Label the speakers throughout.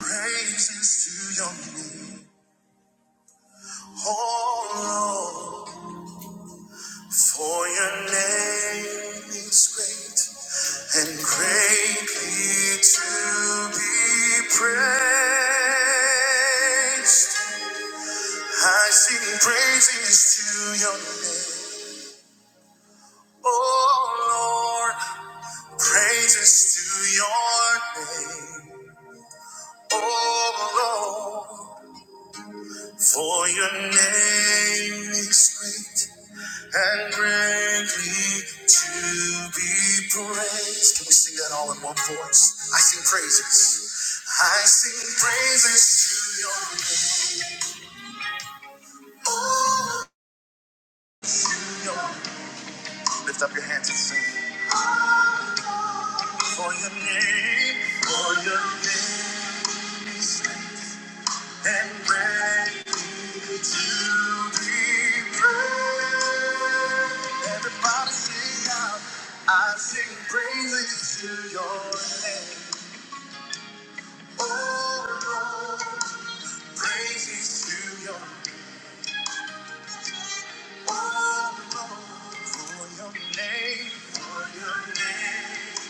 Speaker 1: Praises to your name, oh Lord, for your name is great and greatly to be praised. I sing praises to your name, oh Lord, praises to your name, oh Lord. For your name is great and greatly to be praised. Can we sing that all in one voice? I sing praises. I sing praises to your name. To your Lift up your hands and sing. For your name, for your name, and greatly Everybody sing out. I sing praises to your name. Oh Lord, praises to your oh Lord, for your name, for your name,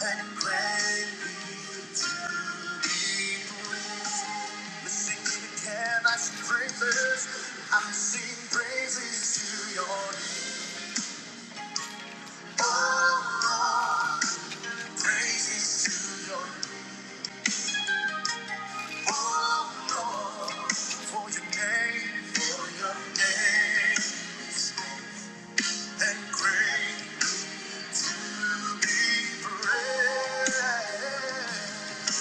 Speaker 1: and greatly to be praised. Listen, can I sing praises? I sing praises to your name. Oh, Lord, praises to your name. oh, Lord, for your name, for your name is and great to be praised.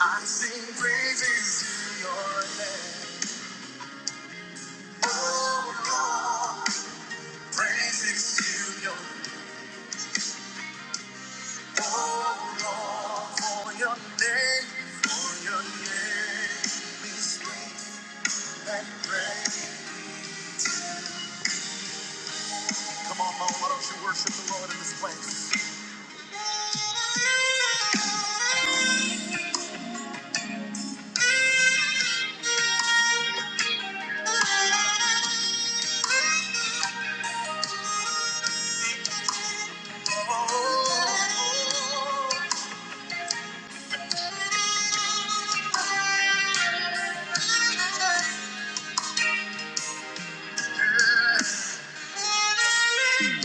Speaker 1: I sing praises to your name. Oh, Lord, praises to your name. oh, Lord, for your name, for your name is great and great. Come on, Mo, why don't you worship the Lord in this place? Oh. oh, oh. Yeah. Somebody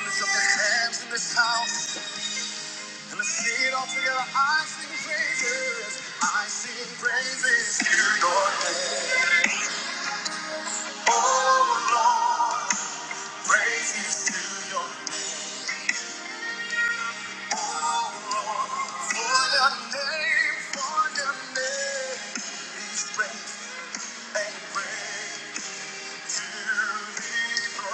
Speaker 1: lift up their hands in this house and let's sing it all together. I sing praises, I sing praises to your name, praises to your name. For your name, for your name is great and great to be praised.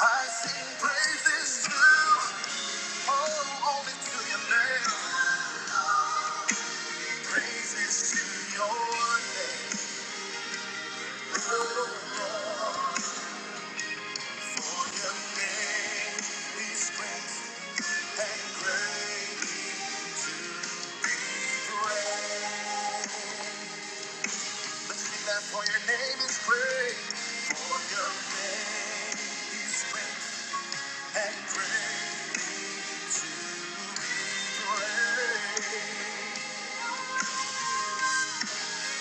Speaker 1: I sing praises to oh, only to your name. Praises to your name. Oh, for your name is great and greatly to be praised. That for your name is great, for your name is great and great to be praised. For your name,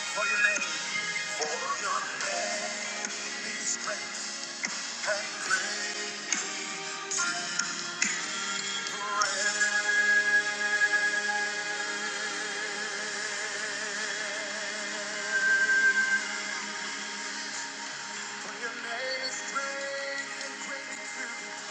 Speaker 1: for your name is great and great to be praised. For your name is great and great to be praised.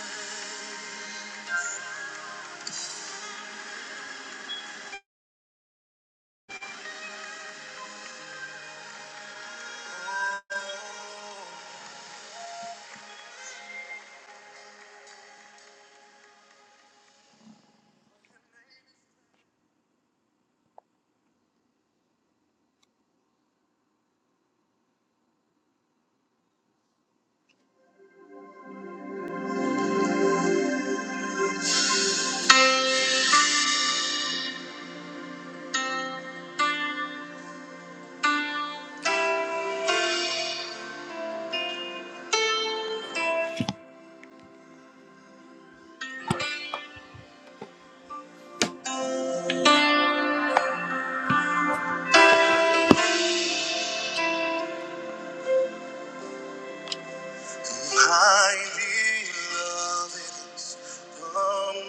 Speaker 1: Highly loved is the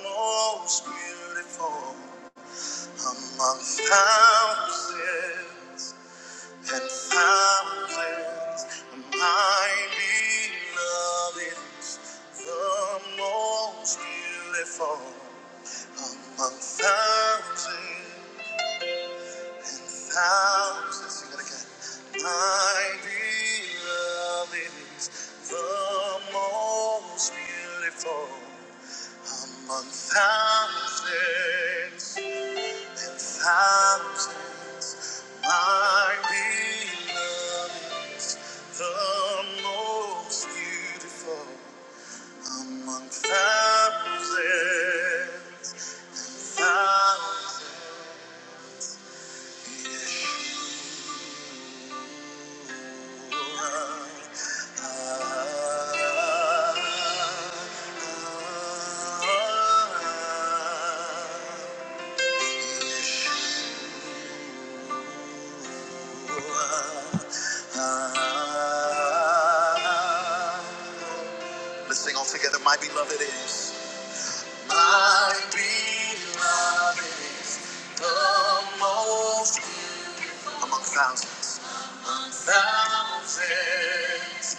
Speaker 1: most beautiful among thousands. and fountains of my beloved is the most beautiful among thousands and thousands. Sing that again. My beloved is the most beautiful among thousands, thousands. My beloved is the most beautiful among thousands. thousands. Let's sing all together. My beloved is. My beloved. is Amongst among thousands, thousands,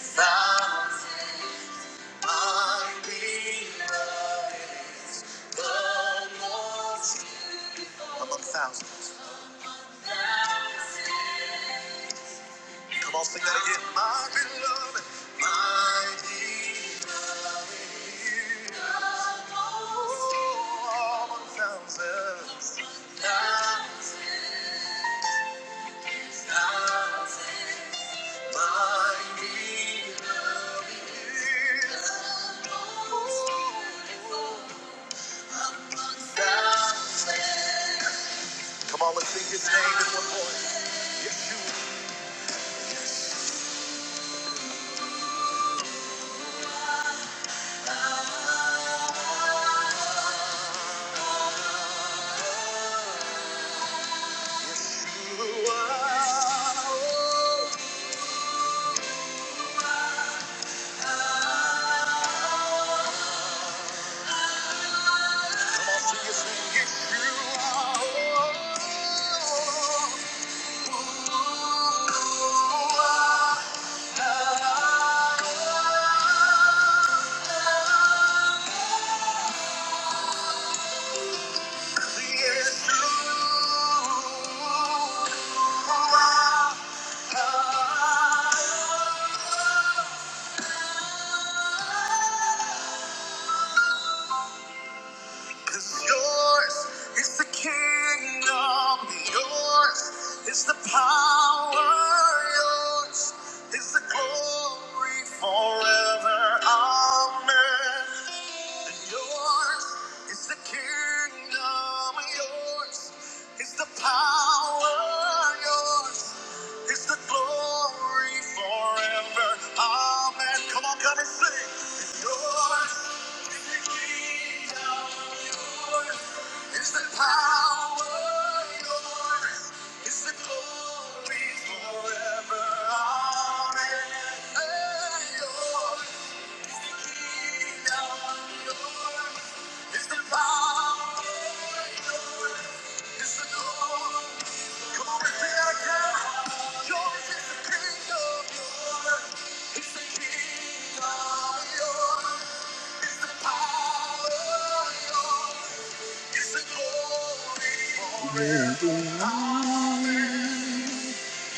Speaker 1: thousands, my beloved. Among thousands. Come on, sing that again. My beloved, my beloved. Among thousands, thousands, thousands, my beloved. Come on, let's sing his name in one voice. Yeshua. Wow. Cause yours is the kingdom, yours is the power, yours is the glory forever. Amen. And yours is the kingdom, yours is the power, yours it's the glory forever. Amen. Come on, come and sing. It's yours. It's the kingdom. Yours. It's the power. Yours. It's the glory forever. Amen. Hey, yours. It's the kingdom. Yours. Power. Yours.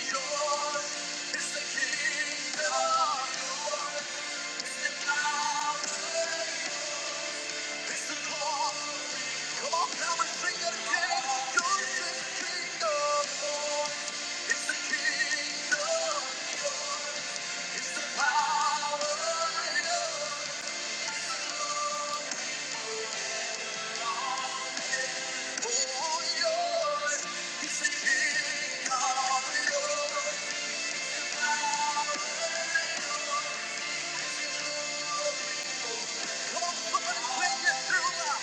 Speaker 1: Come on, somebody sing it through now.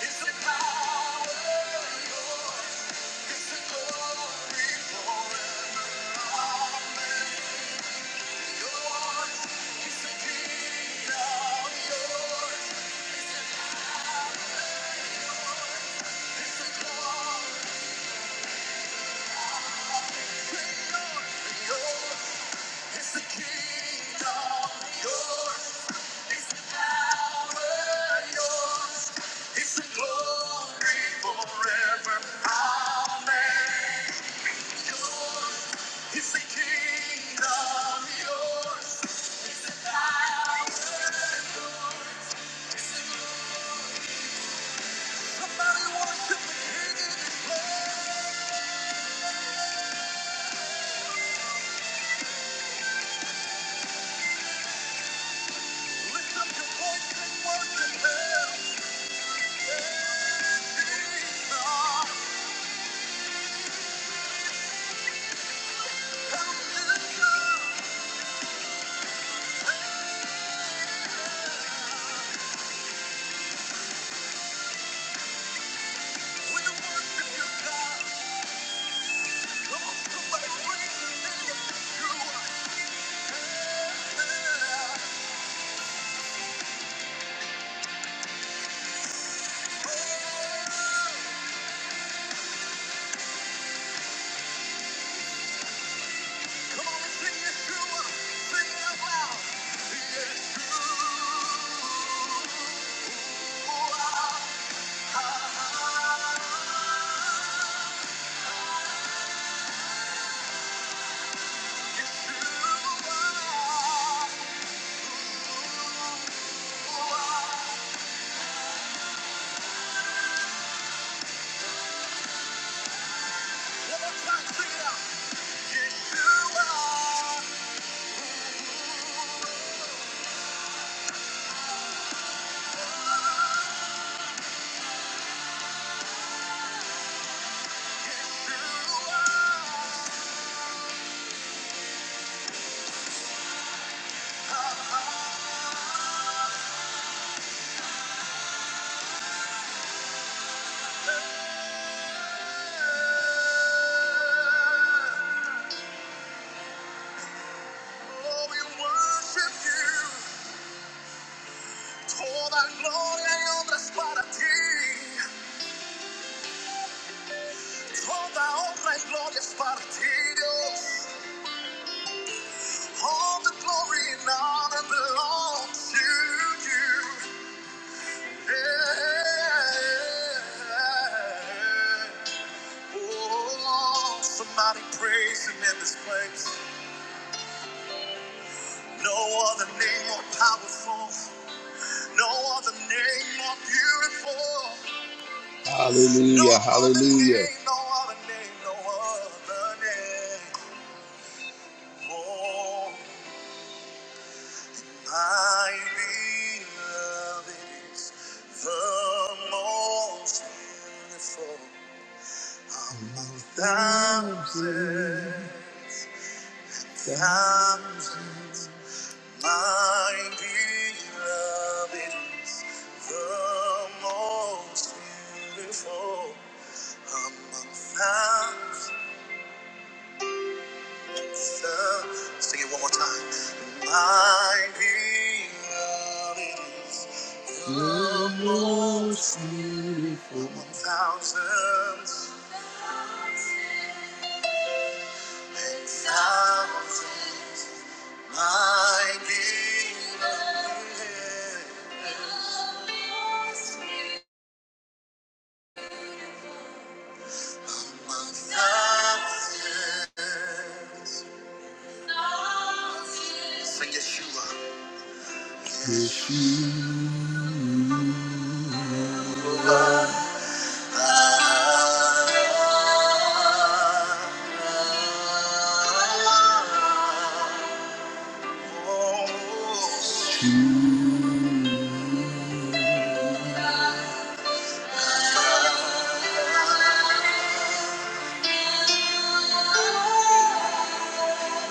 Speaker 1: It's the power. Yours. It's the kingdom yours. It's the power yours. It's the glory forever. Amen. Yours. It's the kingdom yours. It's the power yours. Somebody worship the King in His place. Lift up your voice and worship Him. It's the Yeshua. Oh, we worship you. Toda gloria y honra es para ti. Toda honra y gloria es para ti, Dios. All the glory and honor belongs to you. Yeah. Oh, somebody praise him in this place. No other name more powerful. No other name more beautiful. Hallelujah, no hallelujah. No Other name, no other name, no other name. Oh, my beloved is the most beautiful. Among thousands, thousands. My beloved is the most beautiful among thousands. Sing it one more time. My beloved is the most beautiful among thousands. Thousands. My beloved. is Even Yeshua.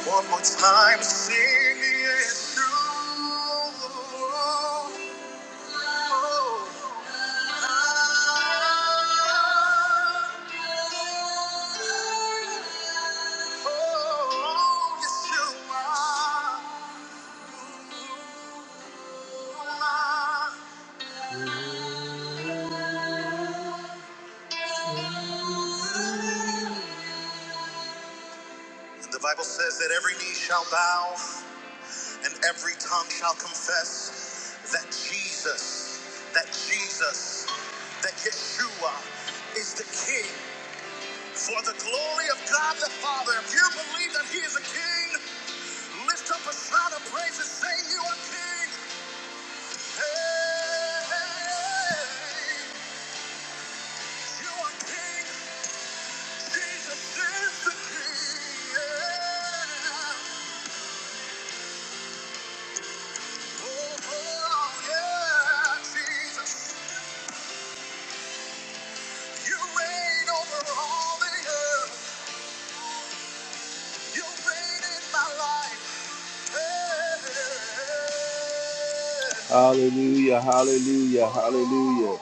Speaker 1: One more time, sing it. And the Bible says that every knee shall bow and every tongue shall confess that Jesus, that Jesus, that Yeshua is the King. For the glory of God the Father, if you believe that He is a King, lift up a shout of praise and say, You are King. Hey, you are King. Hallelujah, hallelujah, hallelujah.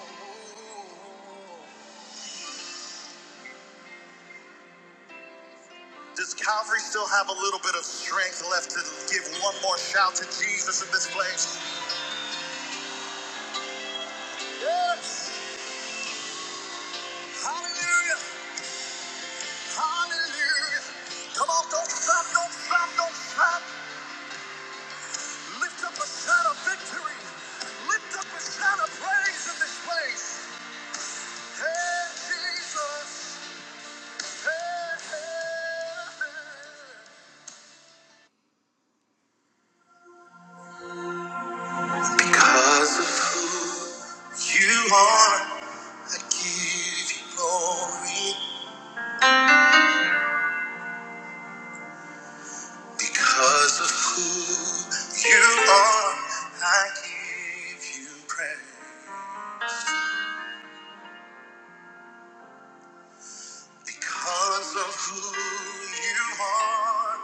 Speaker 1: Does Calvary still have a little bit of strength left to give one more shout to Jesus in this place? Yes, hallelujah. Hallelujah. Come on, don't stop, don't stop, don't stop. Lift up a shout of victory. Lift up a shout of praise in this place. Hey, Jesus. Hey, hey. hey. You are, I give you glory because of who you are. I give you praise because of who you are.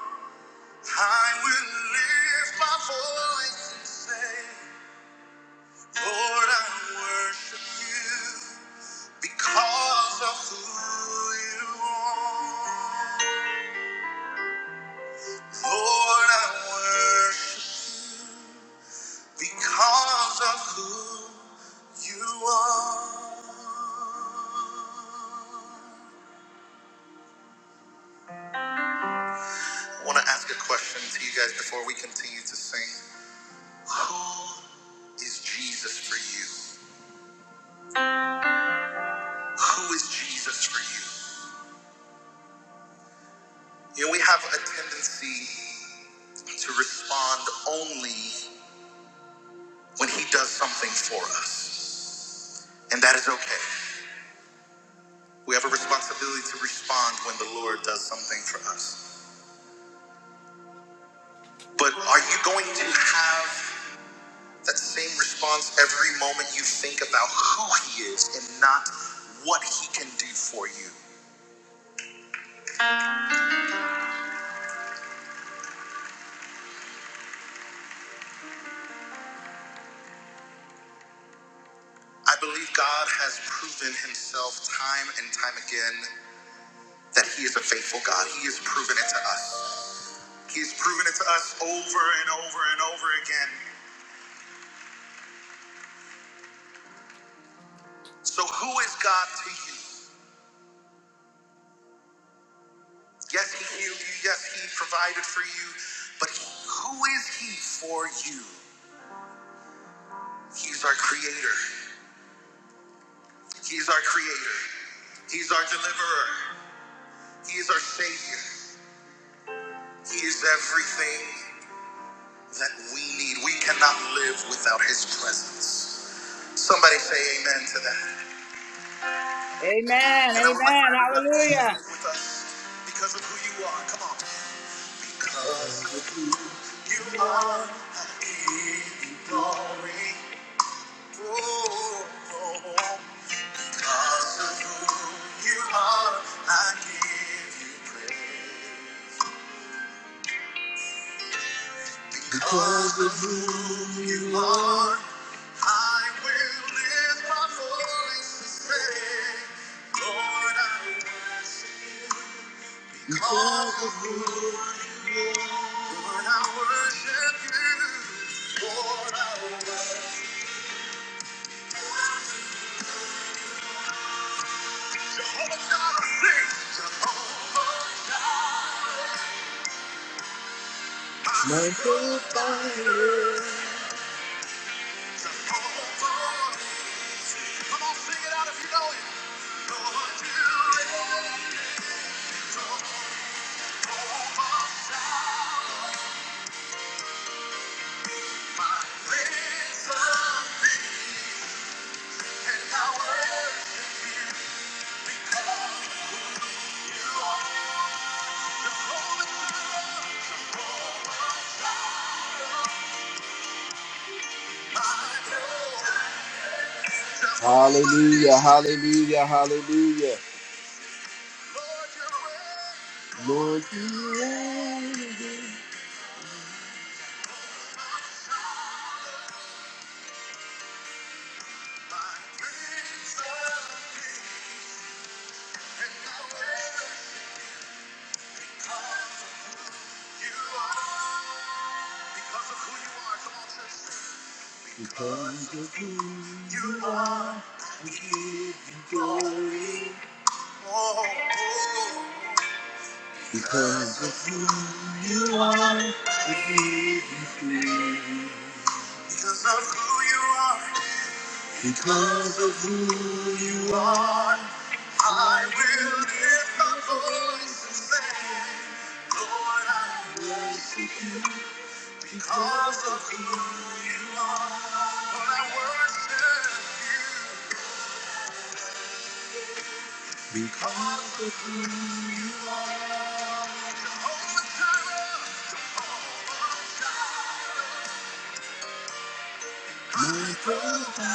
Speaker 1: I will lift my voice and say, Lord, I worship you because of who you are. Lord, I worship because of who you are. I want to ask a question to you guys before we continue to sing. Is Jesus for you? Who is Jesus for you? You know, we have a tendency to respond only when He does something for us, and that is okay. We have a responsibility to respond when the Lord does something for us. But are you going to have that same response every moment you think about who He is and not what He can do for you? I believe God has proven Himself time and time again that He is a faithful God. He has proven it to us. He's proven it to us over and over and over again. So, who is God to you? Yes, He healed you. Yes, He provided for you. But who is He for you? He's our Creator. He's our Creator. He's our Deliverer. He is our Savior. He is everything that we need. We cannot live without His presence. Somebody say amen to that.
Speaker 2: Amen.
Speaker 1: And I would like
Speaker 2: Amen.
Speaker 1: for everybody to
Speaker 2: Hallelujah.
Speaker 1: stand with us because of who you are. Come on. You are in glory. Oh, oh, oh. 'Cause of who you are, I give you praise. You are, I will lift my voice to say, Lord, I will call of who, Lord, I worship you. Lord, I will My hope I- Come on, sing it out if you know it. Lord, you live my Hallelujah, hallelujah, hallelujah. Lord, you are worthy, because of who you are, we give you glory. Because of who you are, we give you glory. Because of who you are, because of who you are, my brother,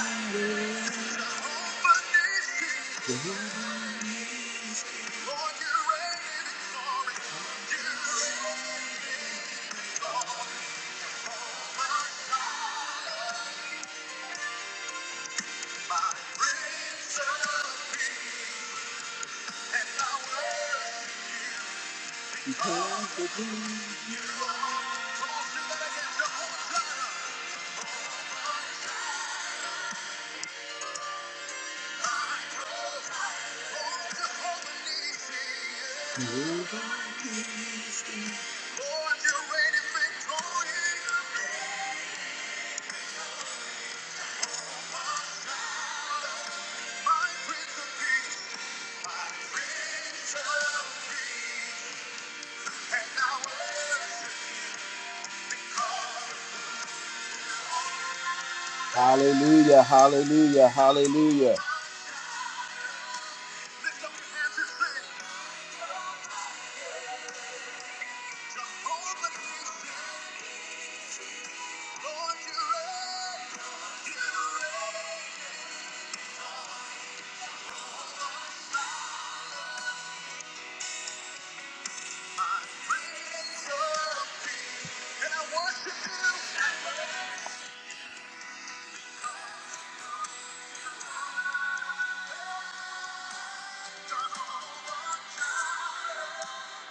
Speaker 1: Hallelujah, hallelujah, hallelujah.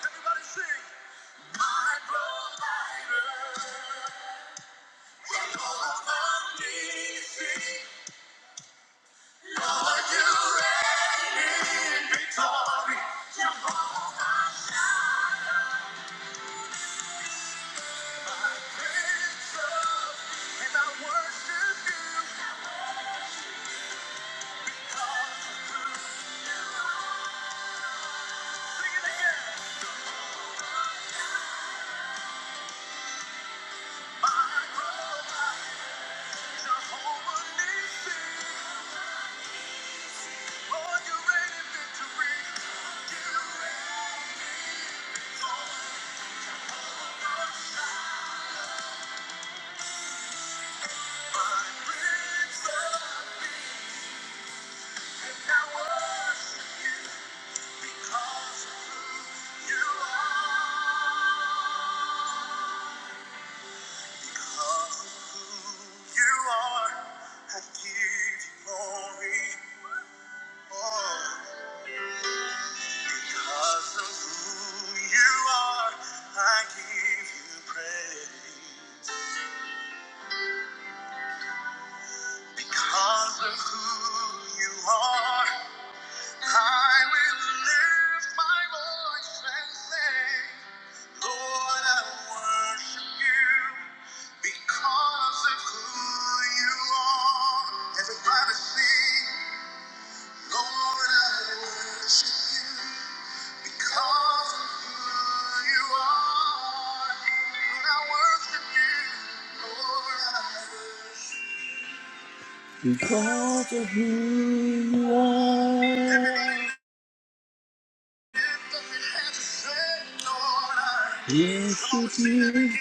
Speaker 1: Everybody sing. My provider. Jehovah Nissi. You reign. Jehovah Shaddai. My Prince of Peace. And I worship you. Sing it again. My provider. Jehovah Nissi. Lord, you reign in victory. You reign in victory. Because of who you are. I will lift my voice and say, Lord, I worship you because of who you are. Everybody sing, Lord, I worship you because of who you are. Lord, I worship you. Because of who you are. Yes, you do.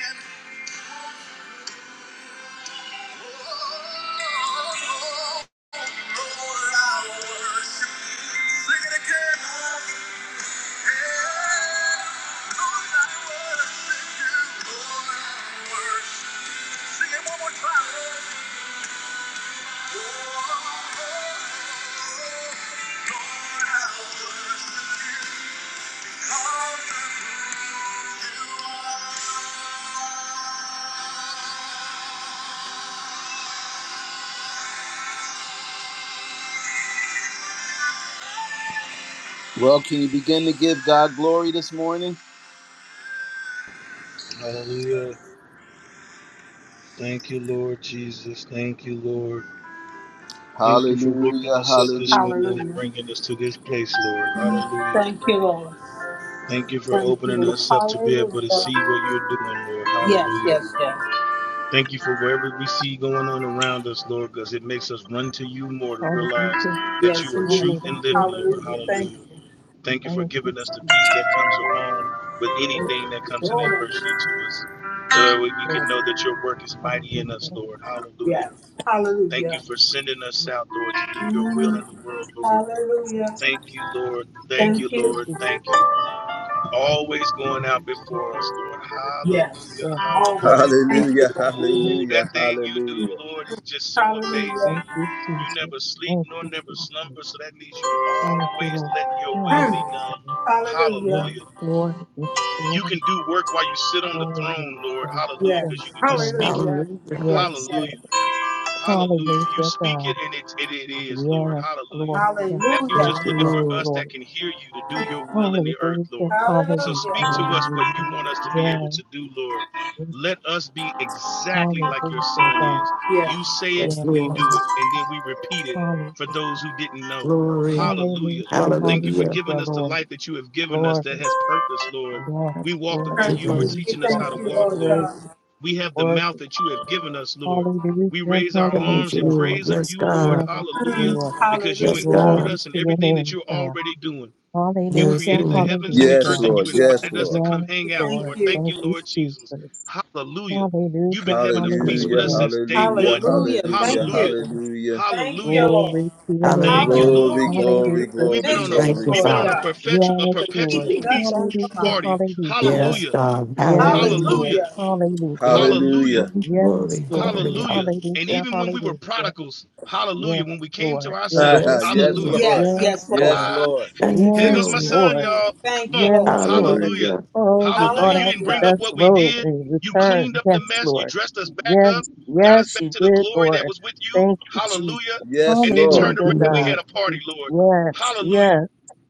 Speaker 1: Well, can you begin to give God glory this morning?
Speaker 3: Hallelujah. Thank you, Lord Jesus. Thank you, Lord. Thank you for waking
Speaker 1: Hallelujah,
Speaker 3: us up this
Speaker 1: hallelujah,
Speaker 3: morning and
Speaker 4: Hallelujah.
Speaker 3: bringing us to this place, Lord. Hallelujah.
Speaker 4: Thank you, Lord.
Speaker 3: Thank you for
Speaker 4: Thank
Speaker 3: opening
Speaker 4: you.
Speaker 3: us up to be able to
Speaker 4: Hallelujah.
Speaker 3: see what you're doing, Lord.
Speaker 4: Yes,
Speaker 3: Hallelujah.
Speaker 4: yes, yes.
Speaker 3: Thank you for whatever we see going on around us, Lord, because it makes us run to you more to realize
Speaker 5: Hallelujah.
Speaker 3: that
Speaker 4: Yes,
Speaker 3: you are truth
Speaker 4: indeed.
Speaker 3: and
Speaker 5: Hallelujah.
Speaker 3: living, Lord.
Speaker 4: Hallelujah.
Speaker 5: Jesus.
Speaker 4: Thank
Speaker 3: Hallelujah.
Speaker 4: you.
Speaker 3: Thank you for
Speaker 5: Thank you,
Speaker 3: giving us the
Speaker 5: Jesus.
Speaker 3: peace that comes along with
Speaker 5: Lord,
Speaker 3: anything that
Speaker 5: to
Speaker 3: comes in
Speaker 5: me.
Speaker 4: Glory.
Speaker 3: adversity to us,
Speaker 5: Yes,
Speaker 3: so that way we can
Speaker 5: Lord.
Speaker 3: know that your work is mighty
Speaker 5: Hallelujah.
Speaker 3: in us,
Speaker 5: Thank
Speaker 3: Lord.
Speaker 5: you,
Speaker 3: Hallelujah.
Speaker 4: Yes.
Speaker 3: Thank you
Speaker 4: Hallelujah.
Speaker 3: for sending us out, Lord, to do your will
Speaker 4: Mm,
Speaker 3: in the world, Lord.
Speaker 4: hallelujah.
Speaker 3: Thank you, Lord. Thank you,
Speaker 4: Thank you.
Speaker 3: Lord. Thank
Speaker 5: Jesus.
Speaker 3: you. Always going out
Speaker 5: Thank you,
Speaker 3: before
Speaker 5: Jesus.
Speaker 3: us, Lord.
Speaker 4: Yes.
Speaker 3: Hallelujah.
Speaker 5: Lord, Lord,
Speaker 4: Always.
Speaker 3: Hallelujah.
Speaker 4: Thank you.
Speaker 1: hallelujah,
Speaker 5: Thank
Speaker 3: Ooh,
Speaker 5: you,
Speaker 3: that
Speaker 1: hallelujah.
Speaker 5: Jesus.
Speaker 3: thing you do, Lord, is just so
Speaker 4: Hallelujah.
Speaker 5: Thank
Speaker 3: amazing.
Speaker 5: you,
Speaker 3: You
Speaker 5: Jesus.
Speaker 3: never sleep
Speaker 5: Thank
Speaker 3: nor
Speaker 5: you,
Speaker 3: never
Speaker 5: Jesus.
Speaker 3: slumber, so that means you
Speaker 5: Thank you,
Speaker 3: always
Speaker 5: Lord.
Speaker 3: letting your will
Speaker 4: Mm,
Speaker 3: be done.
Speaker 5: Hallelujah.
Speaker 4: hallelujah.
Speaker 3: Hallelujah.
Speaker 5: Yes, Lord. Yes, Lord.
Speaker 3: You can do work while you sit on the
Speaker 5: Oh, yes,
Speaker 3: throne, Lord.
Speaker 5: God.
Speaker 3: Hallelujah,
Speaker 4: Yes.
Speaker 5: Yes,
Speaker 3: because you can just
Speaker 5: God.
Speaker 3: speak it.
Speaker 4: Hallelujah.
Speaker 6: Hallelujah.
Speaker 4: Yes,
Speaker 5: Yes,
Speaker 4: yes.
Speaker 3: Hallelujah.
Speaker 5: Lord.
Speaker 3: Hallelujah. You
Speaker 5: Hallelujah,
Speaker 3: speak
Speaker 5: God.
Speaker 3: it and it, it, it is, Lord.
Speaker 5: Yes,
Speaker 3: Hallelujah.
Speaker 5: Lord. Yes,
Speaker 3: Now you're
Speaker 6: Thank
Speaker 4: Hallelujah.
Speaker 5: Lord.
Speaker 3: just
Speaker 6: you,
Speaker 3: looking
Speaker 5: Yes,
Speaker 3: for us
Speaker 6: Lord.
Speaker 5: Lord.
Speaker 3: that can hear you to do your will in
Speaker 5: Hallelujah,
Speaker 3: the earth, Lord. So
Speaker 4: Hallelujah.
Speaker 3: speak to
Speaker 5: hallelujah.
Speaker 3: us what you
Speaker 6: Hallelujah.
Speaker 3: want us to be able
Speaker 5: Yes,
Speaker 3: to do, Lord.
Speaker 5: yes,
Speaker 3: Let us be exactly
Speaker 5: hallelujah,
Speaker 3: like your son
Speaker 5: God.
Speaker 3: is.
Speaker 4: Yes.
Speaker 3: You say it,
Speaker 6: Yes,
Speaker 5: Yes,
Speaker 3: we
Speaker 6: Lord.
Speaker 3: do
Speaker 5: Lord.
Speaker 3: it, and then we repeat it
Speaker 5: Hallelujah,
Speaker 3: for those who didn't know.
Speaker 6: Glory.
Speaker 3: Hallelujah.
Speaker 5: hallelujah,
Speaker 3: Thank you for
Speaker 6: Hallelujah.
Speaker 3: giving
Speaker 5: hallelujah,
Speaker 3: us the
Speaker 5: Lord.
Speaker 3: life that you have given us
Speaker 5: Glory,
Speaker 3: that has purpose, Lord. We
Speaker 5: yes,
Speaker 3: walk the
Speaker 5: Lord.
Speaker 6: Thank
Speaker 3: way
Speaker 6: you,
Speaker 4: Thank
Speaker 3: you are
Speaker 4: you.
Speaker 6: God.
Speaker 5: Worthy
Speaker 4: We
Speaker 3: teaching us
Speaker 4: thank
Speaker 3: how to
Speaker 5: God,
Speaker 4: you,
Speaker 3: walk,
Speaker 4: Lord
Speaker 3: Lord.
Speaker 4: God.
Speaker 5: worthy,
Speaker 3: We have the
Speaker 5: worthy.
Speaker 3: mouth that you have given us, Lord. We
Speaker 5: Hallelujah,
Speaker 3: raise our
Speaker 6: Thank
Speaker 3: arms
Speaker 6: you,
Speaker 3: in
Speaker 5: hallelujah.
Speaker 6: Lord.
Speaker 3: praise of
Speaker 6: Yes,
Speaker 3: you, Lord.
Speaker 6: God.
Speaker 5: Yes,
Speaker 3: Hallelujah.
Speaker 5: Lord.
Speaker 4: Mm,
Speaker 3: Because you
Speaker 6: Yes,
Speaker 4: hallelujah.
Speaker 5: Glory
Speaker 3: included
Speaker 6: God.
Speaker 3: us in
Speaker 5: to your
Speaker 3: everything that
Speaker 5: name,
Speaker 3: you're
Speaker 5: God.
Speaker 3: already doing. You
Speaker 6: Yes,
Speaker 5: Hallelujah,
Speaker 3: created the
Speaker 6: Lord.
Speaker 3: heavens
Speaker 5: hallelujah.
Speaker 3: and the
Speaker 6: Thank you,
Speaker 1: Yes,
Speaker 3: earth and
Speaker 6: God.
Speaker 3: you
Speaker 1: Lord,
Speaker 4: Yes.
Speaker 1: yes,
Speaker 3: invited us
Speaker 1: Lord.
Speaker 3: to come
Speaker 5: Yes,
Speaker 3: hang out,
Speaker 4: Thank
Speaker 5: Lord.
Speaker 3: Lord.
Speaker 4: you.
Speaker 3: Thank
Speaker 5: Thank
Speaker 3: you,
Speaker 5: you,
Speaker 3: Lord Jesus.
Speaker 5: Jesus.
Speaker 3: Hallelujah. You've been
Speaker 5: Hallelujah,
Speaker 3: having a feast with
Speaker 1: Hallelujah,
Speaker 3: us
Speaker 6: Hallelujah.
Speaker 5: hallelujah.
Speaker 3: since day
Speaker 1: hallelujah,
Speaker 3: one.
Speaker 5: Thank
Speaker 4: Hallelujah.
Speaker 5: you,
Speaker 4: Thank
Speaker 1: hallelujah,
Speaker 4: you.
Speaker 3: Hallelujah.
Speaker 5: Jesus.
Speaker 1: hallelujah.
Speaker 4: Thank
Speaker 3: Hallelujah.
Speaker 4: you, Lord.
Speaker 5: Glory to your name,
Speaker 3: Thank you,
Speaker 5: God.
Speaker 6: Hallelujah.
Speaker 3: Lord.
Speaker 1: Glory,
Speaker 4: Hallelujah for
Speaker 5: Hallelujah,
Speaker 1: glory,
Speaker 4: your
Speaker 3: We've been
Speaker 1: glory,
Speaker 3: on
Speaker 5: Jesus.
Speaker 3: a
Speaker 6: Thank
Speaker 4: provisions,
Speaker 1: glory,
Speaker 6: you,
Speaker 3: we've
Speaker 4: Lord
Speaker 3: been on a
Speaker 6: Father.
Speaker 1: glory.
Speaker 4: God,
Speaker 3: perpetual a
Speaker 5: Yes,
Speaker 4: for
Speaker 5: Lord.
Speaker 3: perpetual
Speaker 4: keeping us
Speaker 3: peace
Speaker 4: on your
Speaker 5: Hallelujah,
Speaker 4: mind.
Speaker 3: party.
Speaker 5: hallelujah.
Speaker 6: Yes,
Speaker 3: Hallelujah.
Speaker 6: God.
Speaker 5: Yes,
Speaker 6: Hallelujah.
Speaker 5: Lord.
Speaker 3: Hallelujah.
Speaker 4: Hallelujah.
Speaker 5: Hallelujah.
Speaker 6: Glory,
Speaker 3: Hallelujah.
Speaker 1: Hallelujah.
Speaker 6: glory, glory,
Speaker 5: Yes, Lord.
Speaker 6: glory.
Speaker 3: Hallelujah. And
Speaker 6: Hallelujah.
Speaker 5: Hallelujah,
Speaker 3: even when we were
Speaker 5: hallelujah.
Speaker 3: prodigals, hallelujah,
Speaker 5: Yes,
Speaker 3: when we came to
Speaker 5: Lord. Yes,
Speaker 3: ourselves,
Speaker 6: Yes,
Speaker 1: yes,
Speaker 6: Lord.
Speaker 3: hallelujah.
Speaker 1: Lord.
Speaker 4: Yes,
Speaker 5: yes,
Speaker 4: yes, Lord.
Speaker 1: Yes,
Speaker 5: Lord.
Speaker 3: I
Speaker 1: Lord.
Speaker 6: Thank you,
Speaker 3: here goes
Speaker 5: Yes,
Speaker 3: my
Speaker 6: Lord.
Speaker 3: son,
Speaker 5: Lord.
Speaker 4: Mm-mm.
Speaker 3: y'all. Come
Speaker 4: Thank you,
Speaker 3: on.
Speaker 5: Yes,
Speaker 4: Lord.
Speaker 5: Lord.
Speaker 3: Hallelujah.
Speaker 6: Hallelujah.
Speaker 5: Oh, you
Speaker 3: Hallelujah.
Speaker 5: brought
Speaker 3: You
Speaker 5: out
Speaker 3: didn't
Speaker 5: the
Speaker 3: bring
Speaker 4: Hallelujah.
Speaker 3: up
Speaker 5: best
Speaker 3: what we
Speaker 5: robe
Speaker 3: did.
Speaker 5: in
Speaker 3: You cleaned
Speaker 5: return.
Speaker 3: up the
Speaker 5: Yes,
Speaker 3: mess. You
Speaker 5: Lord.
Speaker 3: dressed us back up,
Speaker 5: Yes,
Speaker 3: got us
Speaker 5: yes,
Speaker 3: back
Speaker 5: you
Speaker 3: to the
Speaker 5: did,
Speaker 3: glory that
Speaker 5: Lord.
Speaker 3: was with you.
Speaker 5: Thank you, Jesus.
Speaker 3: Hallelujah.
Speaker 1: Yes,
Speaker 3: And then turned
Speaker 1: Lord.
Speaker 6: Thank you,
Speaker 5: Hallelujah,
Speaker 3: around and we
Speaker 5: God.
Speaker 3: had
Speaker 6: Lord.
Speaker 3: a party, Lord.
Speaker 5: Yes,
Speaker 3: Hallelujah.
Speaker 5: yes.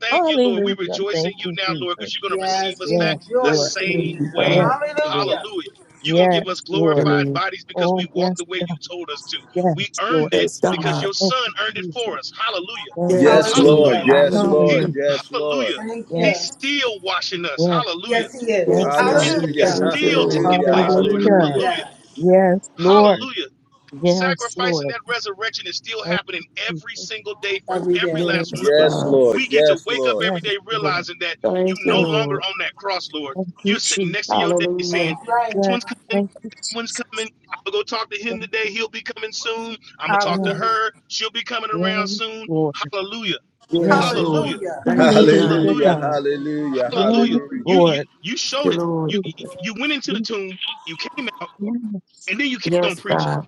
Speaker 3: Thank you, Lord. We
Speaker 5: Hallelujah.
Speaker 3: rejoice in
Speaker 5: Thank
Speaker 3: you
Speaker 5: you,
Speaker 3: now,
Speaker 5: Jesus.
Speaker 3: Lord, because you're going to receive
Speaker 4: Yes,
Speaker 3: us
Speaker 4: we
Speaker 5: Yes,
Speaker 3: back the
Speaker 5: Lord.
Speaker 4: rejoice in you
Speaker 6: Thank
Speaker 3: same
Speaker 6: you,
Speaker 4: now.
Speaker 3: way.
Speaker 5: Yes,
Speaker 6: God.
Speaker 5: Lord.
Speaker 4: Hallelujah.
Speaker 3: Hallelujah. You're going to
Speaker 5: Yes,
Speaker 3: give us
Speaker 6: Thank you,
Speaker 5: Lord.
Speaker 3: glorified
Speaker 6: Lord.
Speaker 3: bodies because
Speaker 5: Oh,
Speaker 3: we walked
Speaker 5: yes,
Speaker 3: the way you
Speaker 5: God.
Speaker 3: told us to. We
Speaker 5: Yes, Lord.
Speaker 3: earned it
Speaker 6: Yes, God.
Speaker 3: because your
Speaker 5: Thank
Speaker 3: son
Speaker 5: you,
Speaker 3: earned it for
Speaker 5: Jesus.
Speaker 3: us. Hallelujah.
Speaker 5: Thank you,
Speaker 6: Yes,
Speaker 1: Yes, Lord.
Speaker 6: Lord.
Speaker 3: Hallelujah.
Speaker 5: Jesus.
Speaker 4: Hallelujah.
Speaker 1: Yes,
Speaker 3: He,
Speaker 1: Lord.
Speaker 6: Hallelujah.
Speaker 5: Hallelujah.
Speaker 1: Yes, Lord.
Speaker 3: hallelujah.
Speaker 4: Thank
Speaker 5: Yes,
Speaker 3: He's
Speaker 4: you.
Speaker 3: still washing us.
Speaker 5: yes.
Speaker 3: Hallelujah.
Speaker 4: Yes, he is.
Speaker 5: Thank
Speaker 6: Yes,
Speaker 5: you,
Speaker 6: God.
Speaker 3: His work
Speaker 1: Hallelujah.
Speaker 3: is
Speaker 5: Jesus.
Speaker 4: Hallelujah.
Speaker 6: Thank you,
Speaker 3: still
Speaker 6: Lord.
Speaker 3: taking
Speaker 1: Hallelujah.
Speaker 3: place, Lord.
Speaker 6: Hallelujah.
Speaker 5: Hallelujah.
Speaker 1: Hallelujah.
Speaker 3: Hallelujah.
Speaker 4: Yes,
Speaker 5: Yes, Lord.
Speaker 3: Hallelujah.
Speaker 5: Yes,
Speaker 3: Sacrifice and
Speaker 5: Lord.
Speaker 3: that resurrection is still happening
Speaker 5: Thank you,
Speaker 3: every
Speaker 5: Jesus.
Speaker 3: single day for
Speaker 4: every
Speaker 3: every
Speaker 4: day.
Speaker 5: Thank
Speaker 3: last one
Speaker 5: you,
Speaker 6: Yes,
Speaker 3: of us.
Speaker 1: Yes,
Speaker 6: God.
Speaker 5: Jesus.
Speaker 1: Lord.
Speaker 3: We get to
Speaker 1: Yes,
Speaker 3: wake up
Speaker 1: Lord.
Speaker 5: Yes,
Speaker 3: every day
Speaker 5: Lord.
Speaker 3: realizing that you
Speaker 6: Thank you,
Speaker 3: no
Speaker 5: Thank you.
Speaker 3: longer
Speaker 6: Lord.
Speaker 3: on that cross, Lord.
Speaker 5: Thank you,
Speaker 3: You're sitting next to
Speaker 5: Jesus.
Speaker 3: your day
Speaker 4: That's
Speaker 3: saying,
Speaker 6: Hallelujah.
Speaker 4: right.
Speaker 3: This
Speaker 5: Yes.
Speaker 3: one's coming,
Speaker 5: Thank you,
Speaker 3: that one's
Speaker 5: Jesus.
Speaker 3: coming. I'm gonna go talk to
Speaker 5: Yes,
Speaker 3: him today. He'll be coming soon. I'm gonna talk
Speaker 5: yes,
Speaker 3: to
Speaker 4: Hallelujah.
Speaker 3: her. She'll be coming around
Speaker 5: yes,
Speaker 3: soon.
Speaker 5: Lord.
Speaker 3: Hallelujah.
Speaker 5: Yes.
Speaker 6: Yes, Lord.
Speaker 3: Hallelujah.
Speaker 4: Hallelujah.
Speaker 6: Thank you,
Speaker 5: Hallelujah,
Speaker 6: God. Thank
Speaker 3: Hallelujah.
Speaker 1: Hallelujah,
Speaker 5: God.
Speaker 2: Hallelujah,
Speaker 1: hallelujah,
Speaker 2: hallelujah,
Speaker 3: Hallelujah.
Speaker 5: Yes,
Speaker 1: hallelujah.
Speaker 2: glory,
Speaker 3: You you
Speaker 5: Lord.
Speaker 3: you
Speaker 6: you,
Speaker 3: showed it.
Speaker 6: Lord.
Speaker 3: You you
Speaker 5: Jesus.
Speaker 2: glory,
Speaker 3: went into
Speaker 5: Yes,
Speaker 3: the tomb, you came out,
Speaker 5: yes,
Speaker 3: and then you kept on
Speaker 6: Yes,
Speaker 3: preaching.
Speaker 6: God.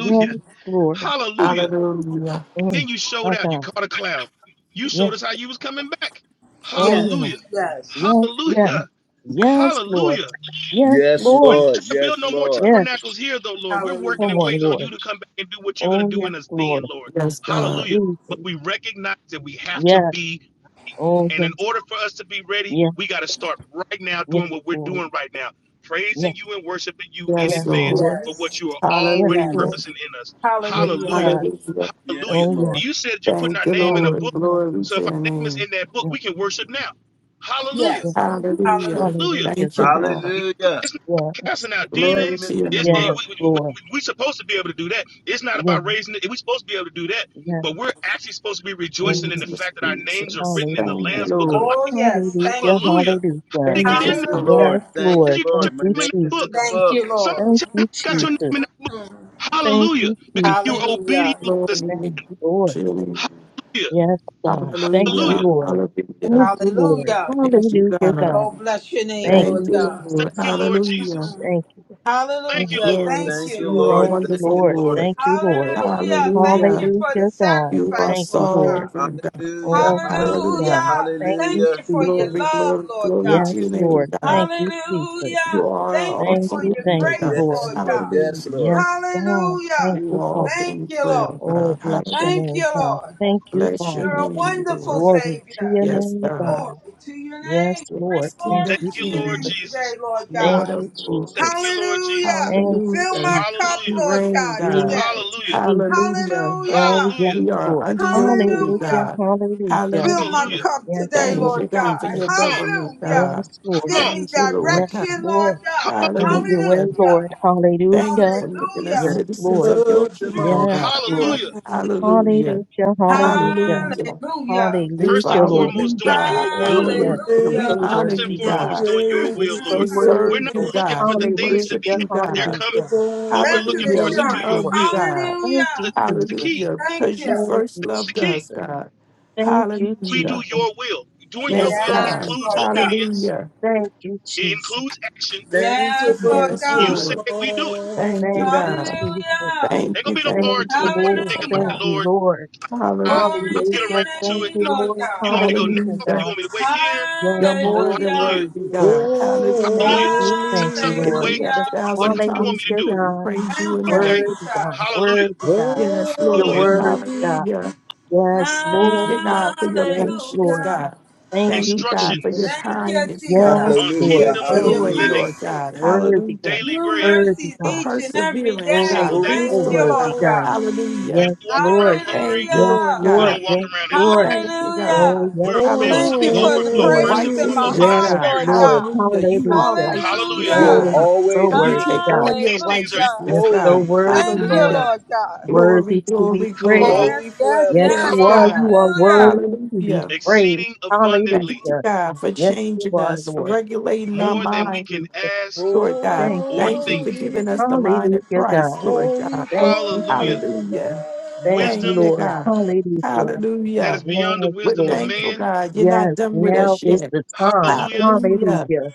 Speaker 5: yes, Lord.
Speaker 3: Hallelujah.
Speaker 6: Hallelujah.
Speaker 3: And
Speaker 5: Mm,
Speaker 3: then you showed
Speaker 5: my
Speaker 3: out. You
Speaker 5: God.
Speaker 3: caught a cloud. You
Speaker 5: Yes.
Speaker 3: showed us how you was coming back.
Speaker 5: Oh, yeah.
Speaker 4: Yes.
Speaker 3: Hallelujah.
Speaker 4: Yes.
Speaker 5: Yes, yes.
Speaker 3: Hallelujah.
Speaker 5: Yes, Lord.
Speaker 3: Hallelujah.
Speaker 5: Yes,
Speaker 1: Yes,
Speaker 3: We're
Speaker 5: Lord.
Speaker 3: not
Speaker 1: Lord.
Speaker 3: trying to build
Speaker 1: Yes,
Speaker 3: no more
Speaker 1: Lord.
Speaker 5: Yes.
Speaker 3: tabernacles here, though, Lord. We're
Speaker 4: Hallelujah.
Speaker 3: working
Speaker 5: Come
Speaker 3: and
Speaker 5: on,
Speaker 3: waiting on
Speaker 5: Lord.
Speaker 3: you to come back and do what you're going to
Speaker 5: Oh,
Speaker 3: do
Speaker 5: yes,
Speaker 3: in us then,
Speaker 5: Lord.
Speaker 3: Lord.
Speaker 6: Yes, God.
Speaker 3: Hallelujah. But
Speaker 5: Jesus.
Speaker 3: we recognize that we have to
Speaker 5: Yes.
Speaker 3: be ready.
Speaker 5: Oh,
Speaker 3: And
Speaker 5: yes.
Speaker 3: in order for us to be ready,
Speaker 5: Yes,
Speaker 3: we got to start right now
Speaker 5: yes,
Speaker 3: doing what we're
Speaker 5: Lord.
Speaker 3: doing right now, praising
Speaker 5: Yes,
Speaker 3: you and worshiping you in
Speaker 6: Yes,
Speaker 5: yes,
Speaker 3: advance
Speaker 6: Lord.
Speaker 5: Lord.
Speaker 3: for what
Speaker 4: Yes.
Speaker 3: you are
Speaker 5: Yes,
Speaker 3: already
Speaker 6: Hallelujah.
Speaker 4: Yes.
Speaker 5: Lord.
Speaker 3: purposing in us.
Speaker 5: Yes,
Speaker 4: Hallelujah.
Speaker 3: Hallelujah.
Speaker 5: God.
Speaker 6: Hallelujah.
Speaker 1: Yes,
Speaker 3: Hallelujah.
Speaker 5: Oh, yes.
Speaker 1: Lord.
Speaker 3: You said you're putting our
Speaker 6: Thank you,
Speaker 3: name in a
Speaker 6: Lord.
Speaker 3: book.
Speaker 5: Hallelujah.
Speaker 6: Glory
Speaker 3: So
Speaker 6: to
Speaker 3: if our
Speaker 6: your
Speaker 3: name is
Speaker 6: name.
Speaker 3: in that book,
Speaker 5: Yes,
Speaker 3: we can worship now. Hallelujah.
Speaker 5: yes.
Speaker 4: Yes.
Speaker 6: Hallelujah.
Speaker 4: Hallelujah.
Speaker 3: Hallelujah.
Speaker 5: Hallelujah,
Speaker 6: Thank you,
Speaker 5: God.
Speaker 6: God.
Speaker 1: Hallelujah.
Speaker 3: It's not about
Speaker 5: Yes.
Speaker 3: casting out
Speaker 6: Glory
Speaker 3: demons.
Speaker 6: to your
Speaker 3: It's,
Speaker 6: name.
Speaker 5: Yes,
Speaker 1: Book.
Speaker 3: it, we, we,
Speaker 5: Lord.
Speaker 3: we, we supposed to be able to do that. It's not
Speaker 5: Yes.
Speaker 3: about raising it. We're supposed to be able to do that.
Speaker 5: yes.
Speaker 3: But we're actually supposed to be
Speaker 5: Oh,
Speaker 3: rejoicing in the
Speaker 6: Jesus,
Speaker 3: fact that our names are
Speaker 6: Jesus.
Speaker 3: written in the
Speaker 6: Thank
Speaker 5: hallelujah.
Speaker 6: you,
Speaker 3: Lamb's book of
Speaker 6: Lord.
Speaker 4: Oh, yes.
Speaker 3: life.
Speaker 4: Thank
Speaker 5: Hallelujah.
Speaker 4: you.
Speaker 3: Hallelujah. How did
Speaker 5: Hallelujah.
Speaker 3: it get
Speaker 6: Thank you,
Speaker 3: in
Speaker 1: Thank
Speaker 3: there?
Speaker 1: you,
Speaker 6: Father.
Speaker 5: Yes,
Speaker 1: Lord.
Speaker 4: Hallelujah.
Speaker 3: How
Speaker 1: Thank
Speaker 3: did
Speaker 1: you,
Speaker 5: Lord.
Speaker 3: you get your
Speaker 5: Thank
Speaker 1: Lord. My
Speaker 5: you,
Speaker 1: name is
Speaker 3: name in that book?
Speaker 1: the
Speaker 5: Jesus.
Speaker 4: Thank
Speaker 1: book.
Speaker 4: you,
Speaker 1: Thank
Speaker 3: Somebody
Speaker 4: Lord.
Speaker 5: Thank
Speaker 3: tell me how
Speaker 5: you,
Speaker 3: you got your name
Speaker 5: Jesus.
Speaker 3: in that book.
Speaker 5: Thank
Speaker 3: Hallelujah.
Speaker 5: you,
Speaker 3: Because you
Speaker 5: Jesus.
Speaker 3: were
Speaker 4: Hallelujah.
Speaker 3: obedient to the Son.
Speaker 5: Thank
Speaker 6: Glory
Speaker 5: you,
Speaker 6: to
Speaker 5: Lord.
Speaker 6: you.
Speaker 3: Hallelujah.
Speaker 5: Yes, God. Thank you,
Speaker 3: Hallelujah.
Speaker 6: Hallelujah.
Speaker 5: Lord.
Speaker 6: Hallelujah.
Speaker 5: Thank you, Lord.
Speaker 4: Hallelujah.
Speaker 6: Thank you,
Speaker 5: Hallelujah,
Speaker 6: God.
Speaker 5: God.
Speaker 4: Oh, bless your name,
Speaker 5: Thank
Speaker 4: Lord
Speaker 6: Thank
Speaker 5: you,
Speaker 6: you,
Speaker 4: God.
Speaker 3: Thank
Speaker 6: Lord.
Speaker 5: Jesus.
Speaker 3: you, Lord
Speaker 6: Hallelujah.
Speaker 3: Jesus.
Speaker 4: Mhm.
Speaker 5: Thank you. Yeah,
Speaker 3: Thank you,
Speaker 4: Hallelujah.
Speaker 3: Lord.
Speaker 4: Thank
Speaker 6: Yes,
Speaker 4: you,
Speaker 1: you,
Speaker 6: you
Speaker 4: Lord
Speaker 6: are
Speaker 1: Lord.
Speaker 5: Thank you,
Speaker 4: Jesus.
Speaker 1: Thank
Speaker 6: wonderful,
Speaker 1: you,
Speaker 5: Lord.
Speaker 1: Lord.
Speaker 6: Lord.
Speaker 5: Thank you,
Speaker 1: Thank you,
Speaker 5: Lord.
Speaker 1: Lord.
Speaker 4: Hallelujah. Thank you
Speaker 6: Hallelujah.
Speaker 4: for the
Speaker 5: Hallelujah, God.
Speaker 6: You are
Speaker 4: sacrifice,
Speaker 5: Thank you,
Speaker 4: Lord
Speaker 5: Lord.
Speaker 4: God.
Speaker 6: sovereign, God.
Speaker 1: Hallelujah,
Speaker 5: Oh, yes,
Speaker 1: hallelujah,
Speaker 6: Hallelujah.
Speaker 5: God.
Speaker 4: Hallelujah.
Speaker 5: Thank
Speaker 4: Thank
Speaker 5: you,
Speaker 1: hallelujah.
Speaker 4: you for your
Speaker 5: Jesus.
Speaker 6: Glory,
Speaker 4: love,
Speaker 6: glory,
Speaker 4: Lord
Speaker 6: glory
Speaker 4: God.
Speaker 6: to
Speaker 5: Yes,
Speaker 6: your name,
Speaker 5: Lord.
Speaker 6: God.
Speaker 5: Thank you, Jesus.
Speaker 6: You
Speaker 4: Hallelujah.
Speaker 6: are an
Speaker 4: Thank you
Speaker 5: Thank
Speaker 4: for
Speaker 6: awesome
Speaker 5: you,
Speaker 4: your
Speaker 5: thank
Speaker 6: wonder,
Speaker 5: you,
Speaker 4: grace,
Speaker 6: God.
Speaker 1: Yes,
Speaker 5: Lord.
Speaker 4: Lord
Speaker 1: Lord.
Speaker 4: God.
Speaker 1: Yes,
Speaker 6: Hallelujah.
Speaker 5: Yes,
Speaker 1: Lord.
Speaker 5: God. Thank
Speaker 4: Hallelujah.
Speaker 6: You
Speaker 5: you,
Speaker 6: are all
Speaker 5: Father.
Speaker 4: Thank
Speaker 6: things
Speaker 4: you, Lord.
Speaker 6: well,
Speaker 5: Oh,
Speaker 6: God.
Speaker 5: bless your
Speaker 6: Hallelujah.
Speaker 4: Thank
Speaker 5: name,
Speaker 4: you,
Speaker 5: God.
Speaker 4: Lord.
Speaker 5: Thank you,
Speaker 6: Bless your
Speaker 4: You're
Speaker 5: Father.
Speaker 4: a
Speaker 6: name,
Speaker 4: wonderful
Speaker 6: Lord.
Speaker 5: Glory to
Speaker 4: Savior.
Speaker 5: your
Speaker 6: Yes,
Speaker 5: name,
Speaker 6: God.
Speaker 4: Glory
Speaker 5: God.
Speaker 4: to your
Speaker 5: Yes,
Speaker 4: name. Bring
Speaker 5: Lord.
Speaker 6: Yes, King
Speaker 5: Thank
Speaker 6: of
Speaker 3: Thank
Speaker 4: glory
Speaker 5: you,
Speaker 4: to
Speaker 3: you,
Speaker 4: your
Speaker 3: Lord
Speaker 6: Kings.
Speaker 4: name
Speaker 5: Jesus.
Speaker 4: today,
Speaker 3: Jesus.
Speaker 4: Lord
Speaker 5: Thank
Speaker 6: Lord
Speaker 4: God.
Speaker 6: of
Speaker 5: you,
Speaker 3: Thank
Speaker 6: Lords.
Speaker 5: Jesus.
Speaker 3: you, Lord
Speaker 4: Hallelujah.
Speaker 3: Jesus.
Speaker 5: Thank you,
Speaker 4: Fill
Speaker 6: Hallelujah.
Speaker 4: my
Speaker 5: Jesus.
Speaker 4: cup,
Speaker 6: You
Speaker 3: Hallelujah.
Speaker 4: Lord
Speaker 6: reign,
Speaker 4: God,
Speaker 6: God.
Speaker 5: Jesus,
Speaker 4: today.
Speaker 3: Hallelujah.
Speaker 5: Jesus.
Speaker 6: Hallelujah.
Speaker 5: Oh,
Speaker 4: Hallelujah.
Speaker 5: yes,
Speaker 3: Hallelujah.
Speaker 6: We are
Speaker 5: Lord.
Speaker 6: under your rule,
Speaker 5: Hallelujah,
Speaker 4: Hallelujah.
Speaker 6: God.
Speaker 5: hallelujah.
Speaker 4: Fill my
Speaker 3: Hallelujah.
Speaker 6: Hallelujah.
Speaker 4: cup
Speaker 5: Yes,
Speaker 4: today,
Speaker 6: Thank
Speaker 5: Lord
Speaker 6: you,
Speaker 4: Lord
Speaker 6: God,
Speaker 4: God.
Speaker 6: for
Speaker 5: Jesus.
Speaker 6: your
Speaker 3: Come on.
Speaker 6: government,
Speaker 4: Hallelujah.
Speaker 6: God.
Speaker 5: Yes,
Speaker 3: Come
Speaker 5: Lord.
Speaker 4: Give
Speaker 3: on.
Speaker 4: me
Speaker 6: Thank you,
Speaker 5: Yes,
Speaker 6: Lord
Speaker 4: direction,
Speaker 6: God.
Speaker 4: Lord
Speaker 5: Lord.
Speaker 3: Come
Speaker 4: God.
Speaker 3: on.
Speaker 5: Have your way,
Speaker 6: Hallelujah.
Speaker 4: Hallelujah.
Speaker 5: Lord.
Speaker 6: Thank you
Speaker 5: Hallelujah.
Speaker 6: for making us
Speaker 5: Yes,
Speaker 4: Hallelujah.
Speaker 6: citizens
Speaker 5: Lord.
Speaker 6: of your
Speaker 1: Above them
Speaker 4: Mm,
Speaker 6: kingdom,
Speaker 1: all.
Speaker 5: Yes,
Speaker 4: mm,
Speaker 6: God.
Speaker 5: Lord.
Speaker 3: Hallelujah.
Speaker 4: mm.
Speaker 6: Hallelujah.
Speaker 5: Hallelujah, hallelujah,
Speaker 6: Hallelujah.
Speaker 4: Hallelujah.
Speaker 6: We
Speaker 3: First
Speaker 5: hallelujah,
Speaker 3: and
Speaker 6: follow
Speaker 5: Lord.
Speaker 6: you,
Speaker 3: foremost, doing your
Speaker 6: God.
Speaker 3: will,
Speaker 5: Oh, yes,
Speaker 3: Lord.
Speaker 5: you're
Speaker 6: Hallelujah. We
Speaker 5: so
Speaker 1: Praise
Speaker 4: Hallelujah.
Speaker 6: honor
Speaker 3: First and
Speaker 6: you,
Speaker 5: worthy,
Speaker 1: the
Speaker 5: Lord.
Speaker 3: foremost,
Speaker 6: God.
Speaker 3: doing your
Speaker 4: Mm,
Speaker 1: great
Speaker 5: You're
Speaker 3: will,
Speaker 4: mm,
Speaker 5: so
Speaker 6: We
Speaker 3: Lord.
Speaker 1: above
Speaker 4: mm.
Speaker 3: We're
Speaker 6: serve
Speaker 5: worthy,
Speaker 3: not
Speaker 6: you,
Speaker 5: Lord.
Speaker 3: looking
Speaker 6: God.
Speaker 3: for
Speaker 6: We
Speaker 3: the things to
Speaker 6: worship
Speaker 5: Hallelujah,
Speaker 3: be,
Speaker 6: you,
Speaker 3: they're
Speaker 6: God.
Speaker 1: the
Speaker 3: coming.
Speaker 5: hallelujah.
Speaker 1: Lord.
Speaker 3: What we're
Speaker 4: Blessed
Speaker 3: looking
Speaker 6: Hallelujah.
Speaker 3: for is
Speaker 5: Yes,
Speaker 6: We
Speaker 3: to do your
Speaker 4: assurance.
Speaker 5: Lord.
Speaker 6: love you,
Speaker 3: will.
Speaker 6: God.
Speaker 5: Thank
Speaker 3: That's
Speaker 5: you,
Speaker 3: the,
Speaker 4: Hallelujah.
Speaker 3: that's the
Speaker 5: Jesus.
Speaker 3: key.
Speaker 6: Hallelujah.
Speaker 4: Thank
Speaker 6: Because
Speaker 4: you.
Speaker 6: you
Speaker 5: Thank
Speaker 6: first
Speaker 5: you,
Speaker 3: That's the
Speaker 6: loved
Speaker 3: key.
Speaker 6: us,
Speaker 5: Jesus.
Speaker 6: God.
Speaker 5: Thank you,
Speaker 3: We
Speaker 5: Jesus.
Speaker 3: do
Speaker 6: Hallelujah.
Speaker 3: your will. Doing your
Speaker 5: Thank
Speaker 6: Yes,
Speaker 5: you,
Speaker 3: will
Speaker 6: God.
Speaker 4: Yes,
Speaker 3: includes
Speaker 4: Lord
Speaker 5: Jesus.
Speaker 4: God.
Speaker 3: obedience,
Speaker 6: Hallelujah.
Speaker 5: Thank you,
Speaker 3: it
Speaker 5: Jesus.
Speaker 3: includes action.
Speaker 1: Dance
Speaker 4: Yes,
Speaker 5: Thank you,
Speaker 4: Lord
Speaker 6: Yes,
Speaker 1: above
Speaker 3: You
Speaker 5: Jesus.
Speaker 4: God.
Speaker 1: them
Speaker 3: said
Speaker 6: Lord.
Speaker 3: we
Speaker 1: all.
Speaker 3: do it.
Speaker 6: Thank you,
Speaker 5: Thank you,
Speaker 6: God.
Speaker 5: Jesus.
Speaker 4: Hallelujah.
Speaker 6: Thank
Speaker 3: Ain't gonna
Speaker 6: you,
Speaker 3: be no
Speaker 6: thank
Speaker 5: Thank
Speaker 3: hard
Speaker 6: you,
Speaker 5: you,
Speaker 3: time
Speaker 6: thank
Speaker 3: when I
Speaker 6: you,
Speaker 5: Lord.
Speaker 3: think about
Speaker 5: Thank
Speaker 3: it,
Speaker 6: Father.
Speaker 4: Hallelujah.
Speaker 5: you,
Speaker 3: Lord.
Speaker 5: Lord.
Speaker 3: I, I'll
Speaker 4: Glory
Speaker 6: Hallelujah.
Speaker 4: to
Speaker 3: get
Speaker 4: your
Speaker 5: Hallelujah.
Speaker 3: around to
Speaker 5: Thank
Speaker 3: it.
Speaker 4: name,
Speaker 5: you,
Speaker 3: No,
Speaker 4: Lord
Speaker 5: Lord.
Speaker 3: you
Speaker 4: God.
Speaker 3: want me to go
Speaker 5: Hallelujah,
Speaker 3: now? You
Speaker 6: Hallelujah.
Speaker 5: God.
Speaker 3: want me to wait here?
Speaker 5: Yes,
Speaker 6: You're more
Speaker 5: Lord.
Speaker 6: than
Speaker 5: Thank
Speaker 4: Hallelujah.
Speaker 3: Hallelujah.
Speaker 6: worthy,
Speaker 5: you, Lord.
Speaker 6: God. Hallelujah.
Speaker 5: Thank
Speaker 3: Hallelujah. Just
Speaker 5: you,
Speaker 3: say
Speaker 5: thank you,
Speaker 3: something.
Speaker 6: If
Speaker 1: Holy,
Speaker 5: Lord.
Speaker 6: we
Speaker 3: Wait.
Speaker 6: had a
Speaker 3: What,
Speaker 4: Hallelujah.
Speaker 3: what
Speaker 6: thousand
Speaker 3: how you want me
Speaker 6: tongues,
Speaker 5: Hallelujah,
Speaker 3: to
Speaker 6: we
Speaker 3: do
Speaker 6: couldn't
Speaker 5: God.
Speaker 6: praise you
Speaker 4: Thank
Speaker 3: it?
Speaker 4: you,
Speaker 6: enough.
Speaker 3: Okay.
Speaker 5: Word to God,
Speaker 4: Jesus.
Speaker 3: Hallelujah.
Speaker 5: word to God.
Speaker 6: Yes,
Speaker 5: Your
Speaker 6: Lord.
Speaker 3: Hallelujah.
Speaker 5: word
Speaker 1: holy.
Speaker 5: to God.
Speaker 6: Hallelujah.
Speaker 5: Yes,
Speaker 6: Thank
Speaker 5: Lord.
Speaker 6: you, God, for your
Speaker 5: Yes,
Speaker 6: patience,
Speaker 5: Lord.
Speaker 4: Hallelujah.
Speaker 6: God.
Speaker 5: Thank
Speaker 6: Thank
Speaker 5: you,
Speaker 6: you, God, for your
Speaker 5: Jesus.
Speaker 3: Instructions
Speaker 4: Thank you,
Speaker 6: kindness,
Speaker 4: Jesus,
Speaker 6: God.
Speaker 5: Yes,
Speaker 3: on
Speaker 5: Lord.
Speaker 6: Your
Speaker 1: Hallelujah,
Speaker 3: kingdom
Speaker 4: for
Speaker 5: Thank
Speaker 4: your
Speaker 6: joy,
Speaker 5: you.
Speaker 1: hallelujah.
Speaker 6: Lord
Speaker 3: living,
Speaker 4: mercy.
Speaker 6: God.
Speaker 5: Worthy God.
Speaker 6: Hallelujah.
Speaker 3: daily
Speaker 4: New
Speaker 3: bread,
Speaker 5: Worthy
Speaker 4: mercies
Speaker 6: For
Speaker 5: God.
Speaker 4: each and every
Speaker 6: perseverance,
Speaker 3: every
Speaker 5: Oh,
Speaker 4: day.
Speaker 3: single
Speaker 5: you're
Speaker 6: God.
Speaker 3: day.
Speaker 5: so
Speaker 4: Thank you,
Speaker 6: Wisdom,
Speaker 5: worthy
Speaker 4: Lord
Speaker 6: God.
Speaker 5: God.
Speaker 4: God.
Speaker 1: Holy,
Speaker 3: We
Speaker 6: Hallelujah.
Speaker 5: Yes,
Speaker 3: don't walk around
Speaker 5: Lord.
Speaker 6: Thank
Speaker 3: hungry.
Speaker 6: you,
Speaker 5: Yes,
Speaker 6: Lord
Speaker 4: Hallelujah.
Speaker 3: We
Speaker 5: Lord.
Speaker 6: God.
Speaker 3: don't walk
Speaker 5: Yes,
Speaker 3: around in
Speaker 5: Lord.
Speaker 3: lack.
Speaker 6: Thank you, God.
Speaker 5: Oh,
Speaker 4: Hallelujah.
Speaker 5: yes,
Speaker 3: We're
Speaker 6: Hallelujah.
Speaker 3: filled
Speaker 5: Lord.
Speaker 3: to
Speaker 4: Thank you
Speaker 3: the
Speaker 5: Yes,
Speaker 4: for the
Speaker 3: overflow,
Speaker 5: Lord.
Speaker 3: first
Speaker 4: praise
Speaker 3: and
Speaker 4: in my
Speaker 1: holy.
Speaker 3: foremost in
Speaker 6: Righteousness,
Speaker 3: our
Speaker 5: Yes,
Speaker 4: heart,
Speaker 6: God.
Speaker 4: Lord
Speaker 3: spirits.
Speaker 5: Lord.
Speaker 4: God.
Speaker 6: Hallelujah. You are
Speaker 5: Hallelujah.
Speaker 6: righteousness,
Speaker 3: Hallelujah.
Speaker 1: You'll
Speaker 4: Hallelujah.
Speaker 5: Oh,
Speaker 6: God.
Speaker 5: you're so
Speaker 1: always
Speaker 6: And we
Speaker 5: worthy
Speaker 1: be
Speaker 6: take
Speaker 5: God.
Speaker 6: on your
Speaker 3: These things
Speaker 4: Hallelujah.
Speaker 5: You're
Speaker 6: righteousness,
Speaker 1: holy,
Speaker 5: so
Speaker 6: God.
Speaker 5: worthy,
Speaker 4: Thank you,
Speaker 5: Lord,
Speaker 6: Hallelujah.
Speaker 3: are.
Speaker 4: Lord God.
Speaker 6: Glory,
Speaker 5: worthy to be
Speaker 6: glory,
Speaker 3: come
Speaker 5: praised.
Speaker 6: glory.
Speaker 3: on.
Speaker 1: holy
Speaker 4: Yes, yes,
Speaker 5: Yes,
Speaker 1: forever.
Speaker 4: yes.
Speaker 3: Come
Speaker 6: Yes,
Speaker 5: you are.
Speaker 3: on.
Speaker 5: You
Speaker 6: God.
Speaker 5: are
Speaker 4: Hallelujah.
Speaker 5: worthy to be
Speaker 6: Hallelujah.
Speaker 5: praised.
Speaker 3: exceeding abundantly,
Speaker 6: Thank you,
Speaker 5: Hallelujah.
Speaker 6: God, for
Speaker 5: Yes, you
Speaker 6: changing
Speaker 5: are,
Speaker 6: us, for
Speaker 5: Lord.
Speaker 6: regulating our
Speaker 5: Thank
Speaker 3: more
Speaker 5: you,
Speaker 3: than we
Speaker 6: mind,
Speaker 3: can
Speaker 5: Jesus.
Speaker 3: ask
Speaker 6: Lord God.
Speaker 5: Thank you,
Speaker 3: or
Speaker 6: Thank you
Speaker 3: think.
Speaker 6: for
Speaker 1: Holy,
Speaker 5: Jesus.
Speaker 6: giving us the mind of
Speaker 5: Hallelujah,
Speaker 6: Christ,
Speaker 5: God.
Speaker 6: Lord
Speaker 1: holy
Speaker 6: God.
Speaker 5: Thank you,
Speaker 1: forever.
Speaker 3: Hallelujah.
Speaker 5: Jesus.
Speaker 6: Hallelujah.
Speaker 5: Thank you,
Speaker 6: Thank
Speaker 3: Wisdom
Speaker 6: you,
Speaker 5: Lord.
Speaker 6: God.
Speaker 5: Hallelujah.
Speaker 3: that is
Speaker 6: Hallelujah.
Speaker 3: beyond the
Speaker 5: Yes,
Speaker 6: We're
Speaker 3: wisdom of
Speaker 5: Lord.
Speaker 6: thankful,
Speaker 3: man.
Speaker 6: God. You're not
Speaker 5: Yes,
Speaker 6: done with
Speaker 5: now
Speaker 6: us
Speaker 5: is
Speaker 6: yet.
Speaker 5: the time.
Speaker 3: Hallelujah.
Speaker 6: Hallelujah.
Speaker 5: Hallelujah.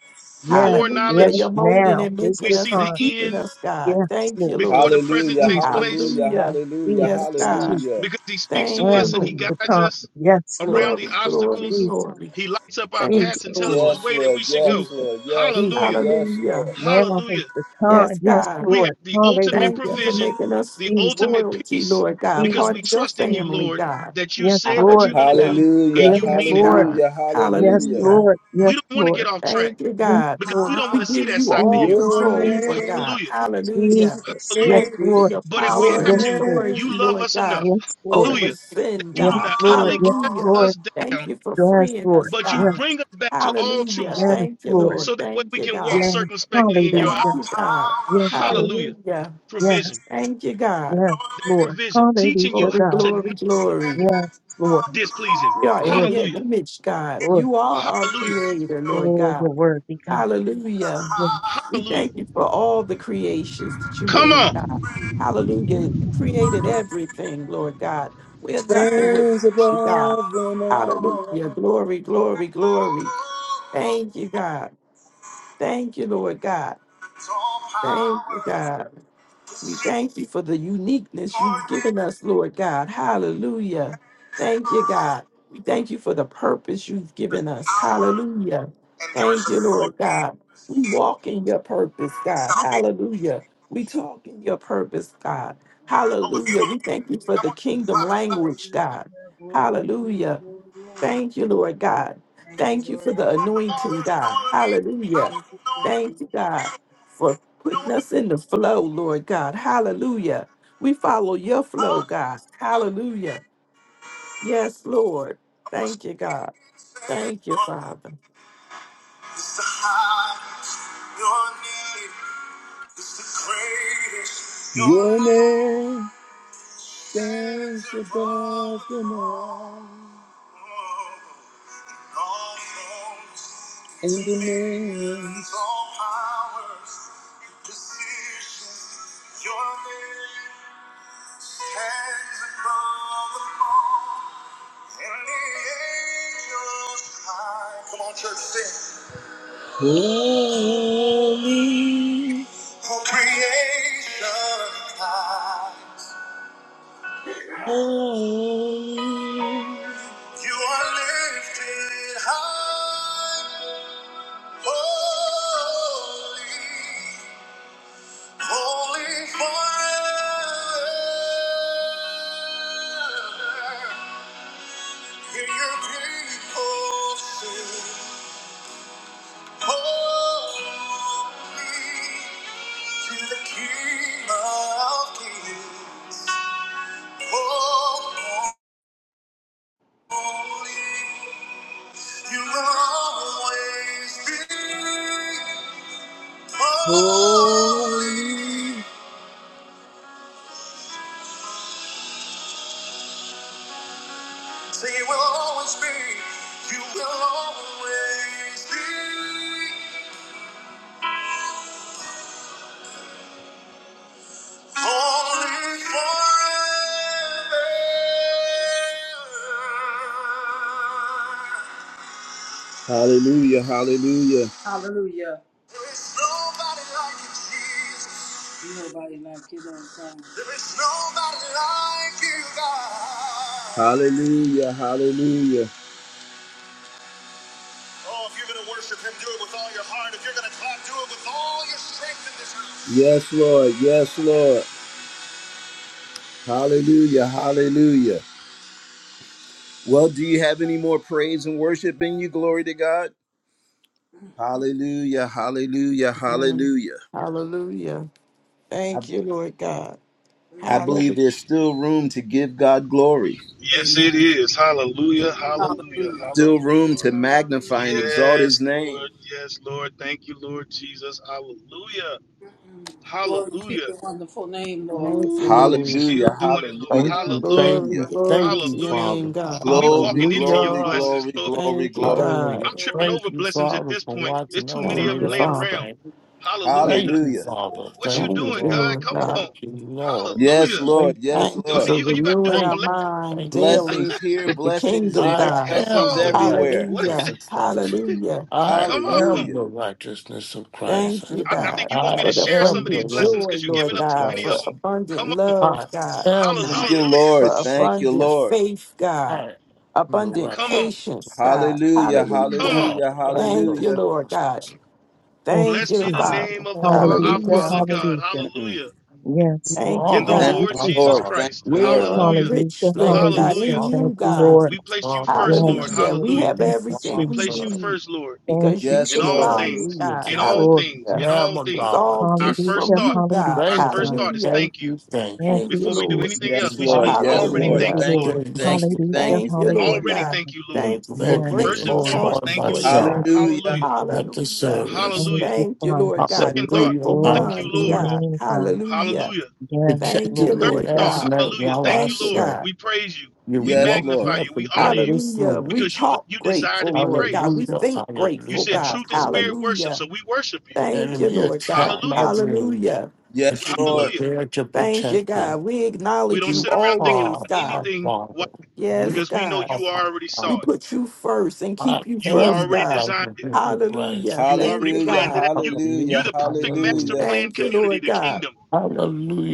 Speaker 5: Yes, yes,
Speaker 6: Hallelujah. You're
Speaker 3: Foreknowledge.
Speaker 6: molding
Speaker 5: now
Speaker 6: and
Speaker 5: is
Speaker 3: We
Speaker 6: making
Speaker 5: the
Speaker 3: see
Speaker 6: us
Speaker 3: the
Speaker 6: and
Speaker 5: time.
Speaker 6: keeping
Speaker 3: end
Speaker 6: us, God.
Speaker 5: Yes,
Speaker 6: Thank
Speaker 5: Lord.
Speaker 6: you,
Speaker 3: before the
Speaker 6: Lord.
Speaker 3: present
Speaker 1: Hallelujah,
Speaker 3: takes
Speaker 5: Jesus,
Speaker 3: place
Speaker 1: hallelujah,
Speaker 6: Hallelujah.
Speaker 1: hallelujah,
Speaker 6: Yes,
Speaker 5: Jesus,
Speaker 6: God.
Speaker 5: Jesus.
Speaker 1: hallelujah.
Speaker 3: because he speaks to
Speaker 6: Thank you,
Speaker 3: us
Speaker 5: and
Speaker 3: and
Speaker 5: the,
Speaker 3: he
Speaker 5: the
Speaker 6: Lord.
Speaker 3: guides
Speaker 5: tongue.
Speaker 3: us
Speaker 5: Yes, Lord.
Speaker 3: around the
Speaker 6: Glory, glory,
Speaker 3: obstacles.
Speaker 5: Jesus,
Speaker 6: glory.
Speaker 3: He lights up our
Speaker 6: Thank you,
Speaker 3: paths and
Speaker 5: Jesus,
Speaker 3: tells us
Speaker 6: Lord.
Speaker 1: Yes,
Speaker 3: which way that
Speaker 1: Lord,
Speaker 3: we should
Speaker 1: yes,
Speaker 3: go.
Speaker 5: Jesus,
Speaker 1: Lord, yes, Lord.
Speaker 5: Jesus.
Speaker 1: Yes.
Speaker 3: Hallelujah.
Speaker 6: Hallelujah.
Speaker 5: Now is
Speaker 3: Hallelujah.
Speaker 5: the
Speaker 6: Yes,
Speaker 5: time. Yes,
Speaker 6: God.
Speaker 3: We have
Speaker 5: Lord.
Speaker 3: the ultimate
Speaker 6: Thank
Speaker 5: Hallelujah.
Speaker 6: you for
Speaker 3: provision,
Speaker 6: making us
Speaker 3: the
Speaker 5: Jesus,
Speaker 3: ultimate
Speaker 6: royalty,
Speaker 3: peace,
Speaker 6: Lord God,
Speaker 3: because
Speaker 6: part
Speaker 3: we
Speaker 6: of
Speaker 5: Jesus,
Speaker 6: your
Speaker 3: trust in you,
Speaker 5: Jesus.
Speaker 6: family,
Speaker 3: Lord,
Speaker 6: God.
Speaker 3: that you
Speaker 5: Yes,
Speaker 3: said what you're
Speaker 5: Lord.
Speaker 3: going to
Speaker 6: Hallelujah.
Speaker 3: do
Speaker 1: Hallelujah,
Speaker 3: and
Speaker 5: Yes,
Speaker 3: you
Speaker 6: Yes,
Speaker 3: mean it.
Speaker 5: Lord.
Speaker 6: God.
Speaker 1: hallelujah,
Speaker 5: Yes,
Speaker 1: hallelujah.
Speaker 6: Hallelujah.
Speaker 5: Lord.
Speaker 3: We
Speaker 5: Yes,
Speaker 3: don't want to
Speaker 5: Lord.
Speaker 3: get off track
Speaker 6: Thank you,
Speaker 5: Yes,
Speaker 6: God.
Speaker 3: because we
Speaker 5: Lord.
Speaker 3: don't
Speaker 6: We
Speaker 3: want to see
Speaker 6: give
Speaker 3: that
Speaker 6: you
Speaker 3: side of
Speaker 6: all
Speaker 3: you.
Speaker 5: Jesus,
Speaker 1: Your
Speaker 6: control, Lord
Speaker 5: Jesus,
Speaker 1: name,
Speaker 6: God.
Speaker 3: Hallelujah.
Speaker 6: Hallelujah.
Speaker 5: Jesus. Yes,
Speaker 3: Hallelujah.
Speaker 6: Thank you for
Speaker 1: greatest.
Speaker 5: Lord.
Speaker 6: your
Speaker 3: But if we
Speaker 6: power
Speaker 3: have
Speaker 6: and
Speaker 5: Yes,
Speaker 3: to,
Speaker 5: Lord.
Speaker 6: authority,
Speaker 3: you love
Speaker 6: Lord
Speaker 3: us
Speaker 6: God,
Speaker 3: enough.
Speaker 5: Yes, Lord.
Speaker 6: over
Speaker 3: Hallelujah. That
Speaker 6: sin,
Speaker 3: you do
Speaker 5: Yes,
Speaker 6: God.
Speaker 3: not
Speaker 5: Lord.
Speaker 3: utterly
Speaker 5: Yes,
Speaker 3: cast
Speaker 6: Hallelujah.
Speaker 5: Lord.
Speaker 3: us
Speaker 6: Thank
Speaker 3: down,
Speaker 6: you for
Speaker 5: Yes,
Speaker 6: freeing
Speaker 5: Lord.
Speaker 6: us,
Speaker 3: but you
Speaker 5: Yes,
Speaker 6: God.
Speaker 3: bring us back to all
Speaker 6: Hallelujah.
Speaker 3: truths
Speaker 5: yes,
Speaker 6: Thank you,
Speaker 5: Lord.
Speaker 6: Lord.
Speaker 3: so that way
Speaker 6: Thank
Speaker 3: we
Speaker 6: you,
Speaker 3: can walk
Speaker 6: God.
Speaker 5: Yes.
Speaker 3: circumspectly in your
Speaker 6: Thank
Speaker 5: Hallelujah.
Speaker 1: All
Speaker 6: you,
Speaker 3: eyes.
Speaker 6: God.
Speaker 5: Yes,
Speaker 1: power,
Speaker 5: Lord.
Speaker 3: Hallelujah.
Speaker 6: Hallelujah.
Speaker 5: Yes,
Speaker 3: Provision.
Speaker 6: Thank you, God.
Speaker 5: yes,
Speaker 1: your name
Speaker 5: Lord.
Speaker 3: Provision. Teaching you
Speaker 5: Hallelujah,
Speaker 6: Glory,
Speaker 3: how
Speaker 5: God.
Speaker 3: to know
Speaker 6: glory, glory.
Speaker 5: Yes, Lord.
Speaker 1: above
Speaker 3: displeasing.
Speaker 6: We are
Speaker 5: Lord,
Speaker 6: in your
Speaker 3: Hallelujah.
Speaker 6: image, God.
Speaker 5: Lord.
Speaker 6: You are our
Speaker 3: Hallelujah.
Speaker 6: creator, Lord
Speaker 5: Oh,
Speaker 6: God.
Speaker 5: you're worthy, God.
Speaker 1: the
Speaker 6: Hallelujah.
Speaker 5: Yes,
Speaker 1: high.
Speaker 6: We
Speaker 3: Hallelujah.
Speaker 6: thank you for all the creations that you
Speaker 3: Come
Speaker 6: made, God.
Speaker 3: on.
Speaker 6: Hallelujah. You created everything, Lord God. We're nothing
Speaker 1: Stands
Speaker 6: without you,
Speaker 4: Thank you.
Speaker 6: God.
Speaker 1: above them all.
Speaker 6: Hallelujah. Glory, glory, glory. Thank you, God. Thank you, Lord God.
Speaker 1: It's all
Speaker 6: Thank
Speaker 1: power.
Speaker 6: you, God. We thank you for the uniqueness
Speaker 1: Your
Speaker 6: you've given
Speaker 1: name.
Speaker 6: us, Lord God. Hallelujah. Thank you, God. We thank you for the purpose you've
Speaker 1: There's
Speaker 6: given us.
Speaker 1: power
Speaker 6: Hallelujah.
Speaker 1: and there is
Speaker 6: Thank you, Lord
Speaker 1: authority and
Speaker 6: God.
Speaker 1: there is
Speaker 6: We
Speaker 1: healing
Speaker 6: walk in your purpose,
Speaker 1: and
Speaker 6: God.
Speaker 1: salvation.
Speaker 6: Hallelujah. We talk in your purpose, God.
Speaker 1: Oh, if you
Speaker 6: Hallelujah. We
Speaker 1: believe that
Speaker 6: thank you
Speaker 1: today,
Speaker 6: for
Speaker 1: I
Speaker 6: the
Speaker 1: want you to
Speaker 6: kingdom
Speaker 1: clap as loud as you
Speaker 6: language,
Speaker 1: can.
Speaker 2: hallelujah,
Speaker 6: God.
Speaker 2: glory, glory,
Speaker 6: Hallelujah.
Speaker 2: glory, glory.
Speaker 6: Thank you, Lord God.
Speaker 2: Thank you,
Speaker 6: Thank you
Speaker 2: Lord
Speaker 6: for the
Speaker 2: God.
Speaker 1: Above them all, there
Speaker 6: anointing,
Speaker 1: is no
Speaker 6: God.
Speaker 1: other name more
Speaker 6: Hallelujah.
Speaker 2: Thank you,
Speaker 1: powerful, no
Speaker 2: Jesus.
Speaker 1: other
Speaker 6: Thank
Speaker 1: name
Speaker 6: you,
Speaker 1: more
Speaker 6: God,
Speaker 1: beautiful,
Speaker 6: for
Speaker 1: no
Speaker 6: putting
Speaker 1: other
Speaker 6: us in
Speaker 1: name.
Speaker 6: the flow, Lord God. Hallelujah. We follow your flow, God.
Speaker 1: Hallelujah.
Speaker 6: Hallelujah. Yes, Lord.
Speaker 1: I want you
Speaker 6: Thank
Speaker 1: to
Speaker 6: you, God.
Speaker 1: speak and say,
Speaker 6: Thank you,
Speaker 1: Lord.
Speaker 6: Father.
Speaker 1: It's the highest your name is the greatest. Your name stands above them all. All thrones and dominions, all powers and positions. Your name stands above them all. And the angels cry. Come on, church, sing. Holy, all creation God, you are lifted high. Holy, holy forever. Hear your people sing. Holy to the King of Kings. You will always be. Oh, you will always be. Hallelujah, hallelujah,
Speaker 4: Hallelujah. Nobody like you, Lord God.
Speaker 1: hallelujah, hallelujah. Yes, Lord, yes, Lord. Hallelujah, hallelujah. Well, do you have any more praise and worship in you? Glory to God. Hallelujah, hallelujah,
Speaker 6: Amen.
Speaker 1: hallelujah.
Speaker 6: Hallelujah.
Speaker 1: I,
Speaker 6: Thank you, Lord God.
Speaker 1: I believe
Speaker 6: Hallelujah.
Speaker 1: there's still room to give God glory,
Speaker 3: Yes, it
Speaker 4: Amen.
Speaker 3: is.
Speaker 2: I
Speaker 3: Hallelujah.
Speaker 2: love you, Lord.
Speaker 3: Hallelujah.
Speaker 2: I
Speaker 4: Hallelujah.
Speaker 2: love
Speaker 1: still
Speaker 2: you,
Speaker 3: Hallelujah.
Speaker 1: room
Speaker 2: Lord.
Speaker 1: to
Speaker 2: I love you,
Speaker 1: magnify and
Speaker 2: Lord.
Speaker 1: exalt
Speaker 3: Yes,
Speaker 1: his name.
Speaker 3: Lord. Yes, Lord. Thank you, Lord Jesus. Hallelujah.
Speaker 4: Mm. Glory to
Speaker 3: Hallelujah.
Speaker 4: your wonderful name, Lord.
Speaker 6: Thank you,
Speaker 3: Ooh,
Speaker 1: Hallelujah,
Speaker 3: you
Speaker 6: Lord.
Speaker 3: still doing
Speaker 2: My
Speaker 3: it, Lord.
Speaker 7: Thank
Speaker 2: soul love
Speaker 7: you,
Speaker 2: you,
Speaker 3: Hallelujah.
Speaker 2: Lord.
Speaker 7: thank
Speaker 6: Glory,
Speaker 7: you,
Speaker 2: My soul
Speaker 6: glory
Speaker 7: thank
Speaker 6: to
Speaker 7: you,
Speaker 2: love
Speaker 6: your
Speaker 2: you,
Speaker 3: Hallelujah.
Speaker 7: Father.
Speaker 6: name,
Speaker 2: Jesus.
Speaker 6: God.
Speaker 2: My
Speaker 3: When we
Speaker 2: soul
Speaker 1: Glory,
Speaker 3: walking
Speaker 2: love
Speaker 3: into
Speaker 2: you,
Speaker 3: your
Speaker 1: glory,
Speaker 2: Jesus.
Speaker 7: Hallelujah.
Speaker 3: blessings,
Speaker 1: glory,
Speaker 3: Lord,
Speaker 1: glory,
Speaker 6: Thank you,
Speaker 1: glory.
Speaker 2: My
Speaker 6: God.
Speaker 7: Hallelujah.
Speaker 3: I'm
Speaker 2: soul
Speaker 3: tripping
Speaker 2: love
Speaker 7: Thank
Speaker 3: over
Speaker 7: you,
Speaker 2: you,
Speaker 3: blessings
Speaker 2: Jesus.
Speaker 3: at
Speaker 7: Father,
Speaker 3: this
Speaker 7: for
Speaker 3: point.
Speaker 2: Thank you,
Speaker 3: There's
Speaker 7: watching
Speaker 3: too
Speaker 2: Father.
Speaker 7: over
Speaker 3: many
Speaker 6: Thank
Speaker 3: of
Speaker 7: me
Speaker 3: them
Speaker 6: you,
Speaker 3: laying
Speaker 7: last
Speaker 2: Hallelujah.
Speaker 6: Father.
Speaker 3: around.
Speaker 7: night.
Speaker 3: Hallelujah.
Speaker 7: Thank you,
Speaker 1: Hallelujah.
Speaker 7: Father.
Speaker 3: What you
Speaker 7: Thank
Speaker 6: Thank
Speaker 7: you,
Speaker 3: doing,
Speaker 6: you,
Speaker 7: Lord.
Speaker 3: God?
Speaker 6: Lord
Speaker 3: Come
Speaker 6: God.
Speaker 7: Thank
Speaker 3: on.
Speaker 7: you, Lord.
Speaker 1: Yes,
Speaker 3: Hallelujah.
Speaker 1: Lord.
Speaker 7: Thank
Speaker 1: Yes,
Speaker 6: Thank
Speaker 3: Go
Speaker 6: you
Speaker 1: Lord.
Speaker 7: you.
Speaker 6: for
Speaker 3: you, you got to do all
Speaker 6: renewing our
Speaker 7: Thank,
Speaker 3: that.
Speaker 6: mind
Speaker 7: thank you.
Speaker 6: daily
Speaker 1: Blessings here,
Speaker 6: with the
Speaker 1: blessings
Speaker 6: kingdom,
Speaker 1: there,
Speaker 7: I
Speaker 6: God.
Speaker 3: Come
Speaker 1: blessings
Speaker 7: am the
Speaker 3: on.
Speaker 1: everywhere.
Speaker 3: What?
Speaker 7: righteousness
Speaker 6: Hallelujah.
Speaker 7: of Christ.
Speaker 6: Hallelujah.
Speaker 7: I
Speaker 3: Come on.
Speaker 7: am
Speaker 1: Hallelujah.
Speaker 7: the
Speaker 3: I,
Speaker 7: righteousness of Christ.
Speaker 6: Thank you,
Speaker 3: I
Speaker 1: Mm.
Speaker 6: God,
Speaker 3: think you want me
Speaker 7: I
Speaker 6: for
Speaker 3: to
Speaker 6: the
Speaker 3: share some
Speaker 7: am
Speaker 3: of
Speaker 7: the
Speaker 3: these
Speaker 6: abundant
Speaker 3: blessings
Speaker 6: joy,
Speaker 3: because you're
Speaker 7: righteousness
Speaker 6: Lord
Speaker 3: giving
Speaker 7: of
Speaker 3: up too
Speaker 6: God,
Speaker 3: many of
Speaker 6: for
Speaker 3: them.
Speaker 7: Christ.
Speaker 6: abundant
Speaker 3: Come on.
Speaker 6: love,
Speaker 7: I
Speaker 6: God,
Speaker 7: am
Speaker 1: Thank you,
Speaker 3: Hallelujah.
Speaker 7: the,
Speaker 6: for
Speaker 1: Lord. Thank you,
Speaker 6: abundant
Speaker 1: Lord.
Speaker 6: faith,
Speaker 7: I
Speaker 6: God,
Speaker 7: am the
Speaker 6: abundant
Speaker 7: righteousness.
Speaker 3: Come on.
Speaker 6: patience, God.
Speaker 1: Hallelujah.
Speaker 3: Come
Speaker 6: Hallelujah.
Speaker 3: on.
Speaker 7: I
Speaker 1: Hallelujah.
Speaker 7: am the
Speaker 6: Thank you,
Speaker 1: Hallelujah.
Speaker 6: Lord God.
Speaker 7: righteousness.
Speaker 5: thank you,
Speaker 6: Thank
Speaker 3: Blessed
Speaker 6: you,
Speaker 3: be the
Speaker 5: Jesus.
Speaker 7: I
Speaker 6: Father.
Speaker 3: name of the Fa-
Speaker 7: am
Speaker 3: our
Speaker 7: your
Speaker 5: Hallelujah,
Speaker 6: Hallelujah.
Speaker 3: Father
Speaker 7: son.
Speaker 3: God.
Speaker 5: hallelujah.
Speaker 3: Hallelujah.
Speaker 5: Yes,
Speaker 7: You
Speaker 6: Thank
Speaker 5: Lord.
Speaker 6: you,
Speaker 3: And the
Speaker 7: are
Speaker 5: Thank
Speaker 1: Thank
Speaker 5: you,
Speaker 6: God.
Speaker 3: Lord
Speaker 7: my
Speaker 1: you,
Speaker 3: Jesus
Speaker 1: Lord. Thank
Speaker 5: Jesus.
Speaker 7: father.
Speaker 3: Christ.
Speaker 1: you,
Speaker 6: We
Speaker 1: Lord.
Speaker 6: are
Speaker 3: Hallelujah.
Speaker 5: Hallelujah,
Speaker 6: rich, Lord
Speaker 7: Thank you,
Speaker 6: God,
Speaker 5: hallelujah.
Speaker 6: in
Speaker 3: Hallelujah.
Speaker 7: Father.
Speaker 5: Thank
Speaker 6: you,
Speaker 5: you,
Speaker 6: God.
Speaker 7: Thank
Speaker 5: Lord.
Speaker 7: you,
Speaker 3: We placed you
Speaker 7: Father.
Speaker 3: first, Lord.
Speaker 5: Yes,
Speaker 7: Thank
Speaker 6: Hallelujah.
Speaker 5: Lord.
Speaker 6: We
Speaker 3: Hallelujah.
Speaker 6: have
Speaker 7: you,
Speaker 5: Thank you,
Speaker 3: We
Speaker 6: everything we
Speaker 3: place you
Speaker 5: Jesus.
Speaker 7: Father.
Speaker 6: need
Speaker 3: first, Lord,
Speaker 5: Thank
Speaker 6: because
Speaker 5: you,
Speaker 6: you
Speaker 1: Yes,
Speaker 3: in all
Speaker 1: Lord.
Speaker 6: supply
Speaker 5: Jesus.
Speaker 6: it,
Speaker 3: things,
Speaker 7: Hallelujah
Speaker 6: God.
Speaker 7: to
Speaker 3: in
Speaker 7: the
Speaker 3: all
Speaker 5: Glory, to
Speaker 3: things,
Speaker 5: God.
Speaker 6: Hallelujah.
Speaker 3: in
Speaker 7: Lamb
Speaker 3: all
Speaker 7: of
Speaker 6: It's
Speaker 3: things.
Speaker 6: all
Speaker 7: God.
Speaker 3: Our
Speaker 6: gifts
Speaker 3: first
Speaker 6: from
Speaker 5: Hallelujah,
Speaker 3: thought,
Speaker 6: you, God.
Speaker 3: our
Speaker 5: hallelujah,
Speaker 7: Thank you,
Speaker 3: first
Speaker 5: God.
Speaker 3: thought is
Speaker 6: Hallelujah.
Speaker 7: thank
Speaker 3: thank you.
Speaker 7: you, thank
Speaker 5: Thank
Speaker 7: you.
Speaker 6: Thank
Speaker 5: you,
Speaker 6: you,
Speaker 3: before we do
Speaker 6: Lord.
Speaker 3: anything
Speaker 5: Jesus.
Speaker 3: else,
Speaker 1: Yes,
Speaker 7: You
Speaker 3: we should
Speaker 1: Lord.
Speaker 3: be
Speaker 7: watched
Speaker 1: Yes,
Speaker 7: over
Speaker 3: already
Speaker 5: Thank
Speaker 1: Lord.
Speaker 7: me
Speaker 3: thank
Speaker 5: you,
Speaker 7: all
Speaker 6: Hallelujah.
Speaker 3: you,
Speaker 5: Lord.
Speaker 3: Lord.
Speaker 7: day
Speaker 1: Thank you.
Speaker 7: yesterday
Speaker 5: Hallelujah,
Speaker 1: Thank you.
Speaker 6: Thank you,
Speaker 1: Thank
Speaker 6: Lord
Speaker 1: you.
Speaker 3: Already
Speaker 5: hallelujah.
Speaker 6: God.
Speaker 3: thank you, Lord.
Speaker 7: and
Speaker 6: Thankful for
Speaker 7: let
Speaker 5: Yes,
Speaker 7: me
Speaker 3: First and
Speaker 6: grateful
Speaker 5: Lord.
Speaker 7: enjoy
Speaker 3: foremost,
Speaker 6: hearts,
Speaker 3: thank you,
Speaker 6: Lord
Speaker 3: Lord.
Speaker 7: myself
Speaker 5: Thank
Speaker 6: God.
Speaker 5: you,
Speaker 1: Hallelujah.
Speaker 3: Hallelujah.
Speaker 5: Jesus.
Speaker 7: at the
Speaker 6: Hallelujah.
Speaker 7: service.
Speaker 5: Thank
Speaker 3: Hallelujah.
Speaker 5: you,
Speaker 6: Thank you,
Speaker 5: Father.
Speaker 6: Lord God.
Speaker 3: Second thought,
Speaker 6: Grateful
Speaker 7: Hallelujah,
Speaker 5: Glory
Speaker 3: thank
Speaker 5: to
Speaker 6: minds,
Speaker 3: you,
Speaker 5: your
Speaker 7: hallelujah.
Speaker 3: Lord.
Speaker 6: God.
Speaker 5: name, God.
Speaker 6: Hallelujah.
Speaker 3: Hallelujah.
Speaker 5: Yes,
Speaker 6: Thank
Speaker 5: Lord.
Speaker 7: Protected
Speaker 6: you,
Speaker 3: Third
Speaker 7: me
Speaker 6: Lord
Speaker 5: Thank
Speaker 3: thought,
Speaker 5: you,
Speaker 7: last
Speaker 6: God.
Speaker 7: night
Speaker 3: hallelujah.
Speaker 5: Jesus.
Speaker 7: while
Speaker 3: Thank
Speaker 7: I
Speaker 3: you,
Speaker 6: Thank you,
Speaker 3: Lord.
Speaker 7: slept.
Speaker 6: God.
Speaker 3: We praise you.
Speaker 7: You
Speaker 3: We
Speaker 1: Yes,
Speaker 7: woke
Speaker 1: Lord.
Speaker 7: me
Speaker 3: magnify you.
Speaker 7: up
Speaker 3: We honor
Speaker 7: again
Speaker 3: you
Speaker 7: this
Speaker 6: Hallelujah. We
Speaker 7: morning.
Speaker 3: because you
Speaker 6: talk
Speaker 3: you desire to
Speaker 6: grateful,
Speaker 3: be
Speaker 6: Lord God.
Speaker 3: praised.
Speaker 6: We
Speaker 7: Hallelujah,
Speaker 6: think
Speaker 3: You
Speaker 6: grateful,
Speaker 3: said
Speaker 7: hallelujah,
Speaker 6: God.
Speaker 3: truth and
Speaker 7: hallelujah.
Speaker 3: spirit worship,
Speaker 6: Hallelujah.
Speaker 3: so we worship you.
Speaker 6: Thank you,
Speaker 7: Enemy
Speaker 6: Lord
Speaker 7: attacked
Speaker 6: God.
Speaker 7: my
Speaker 3: Hallelujah.
Speaker 7: dreams,
Speaker 6: Hallelujah.
Speaker 1: Yes,
Speaker 7: but you were
Speaker 1: Lord.
Speaker 3: Hallelujah.
Speaker 7: there to
Speaker 6: Thank you,
Speaker 7: protect me.
Speaker 6: God. We
Speaker 3: We
Speaker 6: acknowledge
Speaker 3: don't
Speaker 6: you
Speaker 7: You
Speaker 3: sit around thinking
Speaker 6: always,
Speaker 7: are
Speaker 3: about
Speaker 7: my
Speaker 6: God.
Speaker 3: anything why?
Speaker 7: father.
Speaker 6: Yes,
Speaker 7: You
Speaker 3: because we know
Speaker 6: God.
Speaker 7: are
Speaker 3: you
Speaker 7: my
Speaker 3: already
Speaker 7: father.
Speaker 6: We
Speaker 3: saw it.
Speaker 6: put you first and
Speaker 7: I
Speaker 6: keep you
Speaker 3: You
Speaker 7: am
Speaker 6: first,
Speaker 7: the
Speaker 3: already
Speaker 6: God.
Speaker 3: designed it.
Speaker 7: righteousness of Christ.
Speaker 6: Hallelujah.
Speaker 3: You
Speaker 6: Thank
Speaker 3: already
Speaker 6: you,
Speaker 1: Hallelujah.
Speaker 3: planned it
Speaker 6: God.
Speaker 3: out. You
Speaker 1: Hallelujah.
Speaker 7: Hallelujah,
Speaker 3: you're the perfect master
Speaker 7: hallelujah.
Speaker 1: Hallelujah.
Speaker 3: plan
Speaker 6: Thank you,
Speaker 3: community,
Speaker 6: Lord
Speaker 3: the
Speaker 6: God.
Speaker 3: kingdom.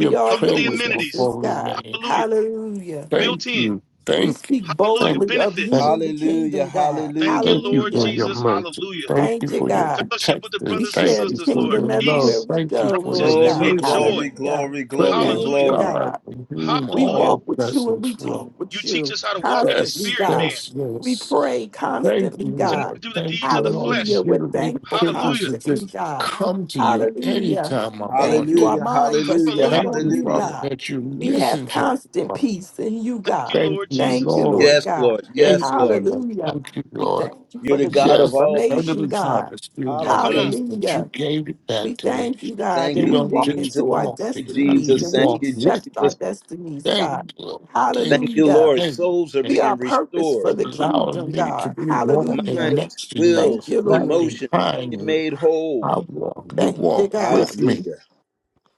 Speaker 3: It's
Speaker 6: are
Speaker 3: All
Speaker 6: your
Speaker 3: the
Speaker 7: praise your
Speaker 3: amenities.
Speaker 6: witnesses,
Speaker 7: holy
Speaker 6: God.
Speaker 7: name.
Speaker 3: Hallelujah.
Speaker 6: Hallelujah.
Speaker 7: Thank
Speaker 3: Built in.
Speaker 7: you,
Speaker 6: We
Speaker 7: thank
Speaker 6: speak
Speaker 7: you, thank
Speaker 3: Hallelujah.
Speaker 7: you,
Speaker 6: boldly of
Speaker 7: thank you.
Speaker 3: Benefits.
Speaker 6: you in the
Speaker 1: Hallelujah.
Speaker 6: kingdom, God.
Speaker 3: Thank you,
Speaker 1: Hallelujah.
Speaker 7: Thank you
Speaker 3: Lord
Speaker 7: for
Speaker 6: Hallelujah.
Speaker 7: your
Speaker 3: Jesus.
Speaker 7: mercy.
Speaker 3: Hallelujah.
Speaker 7: Thank you
Speaker 6: Thank you,
Speaker 7: for your
Speaker 6: God.
Speaker 3: Fellowship with
Speaker 7: protection.
Speaker 3: the
Speaker 6: We
Speaker 3: brothers and
Speaker 7: Thank
Speaker 6: share the
Speaker 7: you
Speaker 3: sisters,
Speaker 7: for
Speaker 3: Lord.
Speaker 6: kingdom
Speaker 7: your love.
Speaker 6: everywhere
Speaker 3: Peace,
Speaker 6: we
Speaker 7: Thank you
Speaker 6: go,
Speaker 7: for your
Speaker 6: Lord
Speaker 3: righteousness,
Speaker 6: God.
Speaker 1: Glory,
Speaker 3: and
Speaker 7: mercy.
Speaker 3: joy.
Speaker 1: glory,
Speaker 6: Hallelujah.
Speaker 1: glory, glory,
Speaker 7: Praise
Speaker 6: Thank you,
Speaker 3: Hallelujah.
Speaker 1: glory.
Speaker 6: God.
Speaker 7: God, from whom
Speaker 6: We
Speaker 3: Hallelujah.
Speaker 6: walk
Speaker 7: all
Speaker 6: with you and
Speaker 7: blessings
Speaker 6: we
Speaker 7: flow.
Speaker 6: talk
Speaker 3: You
Speaker 6: with
Speaker 3: teach
Speaker 6: you
Speaker 3: us how to walk in the
Speaker 6: constantly,
Speaker 7: Yes,
Speaker 3: spirit,
Speaker 6: God.
Speaker 3: man,
Speaker 7: yes,
Speaker 6: We
Speaker 7: yes.
Speaker 6: pray
Speaker 7: Thank you,
Speaker 6: constantly,
Speaker 3: to
Speaker 6: God.
Speaker 3: not
Speaker 7: Lord.
Speaker 3: do the
Speaker 7: Thank
Speaker 3: deeds
Speaker 7: you,
Speaker 3: of the
Speaker 7: Lord, for
Speaker 6: Hallelujah.
Speaker 3: flesh.
Speaker 6: We're
Speaker 7: giving me the
Speaker 6: thankful
Speaker 7: privilege
Speaker 3: Hallelujah.
Speaker 7: to
Speaker 6: constantly,
Speaker 7: just
Speaker 6: God.
Speaker 7: come to you
Speaker 6: Hallelujah.
Speaker 7: anytime I
Speaker 6: Thank
Speaker 7: want
Speaker 6: you. Our
Speaker 7: to.
Speaker 1: Hallelujah.
Speaker 6: minds are
Speaker 1: Hallelujah.
Speaker 6: stayed
Speaker 3: Hallelujah.
Speaker 7: Thank
Speaker 6: on
Speaker 7: you,
Speaker 6: you,
Speaker 1: Hallelujah.
Speaker 7: Father,
Speaker 6: God.
Speaker 7: that you
Speaker 6: We have
Speaker 7: listen to me.
Speaker 6: constant
Speaker 7: Father.
Speaker 6: peace in you,
Speaker 3: Thank
Speaker 6: God.
Speaker 3: you,
Speaker 7: Thank
Speaker 3: Lord
Speaker 7: you,
Speaker 6: Thank
Speaker 3: Jesus.
Speaker 6: you,
Speaker 7: Lord.
Speaker 6: Lord
Speaker 1: Yes,
Speaker 6: God.
Speaker 1: Lord.
Speaker 7: Thank
Speaker 1: Yes, Lord.
Speaker 7: you, Lord.
Speaker 6: Hallelujah.
Speaker 7: Thank you,
Speaker 6: We
Speaker 7: Lord.
Speaker 6: thank you
Speaker 1: You're
Speaker 6: for
Speaker 1: the
Speaker 6: the
Speaker 1: God of
Speaker 7: Yes, the
Speaker 1: all peace.
Speaker 6: transformation,
Speaker 7: enemy tried
Speaker 6: God.
Speaker 7: to steal my
Speaker 3: Come
Speaker 1: Hallelujah.
Speaker 3: on.
Speaker 7: peace, but you
Speaker 6: Hallelujah.
Speaker 7: gave it
Speaker 6: We
Speaker 7: back to me.
Speaker 6: thank you, God,
Speaker 1: Thank
Speaker 6: that
Speaker 7: You
Speaker 6: we
Speaker 1: you,
Speaker 7: don't
Speaker 6: walk
Speaker 7: just
Speaker 1: Jesus.
Speaker 6: into our
Speaker 1: Thank
Speaker 7: walk me,
Speaker 1: you,
Speaker 7: I mean,
Speaker 6: destinies
Speaker 1: Jesus.
Speaker 7: you
Speaker 6: and
Speaker 1: Thank
Speaker 6: we
Speaker 7: walk
Speaker 1: you,
Speaker 7: with
Speaker 6: accept our
Speaker 7: me.
Speaker 1: Jesus.
Speaker 6: destinies,
Speaker 7: Thank
Speaker 6: God.
Speaker 7: you, Lord.
Speaker 1: Thank
Speaker 7: Thank you.
Speaker 1: you,
Speaker 6: Hallelujah.
Speaker 1: Lord.
Speaker 7: Thank you.
Speaker 1: Souls are
Speaker 7: Thank
Speaker 6: We are
Speaker 1: being
Speaker 6: purpose for
Speaker 1: restored.
Speaker 7: you.
Speaker 6: the
Speaker 7: Allow
Speaker 6: kingdom,
Speaker 7: me to
Speaker 6: God.
Speaker 7: be walking
Speaker 6: Hallelujah.
Speaker 1: Minds,
Speaker 7: next to you,
Speaker 6: Thank
Speaker 1: wills,
Speaker 6: you,
Speaker 7: not
Speaker 6: Lord.
Speaker 1: emotions are
Speaker 7: behind
Speaker 1: being
Speaker 7: you.
Speaker 1: made whole.
Speaker 7: I walk, you
Speaker 6: Thank you,
Speaker 7: walk
Speaker 6: God.
Speaker 7: with me.
Speaker 1: Hallelujah.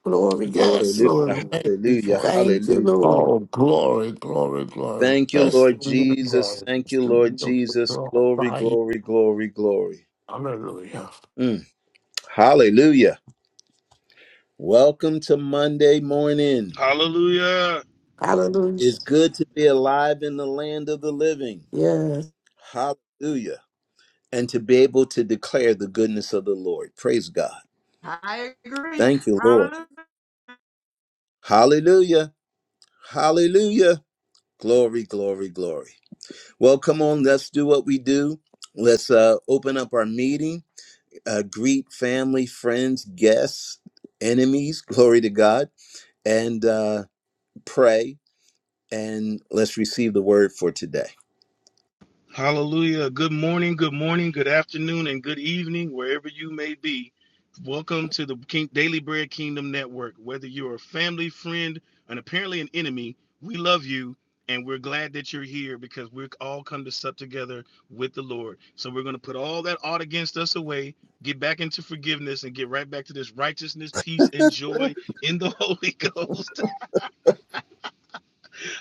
Speaker 6: Glory, glory,
Speaker 7: Yes,
Speaker 1: Hallelujah.
Speaker 7: Lord.
Speaker 6: glory.
Speaker 7: Thank you
Speaker 1: Hallelujah.
Speaker 7: for it.
Speaker 6: Thank you,
Speaker 1: Hallelujah.
Speaker 6: Lord.
Speaker 7: Oh, glory, glory, glory.
Speaker 1: Thank you,
Speaker 7: Best thing
Speaker 1: Lord
Speaker 7: in the
Speaker 1: Jesus.
Speaker 7: world
Speaker 1: Thank
Speaker 7: is
Speaker 1: you,
Speaker 7: to
Speaker 1: Lord
Speaker 7: be with
Speaker 1: Jesus. Glory,
Speaker 7: God
Speaker 1: glory, glory, glory.
Speaker 7: Hallelujah.
Speaker 1: Mm. Hallelujah. Welcome to Monday morning.
Speaker 3: Hallelujah.
Speaker 6: Hallelujah.
Speaker 1: It's good to be alive in the land of the living.
Speaker 6: Yes.
Speaker 1: Hallelujah. And to be able to declare the goodness of the Lord. Praise God.
Speaker 2: I agree.
Speaker 1: Thank you, Lord.
Speaker 2: Hallelujah.
Speaker 1: Hallelujah. Hallelujah. Glory, glory, glory. Well, come on, let's do what we do. Let's uh, open up our meeting. uh, greet family, friends, guests, enemies, glory to God, and uh, pray. And let's receive the word for today.
Speaker 3: Hallelujah. Good morning, good morning, good afternoon, and good evening, wherever you may be. Welcome to the King, Daily Bread Kingdom Network. Whether you're a family, friend, and apparently an enemy, we love you and we're glad that you're here because we're all come to sup together with the Lord. So we're going to put all that ought against us away, get back into forgiveness, and get right back to this righteousness, peace, and joy in the Holy Ghost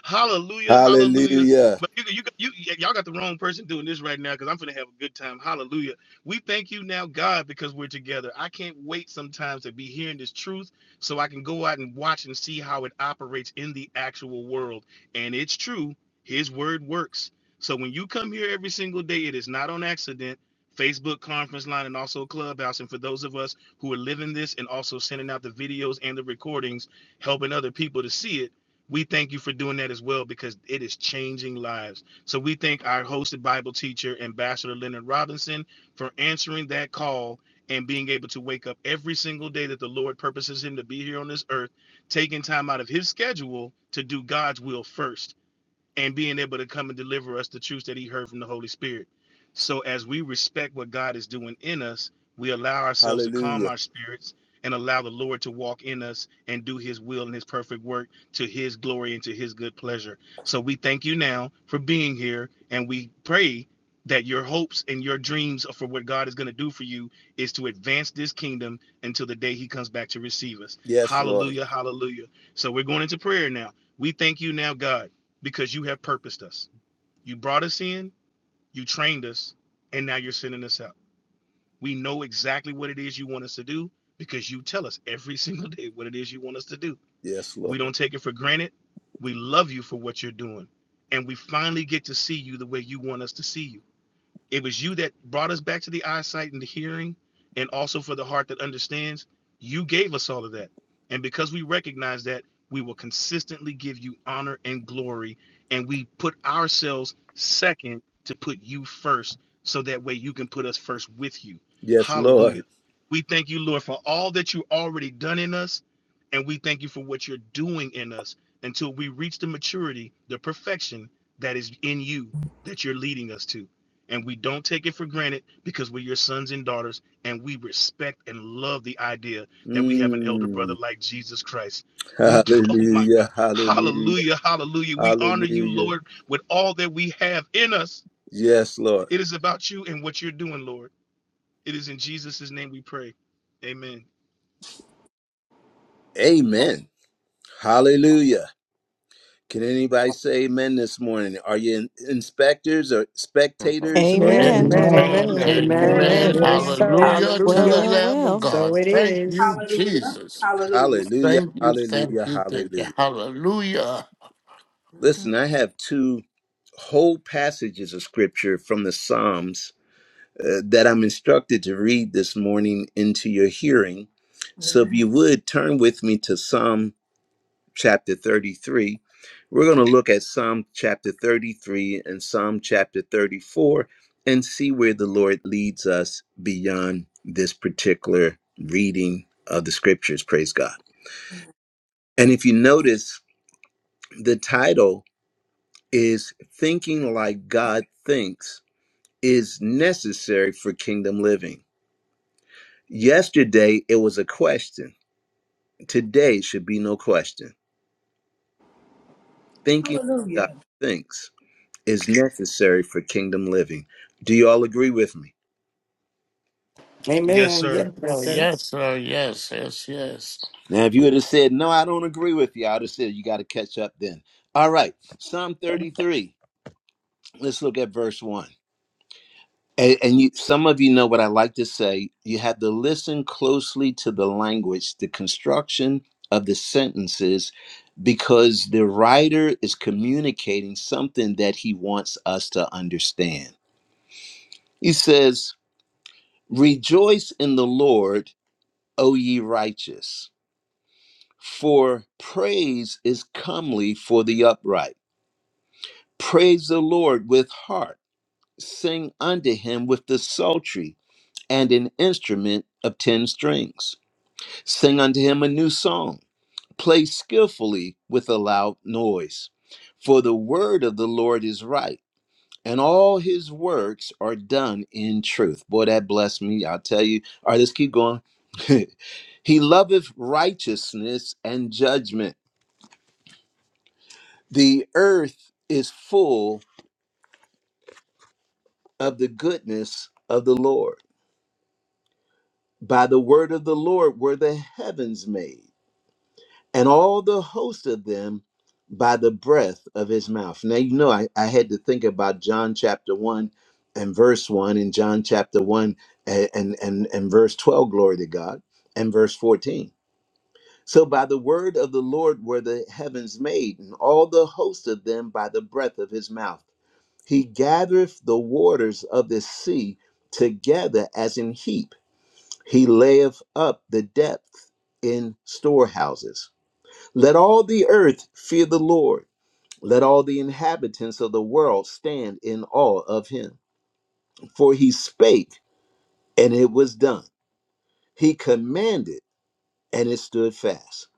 Speaker 3: hallelujah, hallelujah.
Speaker 1: Hallelujah.
Speaker 3: But you, you, you, y'all got the wrong person doing this right now because I'm gonna have a good time. Hallelujah. We thank you now, God, because we're together. I can't wait sometimes to be hearing this truth so I can go out and watch and see how it operates in the actual world. And it's true, His word works. So when you come here every single day, it is not on accident. Facebook conference line and also Clubhouse. And for those of us who are living this and also sending out the videos and the recordings, helping other people to see it we thank you for doing that as well because it is changing lives. So we thank our hosted Bible teacher, Ambassador Leonard Robinson, for answering that call and being able to wake up every single day that the Lord purposes him to be here on this earth, taking time out of his schedule to do God's will first and being able to come and deliver us the truth that he heard from the Holy Spirit. So as we respect what God is doing in us, we allow ourselves to calm our spirits and allow the Lord to walk in us and do his will and his perfect work to his glory and to his good pleasure. So we thank you now for being here and we pray that your hopes and your dreams for what God is going to do for you is to advance this kingdom until the day he comes back to receive us.
Speaker 1: Yes, Lord.
Speaker 3: Hallelujah, hallelujah. So we're going into prayer now. We thank you now, God because you have purposed us. You brought us in, you trained us, and now you're sending us out. We know exactly what it is you want us to do because you tell us every single day what it is you want us to do.
Speaker 1: Yes,
Speaker 3: We
Speaker 1: Lord.
Speaker 3: don't take it for granted. We love you for what you're doing. And we finally get to see you the way you want us to see you. It was you that brought us back to the eyesight and the hearing, and also for the heart that understands. You gave us all of that. And because we recognize that, we will consistently give you honor and glory. And we put ourselves second to put you first, so that way you can put us first with you.
Speaker 1: Yes, Lord.
Speaker 3: Hallelujah. We thank you, Lord, for all that you already done in us. And we thank you for what you're doing in us until we reach the maturity, the perfection that is in you that you're leading us to and we don't take it for granted because we're your sons and daughters and we respect and love the idea that we have an elder
Speaker 1: Mm.
Speaker 3: brother like Jesus Christ. We do, oh my
Speaker 1: Hallelujah.
Speaker 3: God,
Speaker 1: Hallelujah.
Speaker 3: hallelujah, hallelujah. We honor you,
Speaker 1: Hallelujah.
Speaker 3: Lord, with all that we have in us.
Speaker 1: Yes, Lord.
Speaker 3: It is about you and what you're doing, Lord. It is in Jesus' name we pray. Amen.
Speaker 1: Amen. Hallelujah. Can anybody say amen this morning? Are you in- inspectors or spectators or are you
Speaker 8: Amen,
Speaker 9: Amen.
Speaker 7: Amen.
Speaker 8: amen,
Speaker 5: Amen.
Speaker 1: participators?
Speaker 8: amen,
Speaker 3: Hallelujah.
Speaker 2: Amen.
Speaker 7: Amen.
Speaker 8: amen.
Speaker 6: Amen.
Speaker 8: It is
Speaker 2: Hallelujah.
Speaker 5: Amen.
Speaker 8: so.
Speaker 7: Hallelujah to
Speaker 9: Well,
Speaker 7: the
Speaker 6: Hallelujah.
Speaker 9: well,
Speaker 7: Lamb of
Speaker 9: well.
Speaker 8: So
Speaker 7: God.
Speaker 8: it
Speaker 7: Thank you,
Speaker 8: is.
Speaker 4: Hallelujah.
Speaker 7: Jesus.
Speaker 4: Hallelujah.
Speaker 1: Hallelujah.
Speaker 7: Thank you, thank
Speaker 1: Hallelujah.
Speaker 7: you, thank you.
Speaker 1: Hallelujah.
Speaker 7: Hallelujah.
Speaker 4: Mhm.
Speaker 1: Listen, I have two whole passages of scripture from the Psalms uh, that I'm instructed to read this morning into your hearing. So if you would turn with me to Psalm chapter 33, we're going to look at Psalm chapter 33 and Psalm chapter 34 and see where the Lord leads us beyond this particular reading of the scriptures. Praise God. And if you notice, the title is thinking like God thinks is necessary for kingdom living. Yesterday, it was a question. Today should be no question. Thinking
Speaker 4: Hallelujah.
Speaker 1: like God thinks is necessary for kingdom living. Do you all agree with me?
Speaker 3: Yes,
Speaker 6: Amen.
Speaker 3: sir.
Speaker 8: Yes,
Speaker 7: Oh,
Speaker 8: sir.
Speaker 6: Yes.
Speaker 7: yes, oh, yes, yes, yes.
Speaker 1: Now, if you would have said, No, I don't agree with you, I would have said, You got to catch up then. All right, Psalm 33. Let's look at verse 1. And, and you, some of you know what I like to say. You have to listen closely to the language, the construction of the sentences, because the writer is communicating something that he wants us to understand. He says, Rejoice in the Lord, O ye righteous, for praise is comely for the upright. Praise the Lord with heart, sing unto him with the psaltery and an instrument of ten strings Sing unto him a new song. Play skillfully with a loud noise. For the word of the Lord is right, and all his works are done in truth. Boy, that blessed me. I'll tell you. All right, let's keep going. he loveth righteousness and judgment. The earth is full of the goodness of the Lord. By the word of the Lord were the heavens made and all the host of them by the breath of his mouth. Now, you know, I, I had to think about John chapter 1 and verse 1, and John chapter 1 and, and, and, and verse 12, glory to God, and verse 14. So, by the word of the Lord were the heavens made, and all the host of them by the breath of his mouth. He gathereth the waters of the sea together as in heap. He layeth up the depth in storehouses. Let all the earth fear the Lord. Let all the inhabitants of the world stand in awe of him. For he spake, and it was done. He commanded, and it stood fast.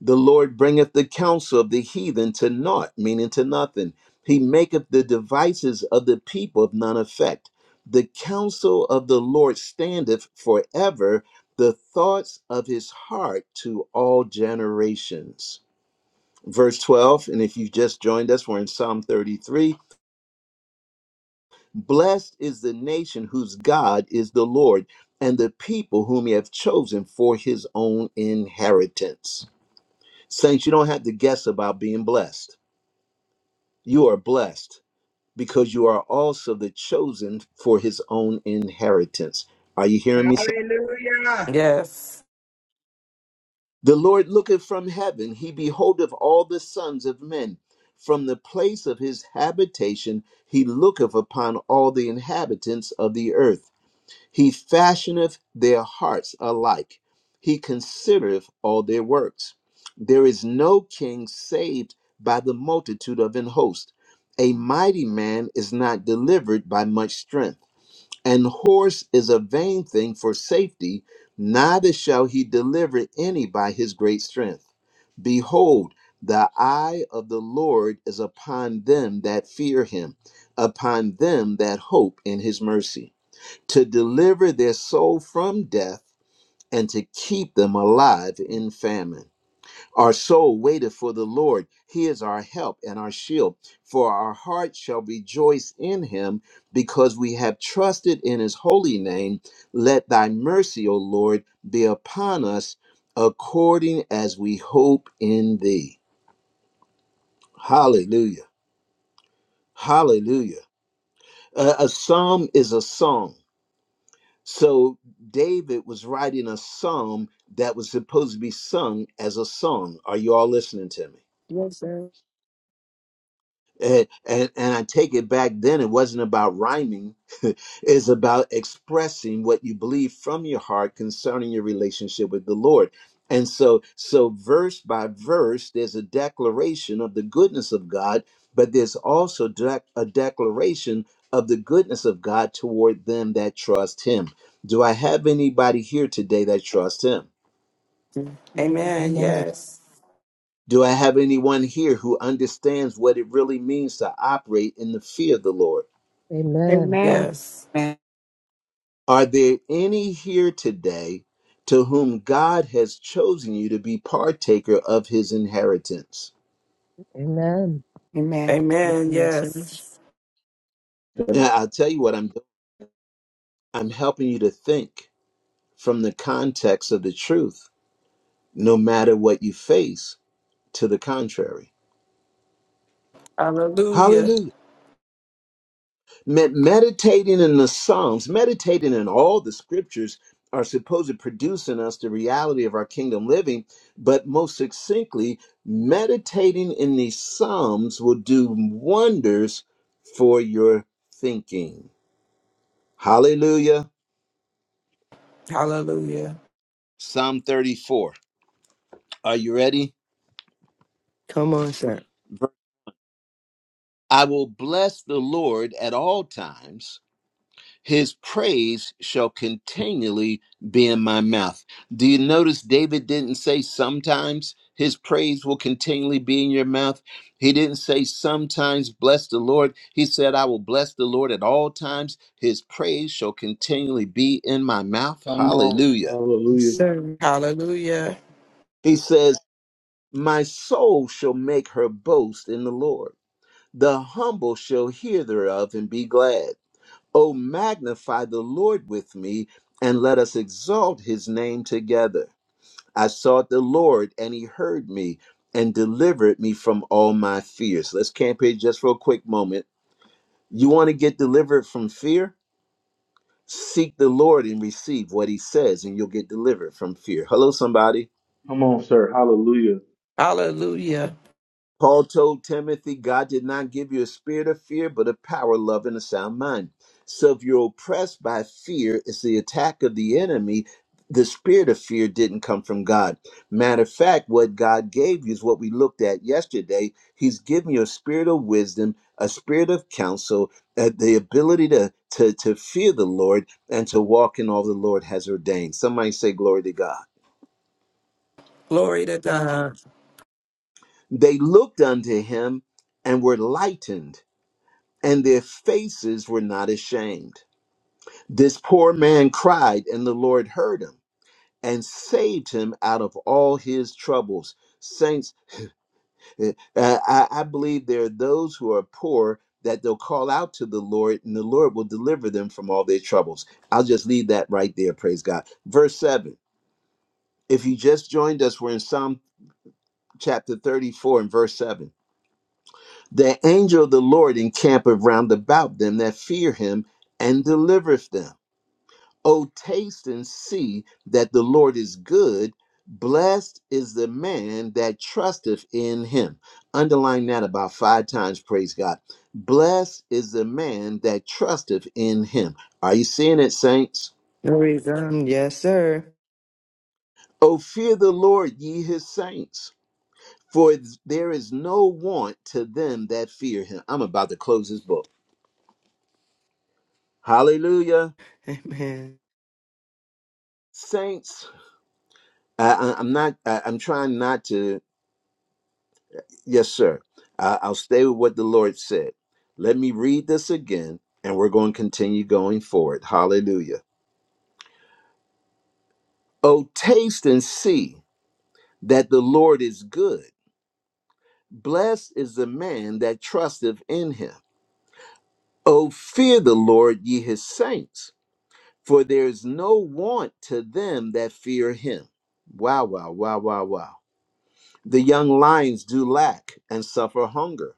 Speaker 1: The Lord bringeth the counsel of the heathen to naught, meaning to nothing. He maketh the devices of the people of none effect. The counsel of the Lord standeth forever, the thoughts of his heart to all generations. verse 12 and if you've just joined us we're in psalm 33 blessed is the nation whose god is the lord and the people whom he have chosen for his own inheritance saints you don't have to guess about being blessed you are blessed because you are also the chosen for his own inheritance are you hearing me
Speaker 2: Hallelujah.
Speaker 6: Yes.
Speaker 1: The Lord looketh from heaven, he beholdeth all the sons of men. From the place of his habitation, he looketh upon all the inhabitants of the earth. He fashioneth their hearts alike, he considereth all their works. There is no king saved by the multitude of an host. A mighty man is not delivered by much strength. And horse is a vain thing for safety, neither shall he deliver any by his great strength. Behold, the eye of the Lord is upon them that fear him, upon them that hope in his mercy, to deliver their soul from death and to keep them alive in famine. Our soul waiteth for the Lord. He is our help and our shield. For our heart shall rejoice in him because we have trusted in his holy name. Let thy mercy, O Lord, be upon us according as we hope in thee. Hallelujah. Hallelujah. A, a psalm is a song. So David was writing a psalm that was supposed to be sung as a song. Are you all listening to me?
Speaker 8: Yes, sir.
Speaker 1: and, and and I take it back then it wasn't about rhyming it's about expressing what you believe from your heart concerning your relationship with the Lord and so so verse by verse there's a declaration of the goodness of God but there's also dec- a declaration of the goodness of God toward them that trust him do I have anybody here today that trusts him
Speaker 8: Yes,
Speaker 6: Amen.
Speaker 5: Amen.
Speaker 6: Yes.
Speaker 1: do I have anyone here who understands what it really means to operate in the fear of the Lord
Speaker 10: Amen.
Speaker 6: Yes.
Speaker 10: Amen.
Speaker 1: Are there any here today to whom God has chosen you to be partaker of his inheritance?
Speaker 5: Amen.
Speaker 10: Amen.
Speaker 6: Amen.
Speaker 8: sir.
Speaker 6: Yes.
Speaker 1: Now, I'll tell you what I'm doing. I'm helping you to think from the context of the truth, no matter what you face to the contrary.
Speaker 6: Hallelujah.
Speaker 1: Hallelujah. Med- meditating in the Psalms, meditating in all the scriptures are supposed to produce in us the reality of our kingdom living. But most succinctly, meditating in these Psalms will do wonders for your thinking. Hallelujah.
Speaker 6: Hallelujah.
Speaker 1: Psalm 34. Are you ready?
Speaker 8: Come on, sir.
Speaker 1: I will bless the Lord at all times. His praise shall continually be in my mouth. Do you notice David didn't say sometimes his praise will continually be in your mouth? He didn't say sometimes bless the Lord. He said, I will bless the Lord at all times. His praise shall continually be in my mouth. Hallelujah.
Speaker 8: Yes,
Speaker 3: Hallelujah.
Speaker 8: Sir.
Speaker 6: Hallelujah.
Speaker 1: He says, My soul shall make her boast in the Lord. The humble shall hear thereof and be glad. Oh, magnify the Lord with me, and let us exalt his name together. I sought the Lord, and he heard me and delivered me from all my fears. Let's camp here just for a quick moment. You want to get delivered from fear? Seek the Lord and receive what he says, and you'll get delivered from fear. Hello, somebody.
Speaker 3: Come on, sir. Hallelujah.
Speaker 6: Hallelujah.
Speaker 1: Paul told Timothy, God did not give you a spirit of fear, but a power, love, and a sound mind. So if you're oppressed by fear, it's the attack of the enemy. The spirit of fear didn't come from God. Matter of fact, what God gave you is what we looked at yesterday. He's given you a spirit of wisdom, a spirit of counsel, uh, the ability to, to, to fear the Lord and to walk in all the Lord has ordained. Somebody say, Glory to God.
Speaker 6: Glory to God.
Speaker 1: They looked unto him and were lightened and their faces were not ashamed. This poor man cried, and the Lord heard him and saved him out of all his troubles. Saints, eh, uh, I, I believe there are those who are poor that they'll call out to the Lord, and the Lord will deliver them from all their troubles. I'll just leave that right there. Praise God. Verse 7. If you just joined us, we're in Psalm chapter 34 and verse 7. The angel of the Lord encampeth round about them that fear him and delivereth them. Oh, taste and see that the Lord is good. Blessed is the man that trusteth in him. Underline that about five times, praise God. Blessed is the man that trusteth in him. Are you seeing it, saints?
Speaker 8: No reason. Yes, sir.
Speaker 1: Oh, fear the Lord, ye his saints, for there is no want to them that fear him. I'm about to close this book. Hallelujah.
Speaker 8: Amen.
Speaker 1: Saints, I, I- I'm not, I, I'm trying not to. Yes, sir. I, I'll stay with what the Lord said. Let me read this again, and we're going to continue going forward. Hallelujah. Oh, taste and see that the Lord is good. Blessed is the man that trusteth in him. Oh, fear the Lord, ye his saints, for there is no want to them that fear him. Wow, wow, wow, wow, wow. The young lions do lack and suffer hunger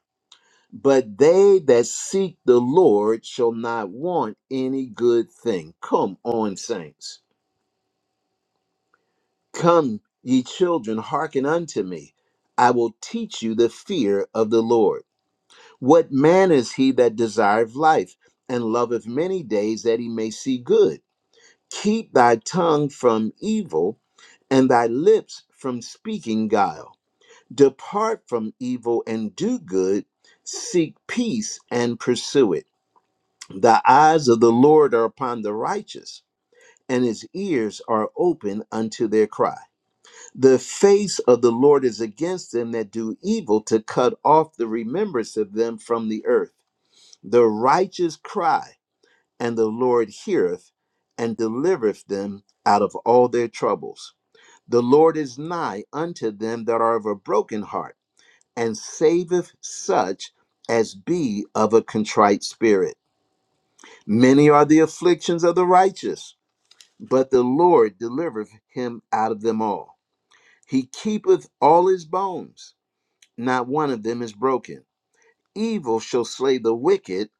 Speaker 1: But they that seek the Lord shall not want any good thing. Come on, saints. Come, ye children, hearken unto me. I will teach you the fear of the Lord. What man is he that desireth life and loveth many days that he may see good? Keep thy tongue from evil and thy lips from speaking guile. Depart from evil and do good. Seek peace and pursue it. The eyes of the Lord are upon the righteous, and his ears are open unto their cry. The face of the Lord is against them that do evil, to cut off the remembrance of them from the earth. The righteous cry, and the Lord heareth and delivereth them out of all their troubles. The Lord is nigh unto them that are of a broken heart, and saveth such as be of a contrite spirit. Many are the afflictions of the righteous But the Lord delivereth him out of them all. He keepeth all his bones, not one of them is broken. Evil shall slay the wicked,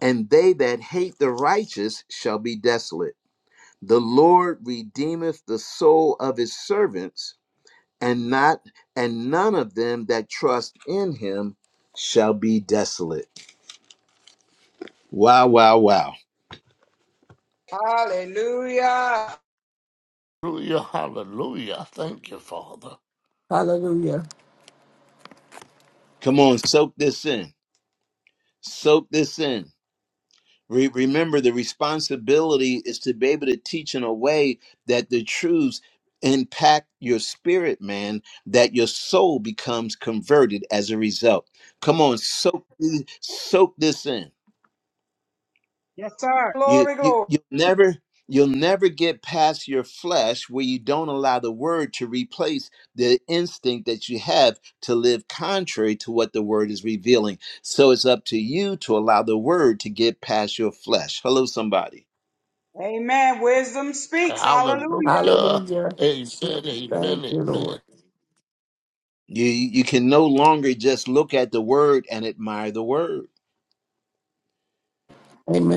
Speaker 1: and they that hate the righteous shall be desolate. The Lord redeemeth the soul of his servants, and not and none of them that trust in him shall be desolate. Wow, wow, wow.
Speaker 2: Hallelujah.
Speaker 7: Hallelujah, hallelujah. Thank you, Father.
Speaker 6: Hallelujah.
Speaker 1: Come on, soak this in. Soak this in Re- remember, the responsibility is to be able to teach in a way that the truths impact your spirit, man, that your soul becomes converted as a result. Come on, soak, th- soak this in.
Speaker 2: Yes, sir.
Speaker 1: You,
Speaker 2: Glory,
Speaker 1: you,
Speaker 2: glory.
Speaker 1: you'll never. You'll never get past your flesh where you don't allow the word to replace the instinct that you have to live contrary to what the word is revealing. So it's up to you to allow the word to get past your flesh. Hello, somebody.
Speaker 2: Amen. Wisdom speaks. Hallelujah.
Speaker 7: Hallelujah.
Speaker 6: Hallelujah.
Speaker 7: Amen,
Speaker 6: Thank
Speaker 7: amen,
Speaker 6: you,
Speaker 7: amen.
Speaker 6: Lord.
Speaker 1: You you can no longer just look at the word and admire the word.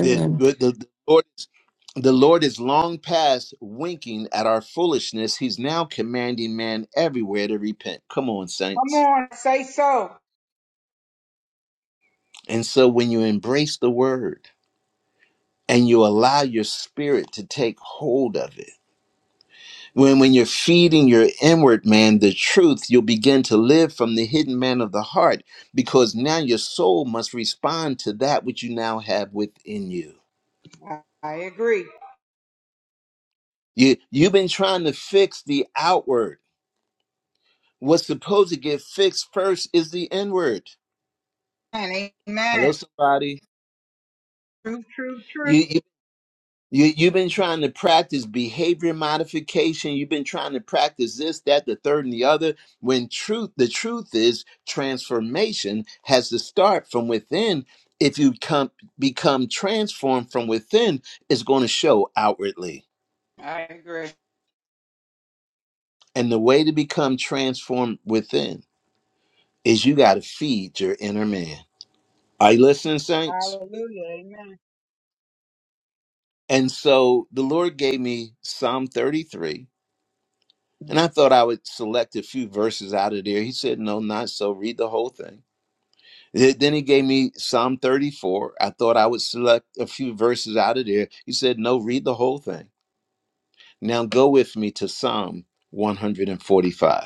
Speaker 1: The the, the Lord is the Lord is long past winking at our foolishness. He's now commanding man everywhere to repent. Come on,
Speaker 2: Come
Speaker 1: saints.
Speaker 2: on, say so.
Speaker 1: And so when you embrace the word and you allow your spirit to take hold of it, when, when you're feeding your inward man the truth, you'll begin to live from the hidden man of the heart because now your soul must respond to that which you now have within you.
Speaker 2: I I agree.
Speaker 1: You you've been trying to fix the outward. What's supposed to get fixed first is the inward.
Speaker 2: Amen. Amen.
Speaker 1: Hello, somebody.
Speaker 2: True, true, true.
Speaker 1: You you you you've been trying to practice behavior modification. You've been trying to practice this, that, the third, and the other. When truth, the truth is transformation has to start from within. If you come become transformed from within, it's going to show outwardly.
Speaker 2: I agree.
Speaker 1: And the way to become transformed within is you got to feed your inner man. Are you listening, saints?
Speaker 2: Hallelujah. Amen.
Speaker 1: And so the Lord gave me Psalm 33, and I thought I would select a few verses out of there. He said, No, not so. Read the whole thing. Th- Then he gave me Psalm 34. I thought I would select a few verses out of there. He said, No, read the whole thing. Now go with me to Psalm 145.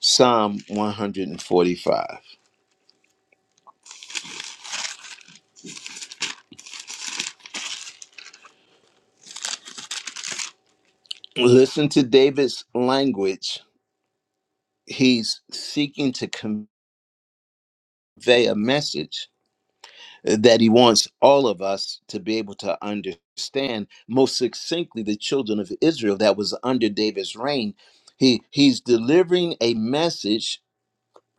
Speaker 1: Psalm 145. Listen to David's language. He's seeking to convey a message that he wants all of us to be able to understand most succinctly the children of Israel that was under David's reign. He he's delivering a message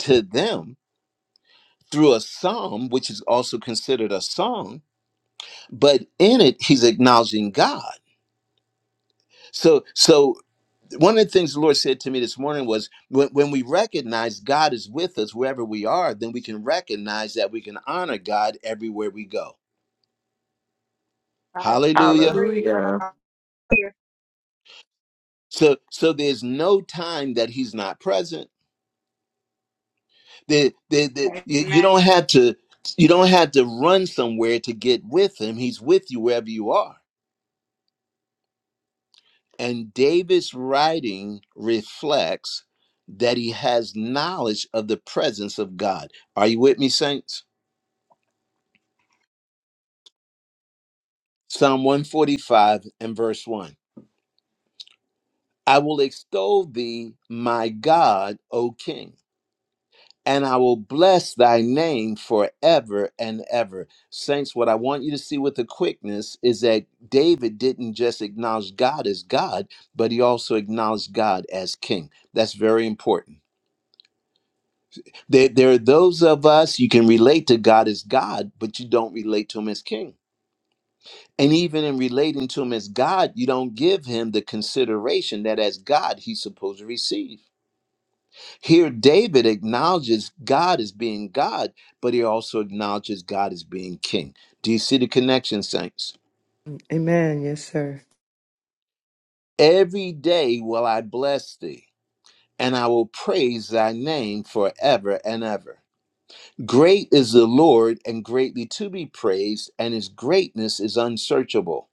Speaker 1: to them through a psalm, which is also considered a song, but in it he's acknowledging God. So so one of the things the Lord said to me this morning was when, when we recognize God is with us wherever we are, then we can recognize that we can honor God everywhere we go.
Speaker 2: I
Speaker 1: Hallelujah.
Speaker 2: agree.
Speaker 6: Hallelujah.
Speaker 1: So, so there's no time that he's not present. The, the, the,
Speaker 2: Hallelujah.
Speaker 1: you you
Speaker 2: Amen.
Speaker 1: don't have to, you don't have to run somewhere to get with him. He's with you wherever you are. And David's writing reflects that he has knowledge of the presence of God. Are you with me, saints? Psalm 145 and verse 1. I will extol thee, my God, O King. and I will bless thy name forever and ever. Saints, what I want you to see with the quickness is that David didn't just acknowledge God as God, but he also acknowledged God as king. That's very important. There, there are those of us you can relate to God as God, but you don't relate to him as king. And even in relating to him as God, you don't give him the consideration that as God he's supposed to receive. Here, David acknowledges God as being God, but he also acknowledges God as being king. Do you see the connection, saints?
Speaker 8: Amen. Yes, sir.
Speaker 1: Every day will I bless thee, and I will praise thy name forever and ever. Great is the Lord, and greatly to be praised, and his greatness is unsearchable.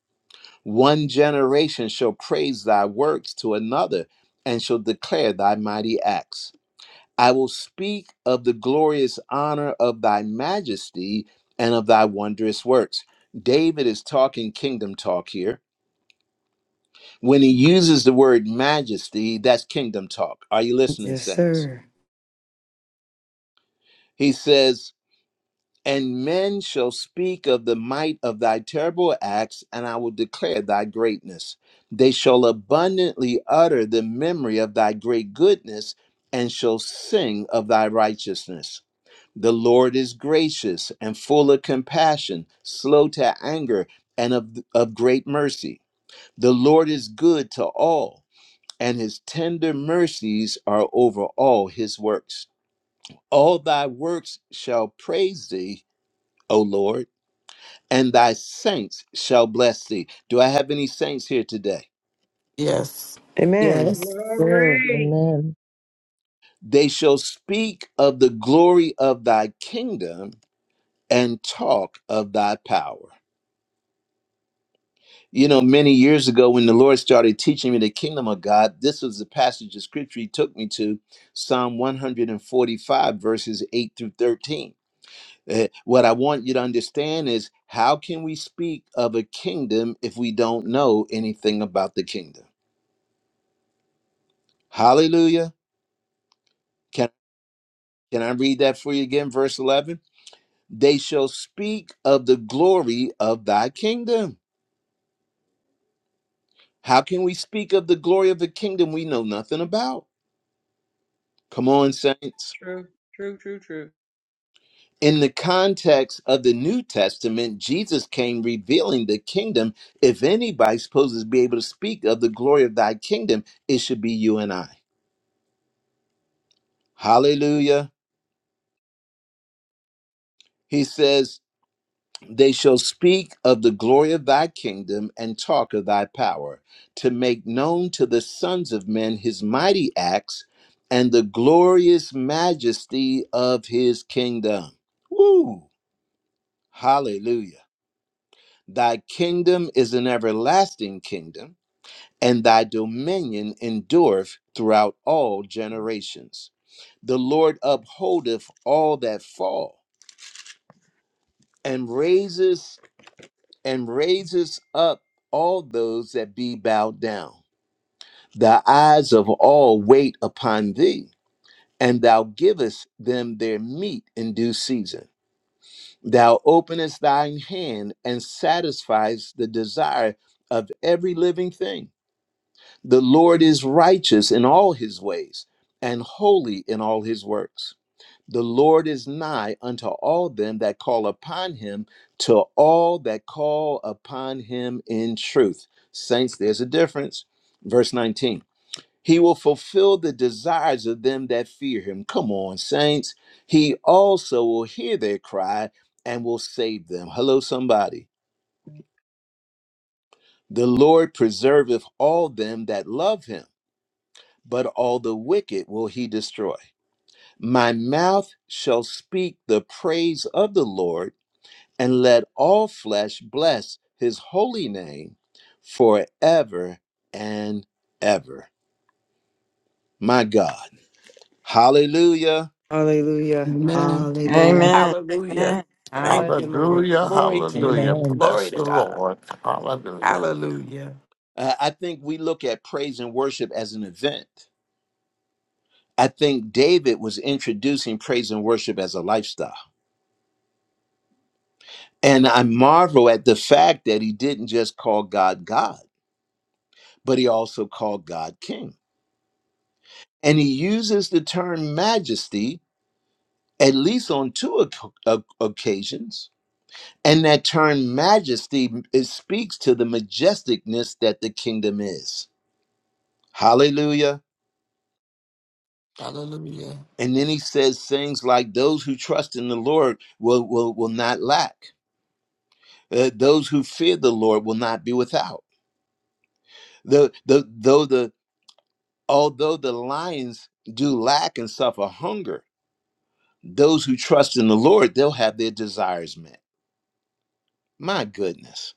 Speaker 1: One generation shall praise thy works to another, and shall declare thy mighty acts. I will speak of the glorious honor of thy majesty and of thy wondrous works. David is talking kingdom talk here. When he uses the word majesty, that's kingdom talk. Are you listening,
Speaker 8: Yes,
Speaker 1: saints?
Speaker 8: sir.
Speaker 1: He says, And men shall speak of the might of thy terrible acts, and I will declare thy greatness. They shall abundantly utter the memory of thy great goodness and shall sing of thy righteousness. The Lord is gracious and full of compassion, slow to anger, and of, of great mercy. The Lord is good to all, and his tender mercies are over all his works. All thy works shall praise thee, O Lord, and thy saints shall bless thee. Do I have any saints here today?
Speaker 6: Yes.
Speaker 8: Amen.
Speaker 6: Yes.
Speaker 8: Yeah.
Speaker 2: Glory.
Speaker 5: Amen.
Speaker 1: They shall speak of the glory of thy kingdom and talk of thy power. You know, many years ago when the Lord started teaching me the kingdom of God, this was the passage of scripture he took me to Psalm 145, verses 8 through 13. Eh, What I want you to understand is how can we speak of a kingdom if we don't know anything about the kingdom? Hallelujah. Can, can I read that for you again? Verse 11. They shall speak of the glory of thy kingdom. How can we speak of the glory of a kingdom we know nothing about? Come on, saints.
Speaker 2: True, true, true, true.
Speaker 1: In the context of the New Testament, Jesus came revealing the kingdom. If anybody's supposed to be able to speak of the glory of thy kingdom, it should be you and I. Hallelujah. He says, They shall speak of the glory of thy kingdom and talk of thy power, to make known to the sons of men his mighty acts and the glorious majesty of his kingdom. Woo! Hallelujah. Thy kingdom is an everlasting kingdom, and thy dominion endureth throughout all generations. The Lord upholdeth all that fall, and raises and raises up all those that be bowed down. The eyes of all wait upon thee, and thou givest them their meat in due season. Thou openest thine hand and satisfiest the desire of every living thing The Lord is righteous in all his ways and holy in all his works. The Lord is nigh unto all them that call upon him, to all that call upon him in truth. Saints, there's a difference. Verse 19 He will fulfill the desires of them that fear him. Come on, saints. He also will hear their cry and will save them. Hello, somebody. The Lord preserveth all them that love him but all the wicked will he destroy. My mouth shall speak the praise of the Lord, and let all flesh bless his holy name forever and ever. My God. Hallelujah.
Speaker 8: Hallelujah.
Speaker 6: Amen.
Speaker 8: Hallelujah.
Speaker 11: Amen.
Speaker 6: Hallelujah.
Speaker 11: Amen.
Speaker 6: Thank you, Lord.
Speaker 11: Hallelujah.
Speaker 7: Hallelujah,
Speaker 6: Glory to your
Speaker 7: hallelujah.
Speaker 6: name.
Speaker 5: Amen. Amen.
Speaker 6: Glory
Speaker 7: Bless
Speaker 6: to
Speaker 7: the
Speaker 6: God.
Speaker 7: Lord. Hallelujah.
Speaker 6: Hallelujah.
Speaker 1: Uh, I think we look at praise and worship as an event. I think David was introducing praise and worship as a lifestyle. And I marvel at the fact that he didn't just call God God, but he also called God King. And he uses the term majesty at least on two oc- oc- occasions. And that term majesty it speaks to the majesticness that the kingdom is. Hallelujah.
Speaker 6: Hallelujah.
Speaker 1: And then he says things like those who trust in the Lord will, will, will not lack. Uh, those who fear the Lord will not be without. The, the, though the, although the lions do lack and suffer hunger, those who trust in the Lord, they'll have their desires met. My goodness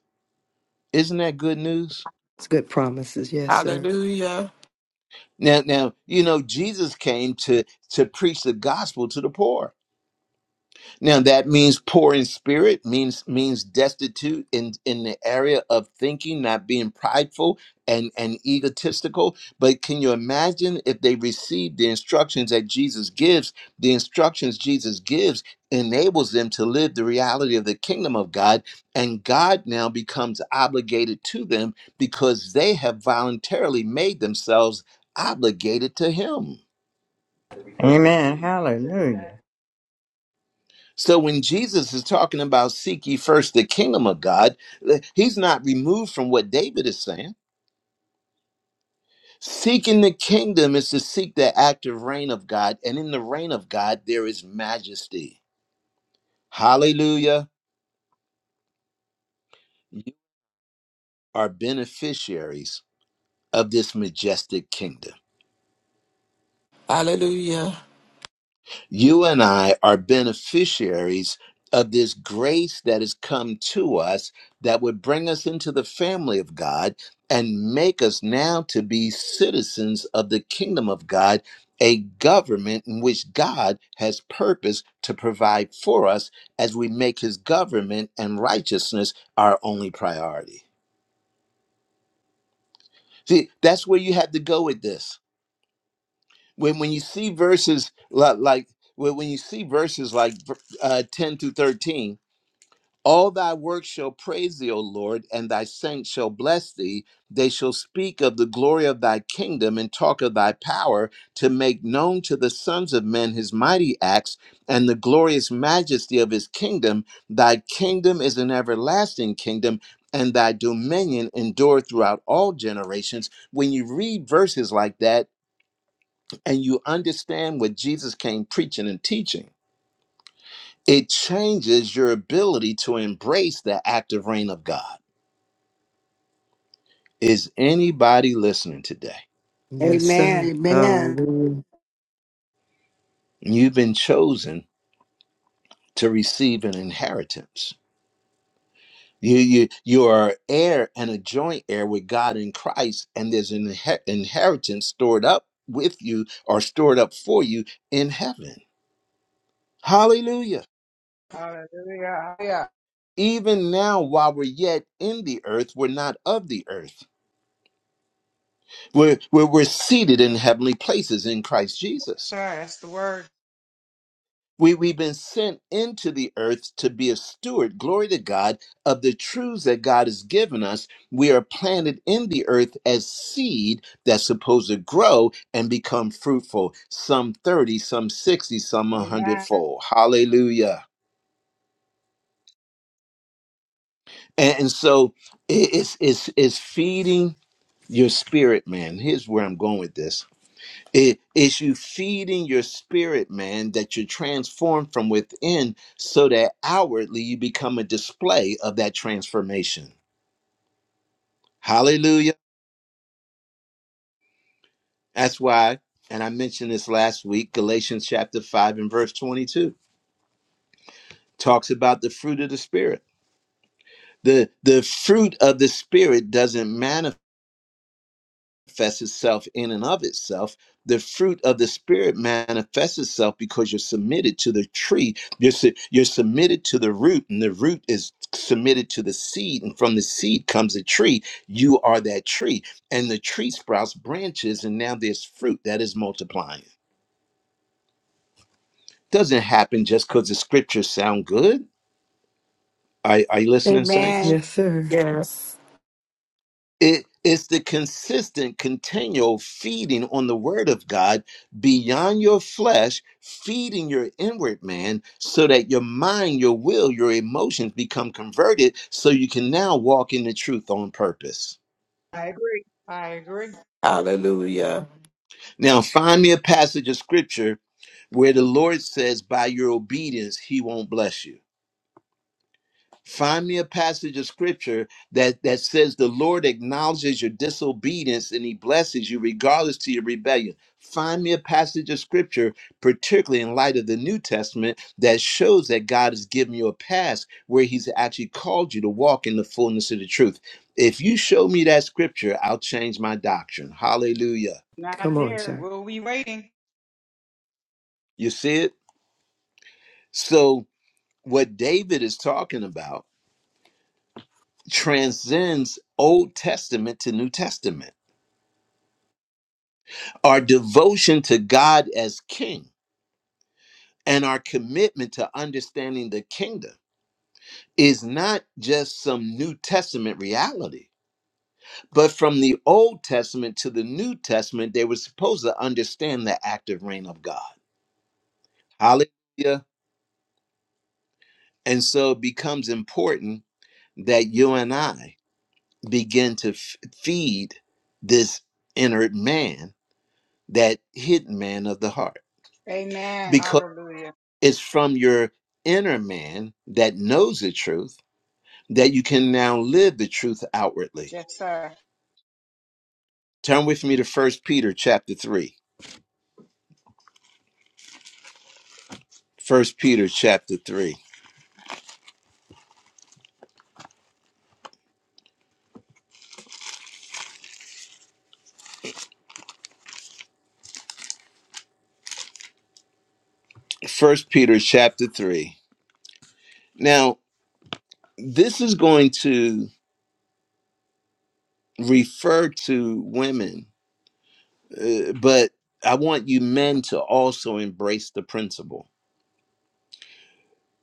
Speaker 1: Isn't that good news?
Speaker 8: It's good promises. Yes, sir.
Speaker 6: Hallelujah.
Speaker 1: Now, now you know Jesus came to to preach the gospel to the poor. Now that means poor in spirit, means means destitute in in the area of thinking, not being prideful and and egotistical. But can you imagine if they received the instructions that Jesus gives? The instructions Jesus gives enables them to live the reality of the kingdom of God, and God now becomes obligated to them because they have voluntarily made themselves obligated to Him.
Speaker 11: Amen. Hallelujah.
Speaker 1: So when Jesus is talking about seek ye first the kingdom of God, eh, he's not removed from what David is saying. Seeking the kingdom is to seek the active reign of God, and in the reign of God there is majesty. Hallelujah. You are beneficiaries of this majestic kingdom.
Speaker 6: Hallelujah.
Speaker 1: you and I are beneficiaries of this grace that has come to us that would bring us into the family of God and make us now to be citizens of the kingdom of God, a government in which God has purpose to provide for us as we make his government and righteousness our only priority. See, that's where you have to go with this. When when you see verses like, like when when you see verses like uh, 10 through 13 All thy works shall praise thee, O Lord, and thy saints shall bless thee. They shall speak of the glory of thy kingdom and talk of thy power to make known to the sons of men his mighty acts and the glorious majesty of his kingdom. Thy kingdom is an everlasting kingdom, and thy dominion endure throughout all generations. When you read verses like that and you understand what Jesus came preaching and teaching, it changes your ability to embrace the active reign of God. Is anybody listening today?
Speaker 8: Yes, sir.
Speaker 10: Amen.
Speaker 8: Hallelujah.
Speaker 1: You've been chosen to receive an inheritance. You, you, you are heir and a joint heir with God in Christ, and there's an inhe- inheritance stored up with you or stored up for you in heaven. Hallelujah.
Speaker 2: Hallelujah. Yeah.
Speaker 1: Even now, while we're yet in the earth, we're not of the earth. We're, we're, we're seated in heavenly places in Christ Jesus.
Speaker 2: Sorry, that's the word.
Speaker 1: We, we've been sent into the earth to be a steward, glory to God, of the truths that God has given us. We are planted in the earth as seed that's supposed to grow and become fruitful, some 30, some 60, some 100
Speaker 2: Amen.
Speaker 1: hundredfold. Hallelujah. And, and so it- it's, it's, it's feeding your spirit, man. Here's where I'm going with this It is you feeding your spirit, man, that you're transformed from within so that outwardly you become a display of that transformation. Hallelujah. That's why, and I mentioned this last week, Galatians chapter 5 and verse 22 talks about the fruit of the spirit. The, the fruit of the spirit doesn't manifest. manifests itself in and of itself. The fruit of the spirit manifests itself because you're submitted to the tree. You're, su- you're submitted to the root, and the root is submitted to the seed, and from the seed comes a tree. You are that tree, and the tree sprouts branches, and now there's fruit that is multiplying. Doesn't happen just because the scriptures sound good. Are, are you listening, saints?
Speaker 10: Amen.
Speaker 8: Yes, sir.
Speaker 6: Yes.
Speaker 1: it's the consistent, continual feeding on the word of God beyond your flesh, feeding your inward man so that your mind, your will, your emotions become converted so you can now walk in the truth on purpose.
Speaker 2: I agree. I agree.
Speaker 6: Hallelujah.
Speaker 1: Now, find me a passage of scripture where the Lord says, By your obedience, he won't bless you. Find me a passage of scripture that, that says the Lord acknowledges your disobedience and he blesses you regardless to your rebellion. Find me a passage of scripture, particularly in light of the New Testament, that shows that God has given you a past where he's actually called you to walk in the fullness of the truth. If you show me that scripture, I'll change my doctrine. Hallelujah.
Speaker 2: Not
Speaker 8: Come on,
Speaker 2: there.
Speaker 8: sir.
Speaker 2: We'll be waiting.
Speaker 1: You see it? So, what David is talking about transcends Old Testament to New Testament our devotion to God as king and our commitment to understanding the kingdom is not just some New Testament reality, but from the Old Testament to the New Testament, they were supposed to understand the active reign of God. Hallelujah. And so it becomes important that you and I begin to f- feed this inner man, that hidden man of the heart,
Speaker 2: Amen.
Speaker 1: because
Speaker 2: Hallelujah.
Speaker 1: it's from your inner man that knows the truth that you can now live the truth outwardly.
Speaker 2: Yes, sir.
Speaker 1: Turn with me to First Peter chapter 3. First Peter chapter 3. First Peter chapter 3. Now, this is going to refer to women, uh, but I want you men to also embrace the principle.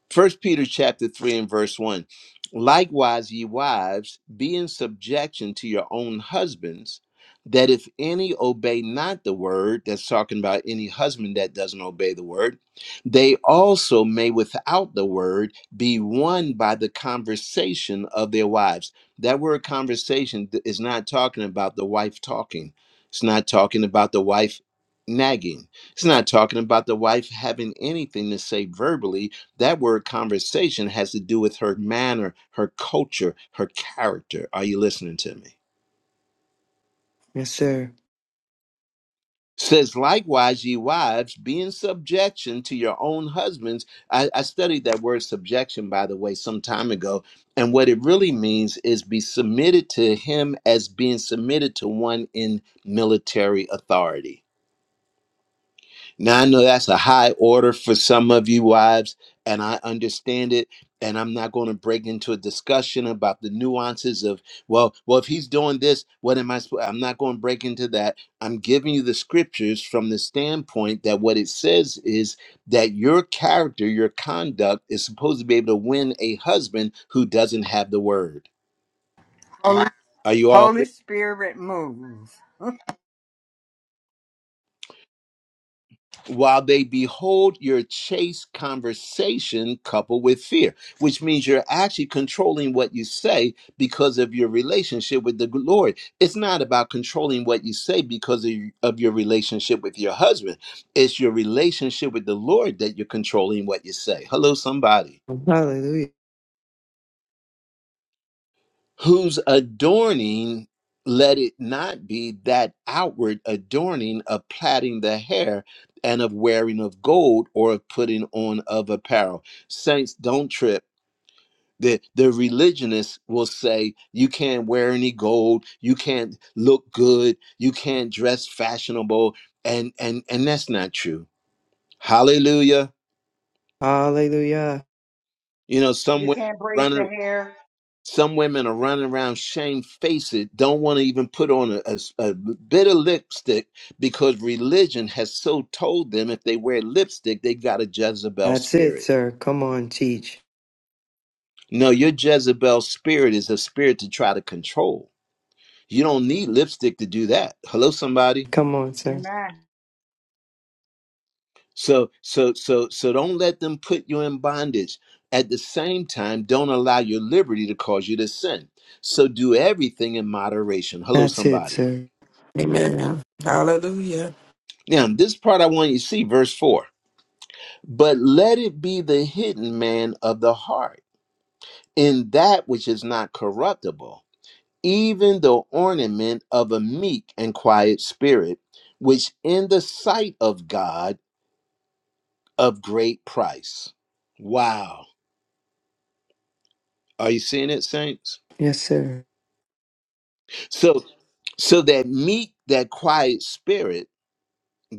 Speaker 1: First Peter chapter three and verse one. Likewise, ye wives, be in subjection to your own husbands, that if any obey not the word, that's talking about any husband that doesn't obey the word, they also may without the word be won by the conversation of their wives. That word conversation th- is not talking about the wife talking. It's not talking about the wife nagging. It's not talking about the wife having anything to say verbally that word conversation has to do with her manner, her culture, her character. Are you listening to me?
Speaker 8: Yes, sir.
Speaker 1: Says, likewise, ye wives, be in subjection to your own husbands. I, I studied that word subjection, by the way, some time ago. And what it really means is be submitted to him as being submitted to one in military authority. Now, I know that's a high order for some of you wives, and I understand it. And I'm not going to break into a discussion about the nuances of, well, well, if he's doing this, what am I supposed I'm not going to break into that. I'm giving you the scriptures from the standpoint that what it says is that your character, your conduct is supposed to be able to win a husband who doesn't have the word.
Speaker 11: Holy,
Speaker 1: Are you all here?
Speaker 11: Holy Spirit moves.
Speaker 1: while they behold your chaste conversation coupled with fear, which means you're actually controlling what you say because of your relationship with the Lord. It's not about controlling what you say because of, of your relationship with your husband, it's your relationship with the Lord that you're controlling what you say. Hello, somebody.
Speaker 8: Hallelujah.
Speaker 1: whose adorning let it not be that outward adorning of plaiting the hair and of wearing of gold or of putting on of apparel. Saints, don't trip. The, the religionists will say you can't wear any gold, you can't look good, you can't dress fashionable, and and and that's not true. Hallelujah!
Speaker 8: Hallelujah.
Speaker 1: You know, some
Speaker 2: You can't braid
Speaker 1: women
Speaker 2: your hair.
Speaker 1: Some women are running around shamefaced, don't want to even put on a, a s- a bit of lipstick because religion has so told them if they wear lipstick, they got a Jezebel
Speaker 8: That's it,
Speaker 1: spirit.
Speaker 8: sir. Come on, teach.
Speaker 1: No, your Jezebel spirit is a spirit to try to control. You don't need lipstick to do that. Hello, somebody.
Speaker 8: Come on, sir.
Speaker 2: Amen.
Speaker 1: So, so, so, so don't let them put you in bondage. At the same time, don't allow your liberty to cause you to sin. So do everything in moderation. Hello,
Speaker 8: That's it,
Speaker 1: somebody.
Speaker 8: sir.
Speaker 6: Amen. Hallelujah.
Speaker 1: Now, this part I want you to see, verse 4. But let it be the hidden man of the heart, in that which is not corruptible, even the ornament of a meek and quiet spirit, which in the sight of God of great price. Wow. Are you seeing it, saints?
Speaker 8: Yes, sir.
Speaker 1: So so that meek, that quiet spirit,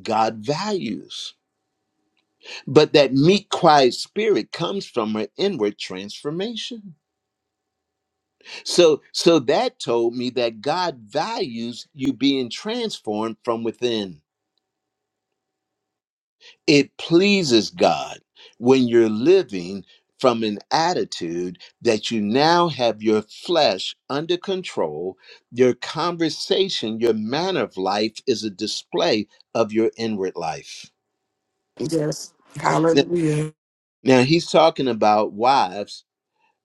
Speaker 1: God values. But that meek, quiet spirit comes from an inward transformation. So so that told me that God values you being transformed from within. It pleases God when you're living from an attitude that you now have your flesh under control, your conversation, your manner of life is a display of your inward life.
Speaker 6: Yes.
Speaker 1: Now,
Speaker 6: Hallelujah.
Speaker 1: now he's talking about wives,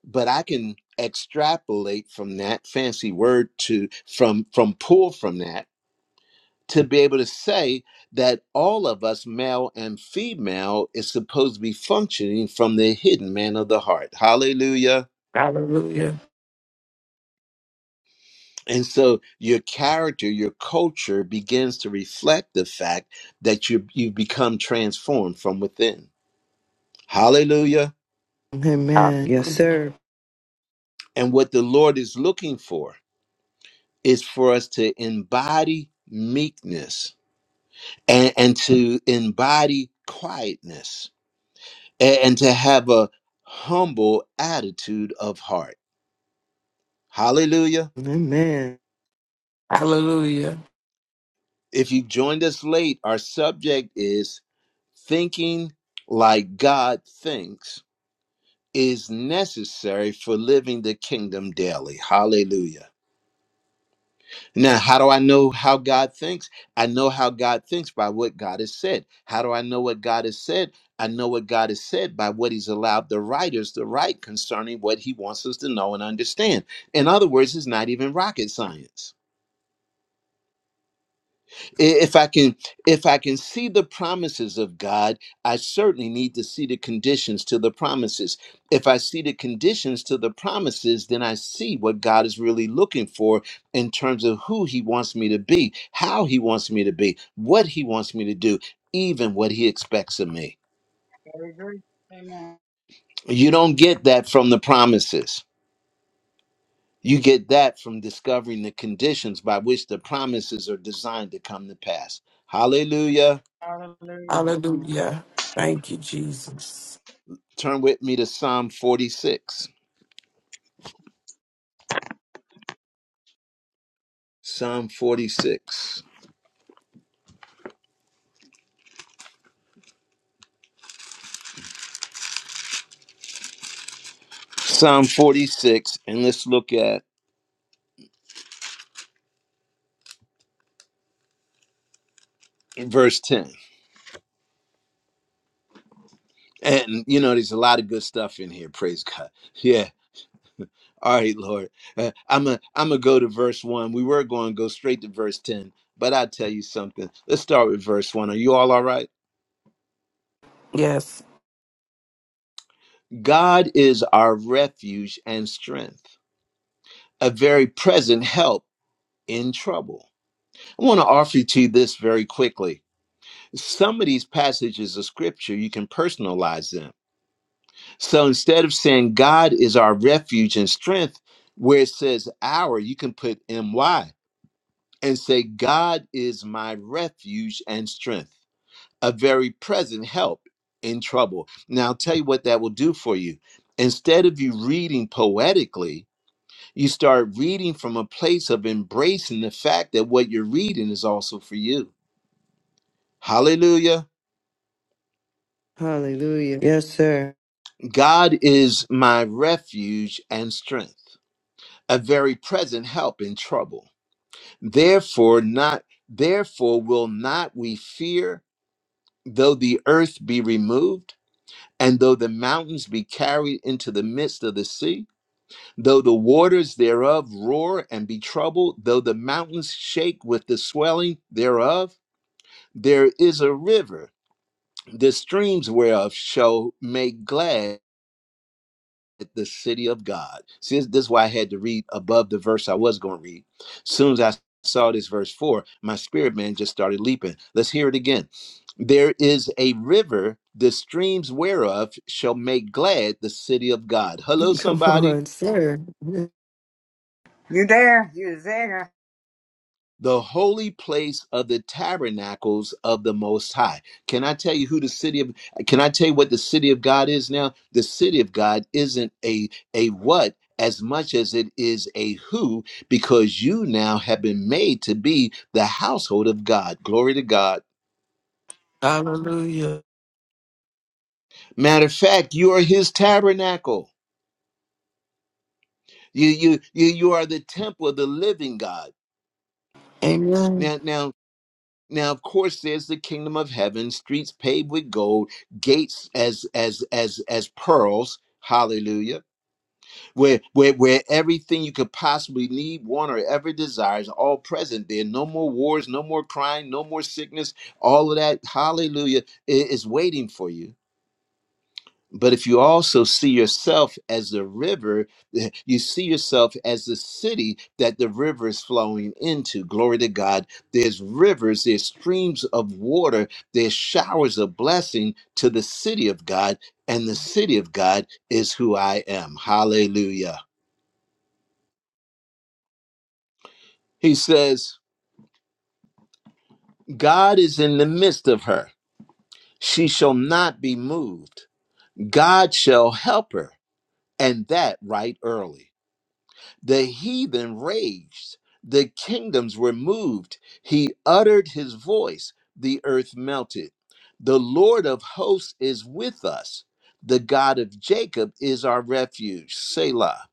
Speaker 1: but I can extrapolate from that fancy word to from from pull from that to be able to say that all of us, male and female, is supposed to be functioning from the hidden man of the heart. Hallelujah.
Speaker 6: Hallelujah.
Speaker 1: And so your character, your culture begins to reflect the fact that you, you become transformed from within. Hallelujah.
Speaker 8: Amen. Yes,
Speaker 6: Hallelujah.
Speaker 8: sir.
Speaker 1: And what the Lord is looking for is for us to embody meekness and, and to embody quietness a- and to have a humble attitude of heart. Hallelujah.
Speaker 8: Amen.
Speaker 6: Hallelujah.
Speaker 1: If you joined us late, our subject is thinking like God thinks is necessary for living the kingdom daily. Hallelujah. Now, how do I know how God thinks? I know how God thinks by what God has said. How do I know what God has said? I know what God has said by what He's allowed the writers to write concerning what He wants us to know and understand. In other words, it's not even rocket science if i can if i can see the promises of god i certainly need to see the conditions to the promises if i see the conditions to the promises then i see what god is really looking for in terms of who he wants me to be how he wants me to be what he wants me to do even what he expects of me
Speaker 2: I agree. Amen.
Speaker 1: you don't get that from the promises you get that from discovering the conditions by which the promises are designed to come to pass hallelujah
Speaker 2: Hallelujah.
Speaker 6: Hallelujah. Thank you, Jesus.
Speaker 1: Turn with me to Psalm 46. Psalm 46. Psalm 46, and let's look at verse 10. And you know, there's a lot of good stuff in here. Praise God. Yeah. All right, Lord. Uh, I'm a I'm gonna go to verse one. We were going to go straight to verse 10, but I'll tell you something. Let's start with verse one. Are you all all right?
Speaker 6: Yes.
Speaker 1: God is our refuge and strength, a very present help in trouble. I want to offer you to you this very quickly. some of these passages of scripture you can personalize them so instead of saying god is our refuge and strength where it says our you can put my and say god is my refuge and strength a very present help in trouble now i'll tell you what that will do for you instead of you reading poetically you start reading from a place of embracing the fact that what you're reading is also for you hallelujah
Speaker 8: Hallelujah. Yes, sir.
Speaker 1: God is my refuge and strength, a very present help in trouble. Therefore not therefore will not we fear though the earth be removed and though the mountains be carried into the midst of the sea, though the waters thereof roar and be troubled, though the mountains shake with the swelling thereof, there is a river, the streams whereof shall make glad the city of God. See, this, this is why I had to read above the verse I was going to read. soon as I saw this verse four, my spirit man just started leaping. Let's hear it again. There is a river, the streams whereof shall make glad the city of God. Hello,
Speaker 8: Come
Speaker 1: somebody.
Speaker 8: on, sir.
Speaker 11: You there? You there?
Speaker 1: the holy place of the tabernacles of the most high can i tell you who the city of can i tell you what the city of god is now the city of god isn't a a what as much as it is a who because you now have been made to be the household of god glory to god
Speaker 6: Hallelujah.
Speaker 1: matter of fact you are his tabernacle you you you, you are the temple of the living god
Speaker 6: Amen.
Speaker 1: now now Now, of course, there's the kingdom of heaven, streets paved with gold, gates as as as as pearls. Hallelujah. Where where where everything you could possibly need, want, or ever desire is all present there. No more wars, no more crying, no more sickness. All of that, hallelujah, i- is waiting for you. But if you also see yourself as the river, you see yourself as the city that the river is flowing into. Glory to God. There's rivers, there's streams of water, there's showers of blessing to the city of God, and the city of God is who I am. Hallelujah. He says, God is in the midst of her. She shall not be moved. God shall help her, and that right early. The heathen raged, the kingdoms were moved. He uttered his voice, the earth melted. The Lord of hosts is with us. The God of Jacob is our refuge. Selah.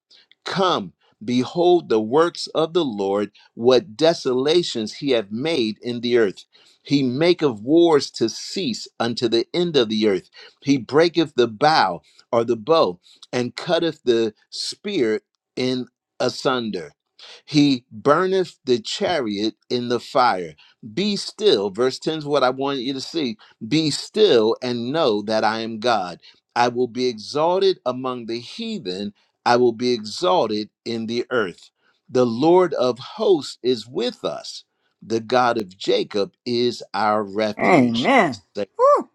Speaker 1: Come, behold the works of the Lord, what desolations he hath made in the earth. He maketh wars to cease unto the end of the earth. He breaketh the bow or the bow, and cutteth the spear in asunder. He burneth the chariot in the fire. Be still. Verse 10 is what I want you to see. Be still and know that I am God. I will be exalted among the heathen. I will be exalted in the earth. The Lord of hosts is with us. The God of Jacob is our refuge.
Speaker 11: Amen. Woo.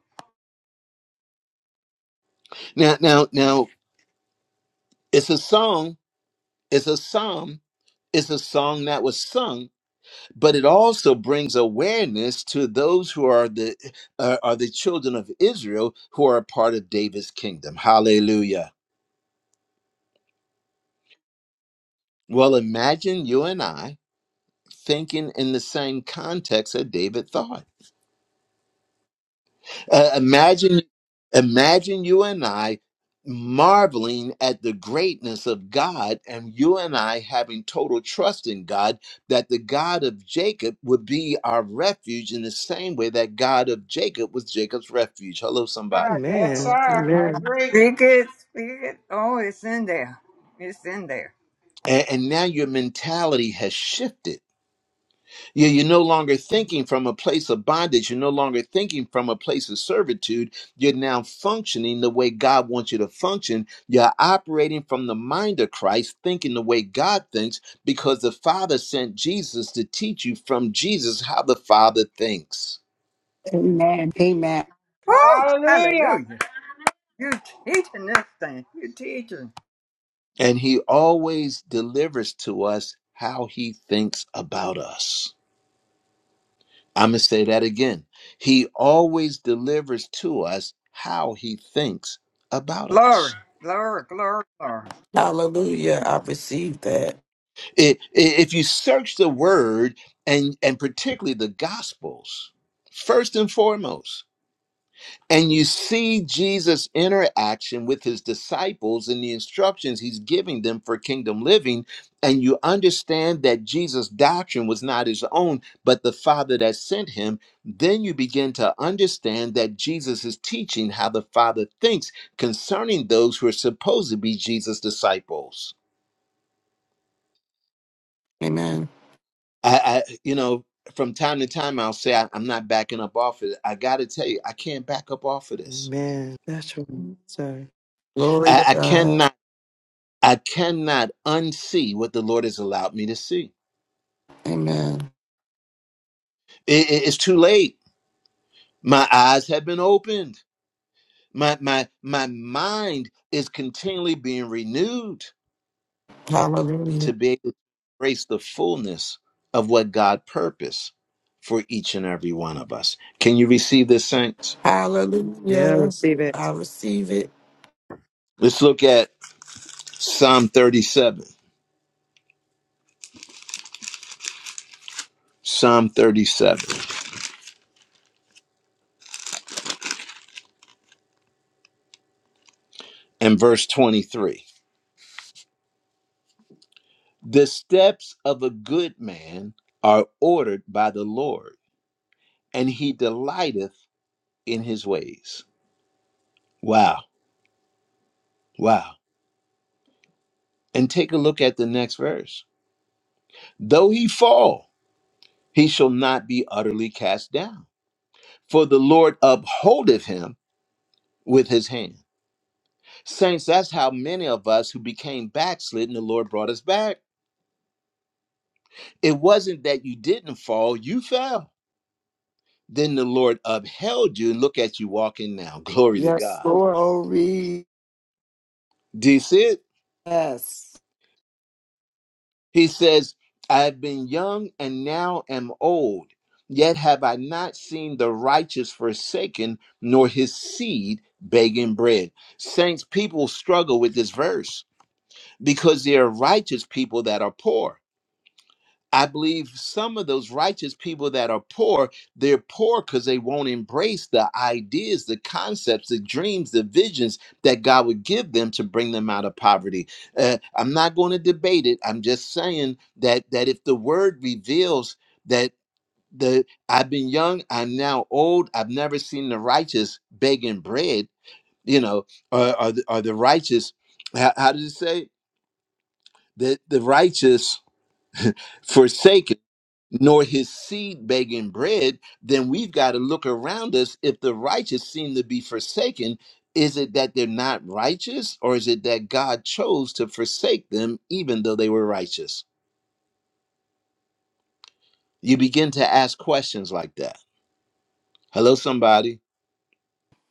Speaker 1: Now, now, now, it's a song. It's a psalm. It's a song that was sung but it also brings awareness to those who are the uh, are the children of Israel who are a part of David's kingdom. Hallelujah. Well, imagine you and I thinking in the same context that David thought. Uh, imagine, imagine you and I marveling at the greatness of God, and you and I having total trust in God that the God of Jacob would be our refuge in the same way that God of Jacob was Jacob's refuge. Hello,
Speaker 2: All
Speaker 1: somebody.
Speaker 2: right. Yes, sir.
Speaker 8: Amen.
Speaker 2: I
Speaker 8: Amen.
Speaker 2: agree.
Speaker 11: Speak it. Speak it. Oh, it's in there. It's in there.
Speaker 1: And, and now your mentality has shifted You- You're no longer thinking from a place of bondage. You're no longer thinking from a place of servitude. You're now functioning the way God wants you to function. You're operating from the mind of Christ, thinking the way God thinks, because the Father sent Jesus to teach you from Jesus how the Father thinks.
Speaker 10: Amen. Amen.
Speaker 11: Woo.
Speaker 2: Hallelujah.
Speaker 11: Hallelujah. You teaching this thing. You teaching.
Speaker 1: And He always delivers to us how He thinks about us. I'm going to say that again. He always delivers to us how He thinks about us.
Speaker 11: Glory. Glory. Glory. Glory.
Speaker 6: Hallelujah. I received that.
Speaker 1: I- i- if you search the word and and particularly the gospels first and foremost and you see jesus interaction with his disciples and the instructions he's giving them for kingdom living and you understand that jesus doctrine was not his own but the father that sent him then you begin to understand that jesus is teaching how the father thinks concerning those who are supposed to be jesus disciples
Speaker 6: Amen.
Speaker 1: I, I you know, from time to time I'll say I, I'm not backing up off of it. I got to tell you, I can't back up off of this.
Speaker 8: Amen. That's right, sir.
Speaker 6: Glory to
Speaker 1: I, I
Speaker 6: God.
Speaker 1: cannot. I cannot unsee what the Lord has allowed me to see.
Speaker 6: Amen.
Speaker 1: It, it- it's too late. My eyes have been opened. My my my mind is continually being renewed
Speaker 6: Hallelujah.
Speaker 1: to be able to embrace the fullness of what God purposed for each and every one of us. Can you receive this, saints?
Speaker 8: Yeah, I
Speaker 6: Hallelujah.
Speaker 8: receive
Speaker 6: I
Speaker 8: it.
Speaker 6: receive it.
Speaker 1: Let's look at Psalm 37. Psalm 37 and verse 23. The steps of a good man are ordered by the Lord, and he delighteth in his ways. Wow, wow. And take a look at the next verse. Though he fall, he shall not be utterly cast down, for the Lord upholdeth him with his hand. Saints, that's how many of us who became backslidden, the Lord brought us back. It wasn't that you didn't fall, you fell Then the Lord upheld you and look at you walking now. Glory to
Speaker 10: Yes,
Speaker 1: God.
Speaker 10: Lord. Glory.
Speaker 1: Do you see it?
Speaker 10: Yes.
Speaker 1: He says, I have been young and now am old, yet have I not seen the righteous forsaken, nor his seed begging bread. Saints, people struggle with this verse because there are righteous people that are poor I believe some of those righteous people that are poor, they're poor because they won't embrace the ideas, the concepts, the dreams, the visions that God would give them to bring them out of poverty. Uh, I'm not going to debate it. I'm just saying that that if the word reveals that the I've been young, I'm now old, I've never seen the righteous begging bread, you know, or, or, the, or the righteous, how, how does it say? The, the righteous forsaken nor his seed begging bread, then we've got to look around us. If the righteous seem to be forsaken, is it that they're not righteous, or is it that God chose to forsake them even though they were righteous? You begin to ask questions like that. Hello, somebody.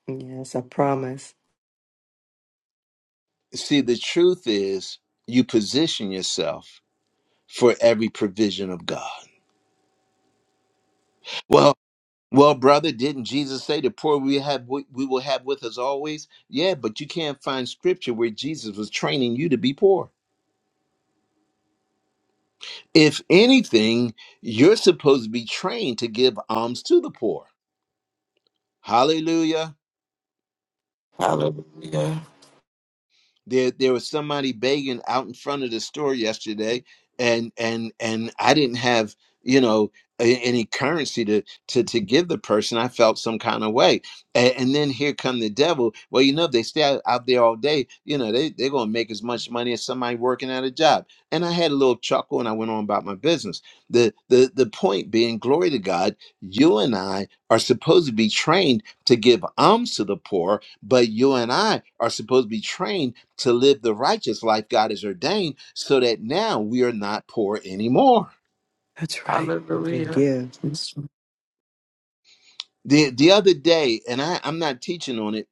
Speaker 8: Yes, I promise.
Speaker 1: See, the truth is you position yourself for every provision of God. Well. Well, brother, didn't Jesus say the poor we have we we will have with us always? Yeah, but you can't find scripture where Jesus was training you to be poor. If anything, you're supposed to be trained to give alms to the poor. Hallelujah.
Speaker 6: Hallelujah.
Speaker 1: There there was somebody begging out in front of the store yesterday and and and I didn't have, you know, a- any currency to to to give the person. I felt some kind of way. And, and then here come the devil. Well, you know, if they stay out, out there all day, you know, they they're gonna make as much money as somebody working at a job. And I had a little chuckle and I went on about my business. The the the point being, glory to God, you and I are supposed to be trained to give alms to the poor, but you and I are supposed to be trained to live the righteous life God has ordained so that now we are not poor anymore.
Speaker 8: That's right. And
Speaker 6: Hallelujah.
Speaker 8: give.
Speaker 1: The, the other day, and I, I'm not teaching on it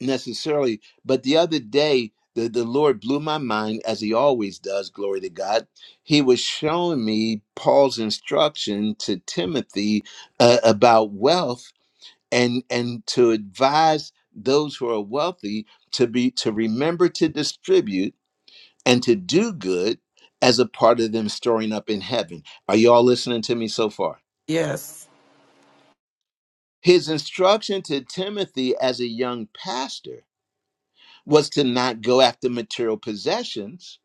Speaker 1: necessarily, but the other day, the, the Lord blew my mind as he always does, glory to God. He was showing me Paul's instruction to Timothy uh, about wealth and and to advise those who are wealthy to be to remember to distribute and to do good as a part of them storing up in heaven. Are you all listening to me so far?
Speaker 6: Yes.
Speaker 1: His instruction to Timothy as a young pastor was to not go after material possessions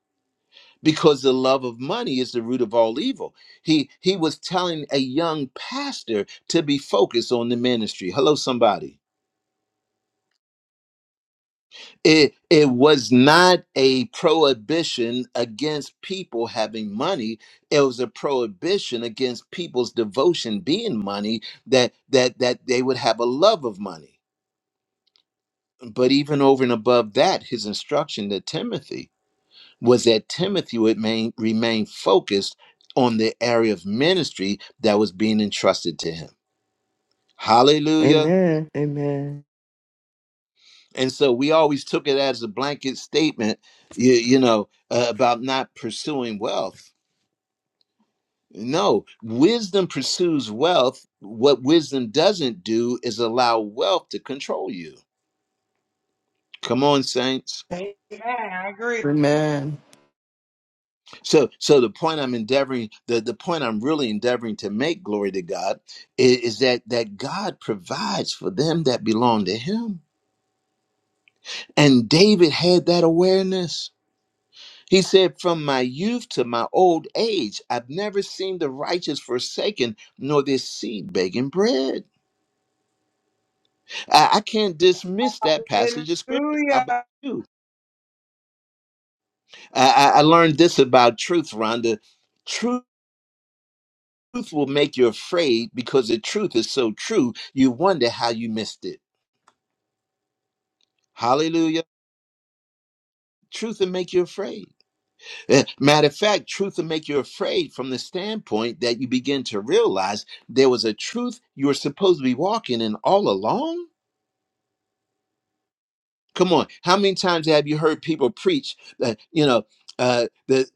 Speaker 1: because the love of money is the root of all evil. He he was telling a young pastor to be focused on the ministry. Hello somebody. it it was not a prohibition against people having money it was a prohibition against people's devotion being money that that that they would have a love of money but even over and above that his instruction to timothy was that timothy would main, remain focused on the area of ministry that was being entrusted to him hallelujah
Speaker 8: Amen. Amen.
Speaker 1: and so we always took it as a blanket statement you, you know uh, about not pursuing wealth no wisdom pursues wealth what wisdom doesn't do is allow wealth to control you come on saints
Speaker 2: Amen. I agree.
Speaker 6: Amen.
Speaker 1: so so the point i'm endeavoring the, the point i'm really endeavoring to make glory to god i- is, that that god provides for them that belong to him and david had that awareness He said, From my youth to my old age, I've never seen the righteous forsaken, nor this seed begging bread. I, I can't dismiss that passage of scripture. How about
Speaker 2: Hallelujah.
Speaker 1: you? I, I I learned this about truth, Rhonda. Truth will make you afraid because the truth is so true, you wonder how you missed it. Hallelujah. Truth will make you afraid. Eh, Matter of fact, truth will make you afraid from the standpoint that you begin to realize there was a truth you were supposed to be walking in all along. Come on, how many times have you heard people preach that, you know, uh, that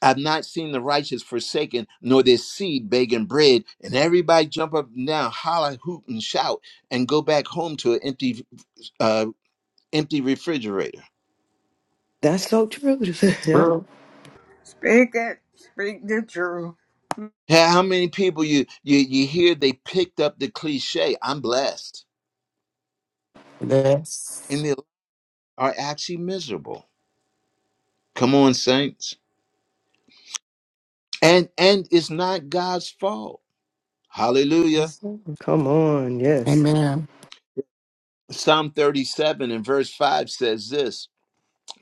Speaker 1: I've not seen the righteous forsaken, nor their seed begging bread, and everybody jump up and down, holler, hoot, and shout, and go back home to an empty, uh, empty refrigerator.
Speaker 8: That's so true. yeah.
Speaker 6: True.
Speaker 11: Speak it. Speak the truth.
Speaker 1: How how many people you you you hear they picked up the cliche, "I'm blessed."
Speaker 6: Yes.
Speaker 1: and they're. are actually miserable. Come on, saints. And and it's not God's fault. Hallelujah.
Speaker 8: That's so- Come on. Yes.
Speaker 6: Amen.
Speaker 1: Psalm 37 and verse 5 says this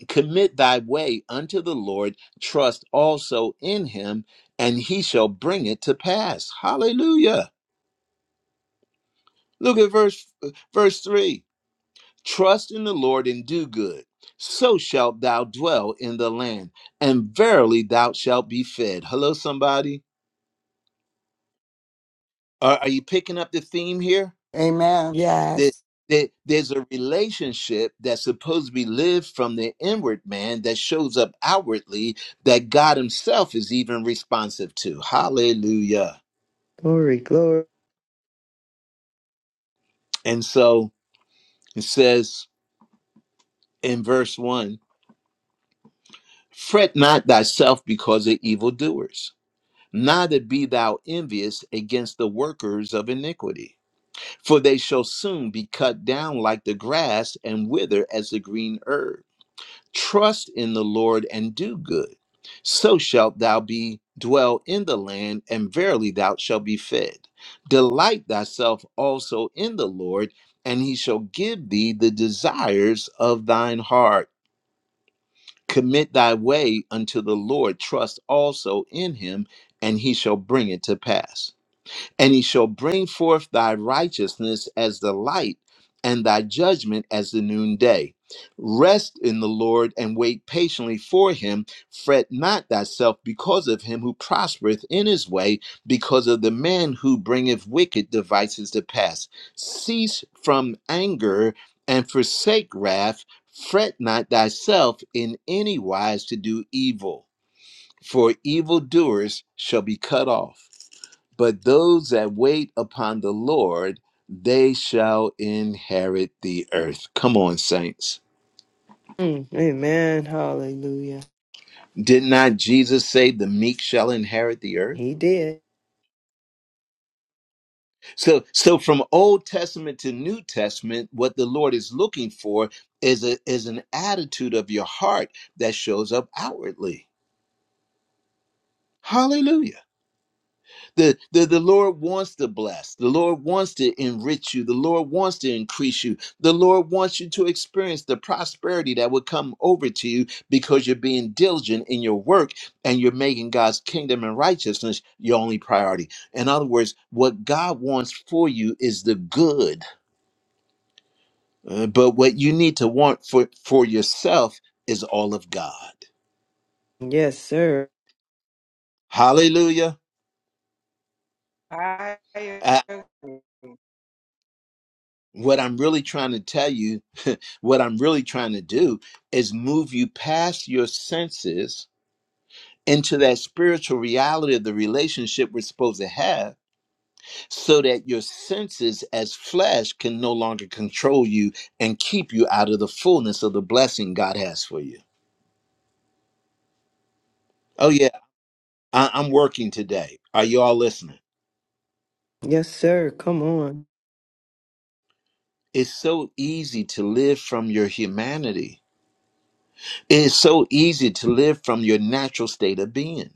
Speaker 1: Commit thy way unto the Lord, trust also in him, and he shall bring it to pass. Hallelujah. Look at verse verse 3. Trust in the Lord and do good. So shalt thou dwell in the land, and verily thou shalt be fed. Hello, somebody. Are, are you picking up the theme here?
Speaker 10: Amen.
Speaker 1: There,
Speaker 10: Yes.
Speaker 1: there, there's a relationship that's supposed to be lived from the inward man that shows up outwardly that God Himself is even responsive to. Hallelujah.
Speaker 8: Glory, glory.
Speaker 1: And so it says in verse 1 Fret not thyself because of evildoers, neither be thou envious against the workers of iniquity, for they shall soon be cut down like the grass and wither as the green herb. trust in the Lord and do good. So shalt thou be dwell in the land, and verily thou shalt be fed. Delight thyself also in the Lord, and he shall give thee the desires of thine heart. Commit thy way unto the Lord, trust also in him, and he shall bring it to pass and he shall bring forth thy righteousness as the light and thy judgment as the noonday. Rest in the Lord and wait patiently for him. Fret not thyself because of him who prospereth in his way, because of the man who bringeth wicked devices to pass. Cease from anger and forsake wrath. Fret not thyself in any wise to do evil, for evildoers shall be cut off but those that wait upon the Lord, they shall inherit the earth. Come on, saints.
Speaker 8: Mm, amen. Hallelujah.
Speaker 1: Did not Jesus say the meek shall inherit the earth?
Speaker 8: He did.
Speaker 1: So so from Old Testament to New Testament, what the Lord is looking for is a, is an attitude of your heart that shows up outwardly. Hallelujah. The, the, the Lord wants to bless. The Lord wants to enrich you. The Lord wants to increase you. The Lord wants you to experience the prosperity that will come over to you because you're being diligent in your work and you're making God's kingdom and righteousness your only priority. In other words, what God wants for you is the good, uh, but what you need to want for, for yourself is all of God.
Speaker 8: Yes, sir.
Speaker 1: Hallelujah.
Speaker 2: I agree.
Speaker 1: What I'm really trying to tell you, what I'm really trying to do is move you past your senses into that spiritual reality of the relationship we're supposed to have so that your senses as flesh can no longer control you and keep you out of the fullness of the blessing God has for you. Oh, yeah, I- I'm working today. Are you all listening?
Speaker 8: Yes, sir. Come on.
Speaker 1: It's so easy to live from your humanity. It's so easy to live from your natural state of being.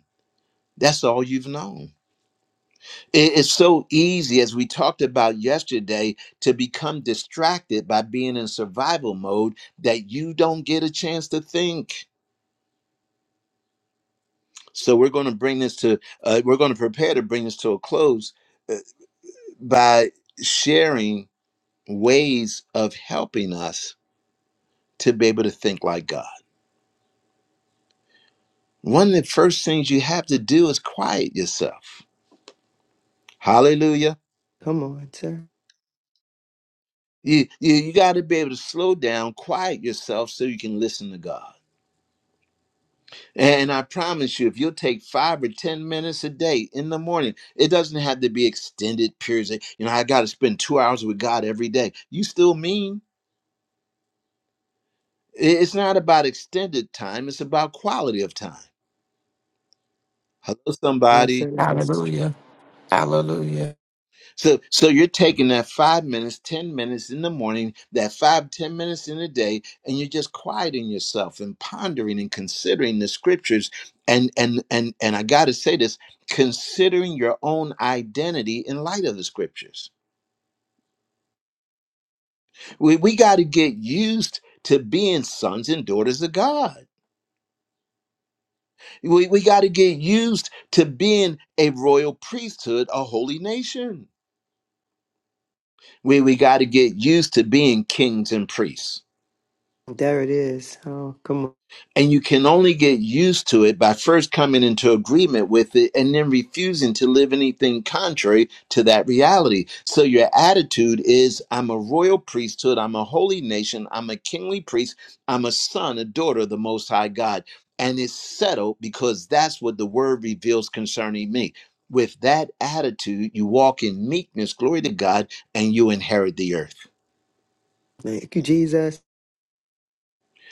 Speaker 1: That's all you've known. It is so easy, as we talked about yesterday, to become distracted by being in survival mode that you don't get a chance to think. So we're going to bring this to, uh, we're going to prepare to bring this to a close uh, by sharing ways of helping us to be able to think like God. One of the first things you have to do is quiet yourself. Hallelujah.
Speaker 8: Come on, sir.
Speaker 1: You, you, you got to be able to slow down, quiet yourself so you can listen to God. And I promise you, if you'll take five or 10 minutes a day in the morning, it doesn't have to be extended periods. of- You know, I got to spend two hours with God every day. You still mean I- it's not about extended time, it's about quality of time. Hello,
Speaker 8: Yes,
Speaker 1: somebody.
Speaker 8: sir. It was-
Speaker 6: Hallelujah. Hallelujah.
Speaker 1: So so you're taking that five minutes, ten minutes in the morning, that five, ten minutes in the day, and you're just quieting yourself and pondering and considering the scriptures. And and and and I gotta say this, considering your own identity in light of the scriptures. We we gotta get used to being sons and daughters of God. We we gotta get used to being a royal priesthood, a holy nation. We we gotta get used to being kings and priests
Speaker 8: There it is. Oh, come on.
Speaker 1: And you can only get used to it by first coming into agreement with it and then refusing to live anything contrary to that reality. So your attitude is I'm a royal priesthood, I'm a holy nation, I'm a kingly priest, I'm a son, a daughter of the Most High God. And it's settled because that's what the word reveals concerning me. With that attitude, you walk in meekness, glory to God, and you inherit the earth.
Speaker 8: Thank you, Jesus.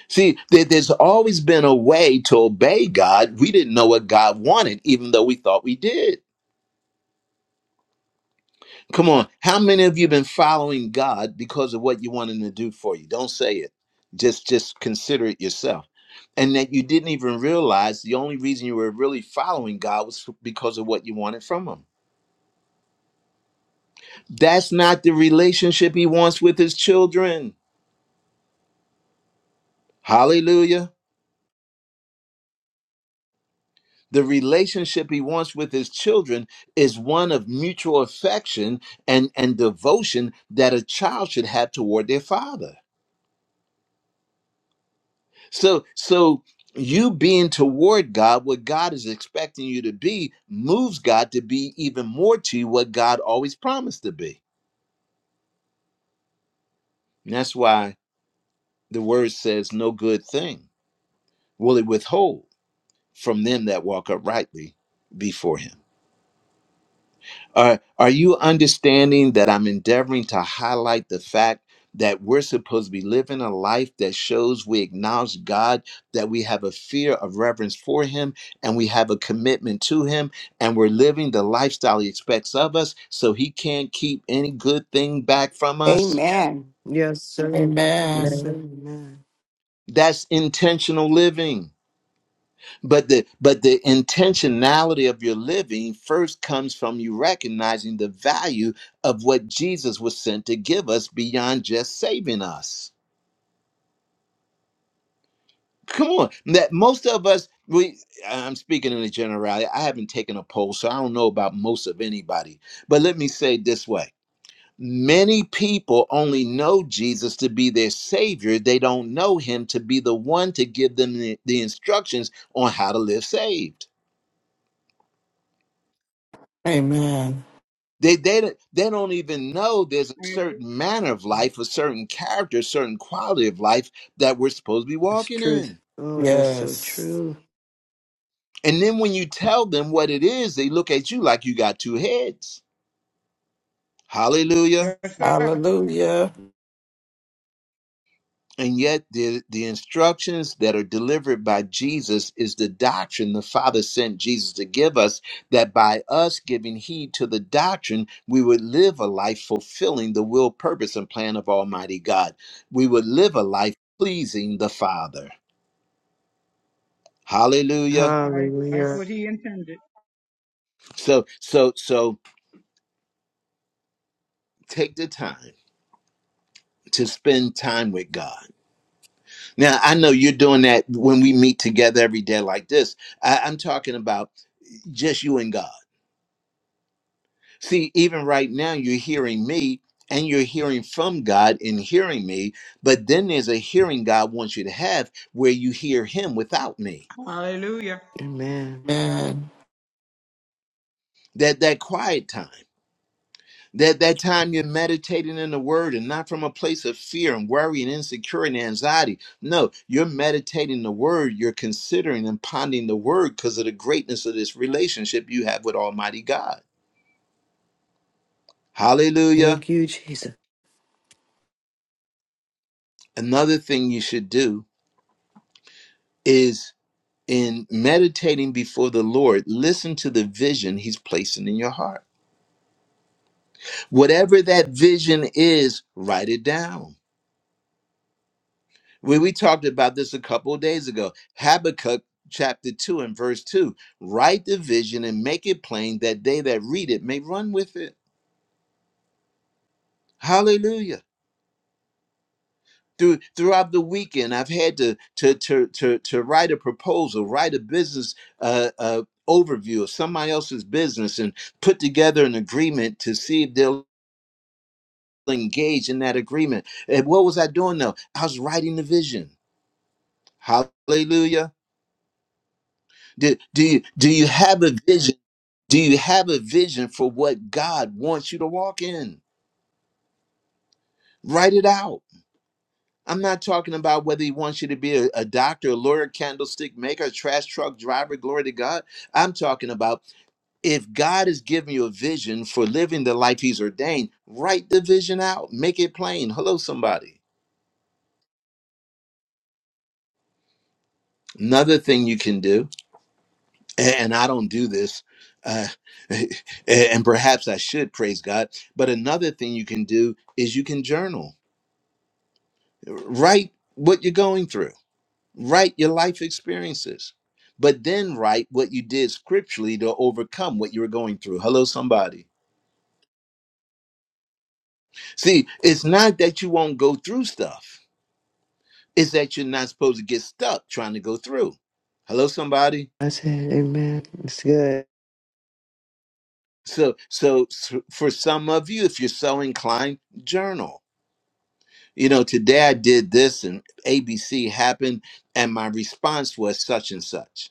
Speaker 1: See, there, there's always been a way to obey God. We didn't know what God wanted, even though we thought we did. Come on. How many of you been following God because of what you want him to do for you? Don't say it. Just just consider it yourself. And that you didn't even realize the only reason you were really following God was because of what you wanted from him. That's not the relationship he wants with his children. Hallelujah. The relationship he wants with his children is one of mutual affection and, and devotion that a child should have toward their father. So, so you being toward God, what God is expecting you to be, moves God to be even more to you what God always promised to be. And that's why the word says, No good thing will it withhold from them that walk uprightly before him. Are, are you understanding that I'm endeavoring to highlight the fact that we're supposed to be living a life that shows we acknowledge God, that we have a fear of reverence for Him, and we have a commitment to Him, and we're living the lifestyle He expects of us so He can't keep any good thing back from us?
Speaker 10: Amen.
Speaker 8: Yes, sir. Yes,
Speaker 6: Amen.
Speaker 8: sir.
Speaker 5: Amen.
Speaker 8: Amen.
Speaker 1: That's intentional living. but the but the intentionality of your living first comes from you recognizing the value of what jesus was sent to give us beyond just saving us come on that most of us we i'm speaking in a generality i haven't taken a poll so i don't know about most of anybody but let me say it this way Many people only know Jesus to be their Savior. They don't know Him to be the one to give them the, the instructions on how to live saved.
Speaker 6: Amen.
Speaker 1: They they don't- they don't even know there's a certain manner of life, a certain character, a certain quality of life that we're supposed to be
Speaker 8: It's
Speaker 1: walking
Speaker 8: truth.
Speaker 1: in.
Speaker 8: Oh, that's so
Speaker 6: Yes.
Speaker 8: true.
Speaker 1: And then when you tell them what it is, they look at you like you got two heads. Hallelujah.
Speaker 2: Yes, sir.
Speaker 6: Hallelujah.
Speaker 1: And yet, the, the instructions that are delivered by Jesus is the doctrine the Father sent Jesus to give us, that by us giving heed to the doctrine, we would live a life fulfilling the will, purpose, and plan of Almighty God. We would live a life pleasing the Father. Hallelujah.
Speaker 2: I, that's
Speaker 8: Hallelujah.
Speaker 2: what he intended.
Speaker 1: So, so, so take the time to spend time with God. Now, I know you're doing that when we meet together every day like this. I, I'm talking about just you and God See, even right now, you're hearing me and you're hearing from God in hearing me, but then there's a hearing God wants you to have where you hear Him without me.
Speaker 2: Hallelujah.
Speaker 8: Amen.
Speaker 6: Amen.
Speaker 1: That that quiet time. That that time you're meditating in the word and not from a place of fear and worry and insecurity and anxiety. No, you're meditating the word, you're considering and pondering the word because of the greatness of this relationship you have with Almighty God. Hallelujah.
Speaker 8: Thank you, Jesus.
Speaker 1: Another thing you should do is. in meditating before the Lord, listen to the vision He's placing in your heart. Whatever that vision is, write it down. We, we talked about this a couple of days ago. Habakkuk chapter 2 and verse 2 write the vision and make it plain that they that read it may run with it. Hallelujah. Through, throughout the weekend, I've had to, to, to, to, to write a proposal, write a business uh, uh, overview of somebody else's business, and put together an agreement to see if they'll engaged in that agreement. And what was I doing though? I was writing the vision. Hallelujah. Do, do you do you have a vision? Do you have a vision for what God wants you to walk in? Write it out. I'm not talking about whether he wants you to be a, a doctor, a lawyer, candlestick maker, a trash truck driver, glory to God. I'm talking about if God is giving you a vision for living the life he's ordained, write the vision out, make it plain. Hello, somebody. Another thing you can do and I don't do this. Uh, and perhaps I should praise God. But another thing you can do is you can journal, write what you're going through, write your life experiences, but then write what you did scripturally to overcome what you were going through. Hello, somebody. See, it's not that you won't go through stuff, it's that you're not supposed to get stuck trying to go through. Hello, somebody.
Speaker 8: I said, Amen. It's good.
Speaker 1: So, so s- for some of you, if you're so inclined, journal you know, today I did this and ABC happened, and my response was such and such.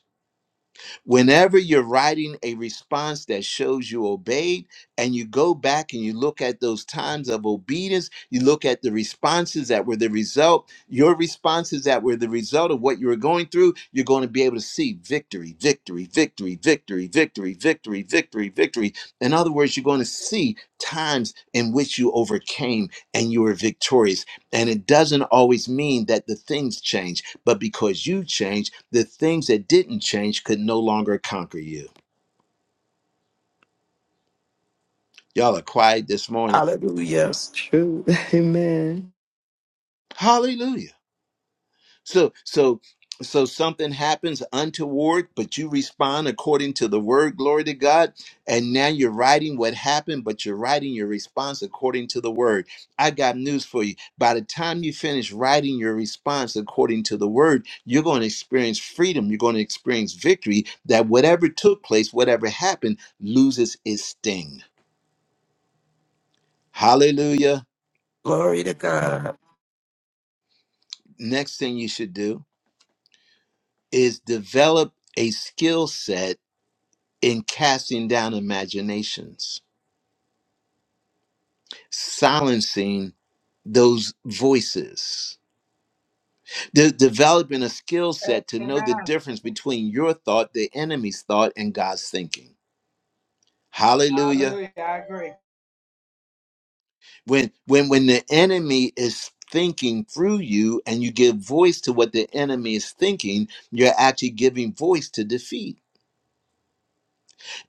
Speaker 1: Whenever you're writing a response that shows you obeyed, and you go back and you look at those times of obedience, you look at the responses that were the result, your responses that were the result of what you were going through, you're going to be able to see victory, victory, victory, victory, victory, victory, victory, victory. In other words, you're going to see times in which you overcame and you were victorious and it doesn't always mean that the things change, but because you change, the things that didn't change could no longer conquer you. Y'all are quiet this morning.
Speaker 6: Hallelujah.
Speaker 8: That's true. Amen.
Speaker 1: Hallelujah. So so so something happens untoward, but you respond according to the word, glory to God. And now you're writing what happened, but you're writing your response according to the word. I got news for you. By the time you finish writing your response according to the word, you're going to experience freedom. You're going to experience victory that whatever took place, whatever happened, loses its sting. Hallelujah.
Speaker 6: Glory to God.
Speaker 1: Next thing you should do is develop a skill set in casting down imaginations, silencing those voices, de- developing a skill set to know
Speaker 2: Amen.
Speaker 1: the difference between your thought, the enemy's thought, and God's thinking. Hallelujah.
Speaker 2: Hallelujah. I agree.
Speaker 1: When when when the enemy is thinking through you and you give voice to what the enemy is thinking, you're actually giving voice to defeat.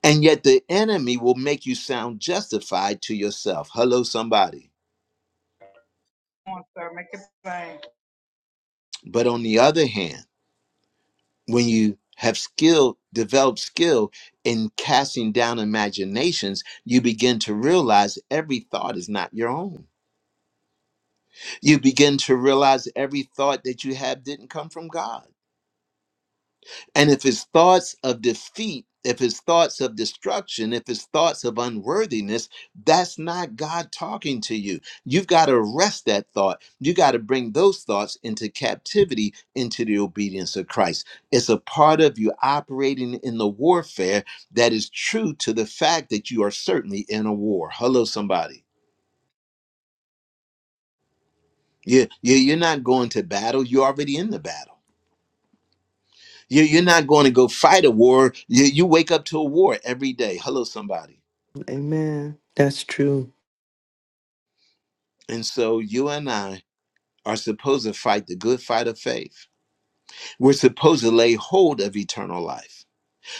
Speaker 1: And yet the enemy will make you sound justified to yourself. Hello, somebody.
Speaker 2: Come on, sir. Make it plain.
Speaker 1: But on the other hand, when you have skill developed skill in casting down imaginations you begin to realize every thought is not your own you begin to realize every thought that you have didn't come from god And if his thoughts of defeat, if his thoughts of destruction, if his thoughts of unworthiness, that's not God talking to you. You've got to arrest that thought. You got to bring those thoughts into captivity, into the obedience of Christ. It's a part of you operating in the warfare that is true to the fact that you are certainly in a war. Hello, somebody. You, you, you're not going to battle, you're already in the battle. You, you're not going to go fight a war. You, you wake up to a war every day. Hello, somebody
Speaker 8: Amen. That's true.
Speaker 1: And so you and I are supposed to fight the good fight of faith. We're supposed to lay hold of eternal life.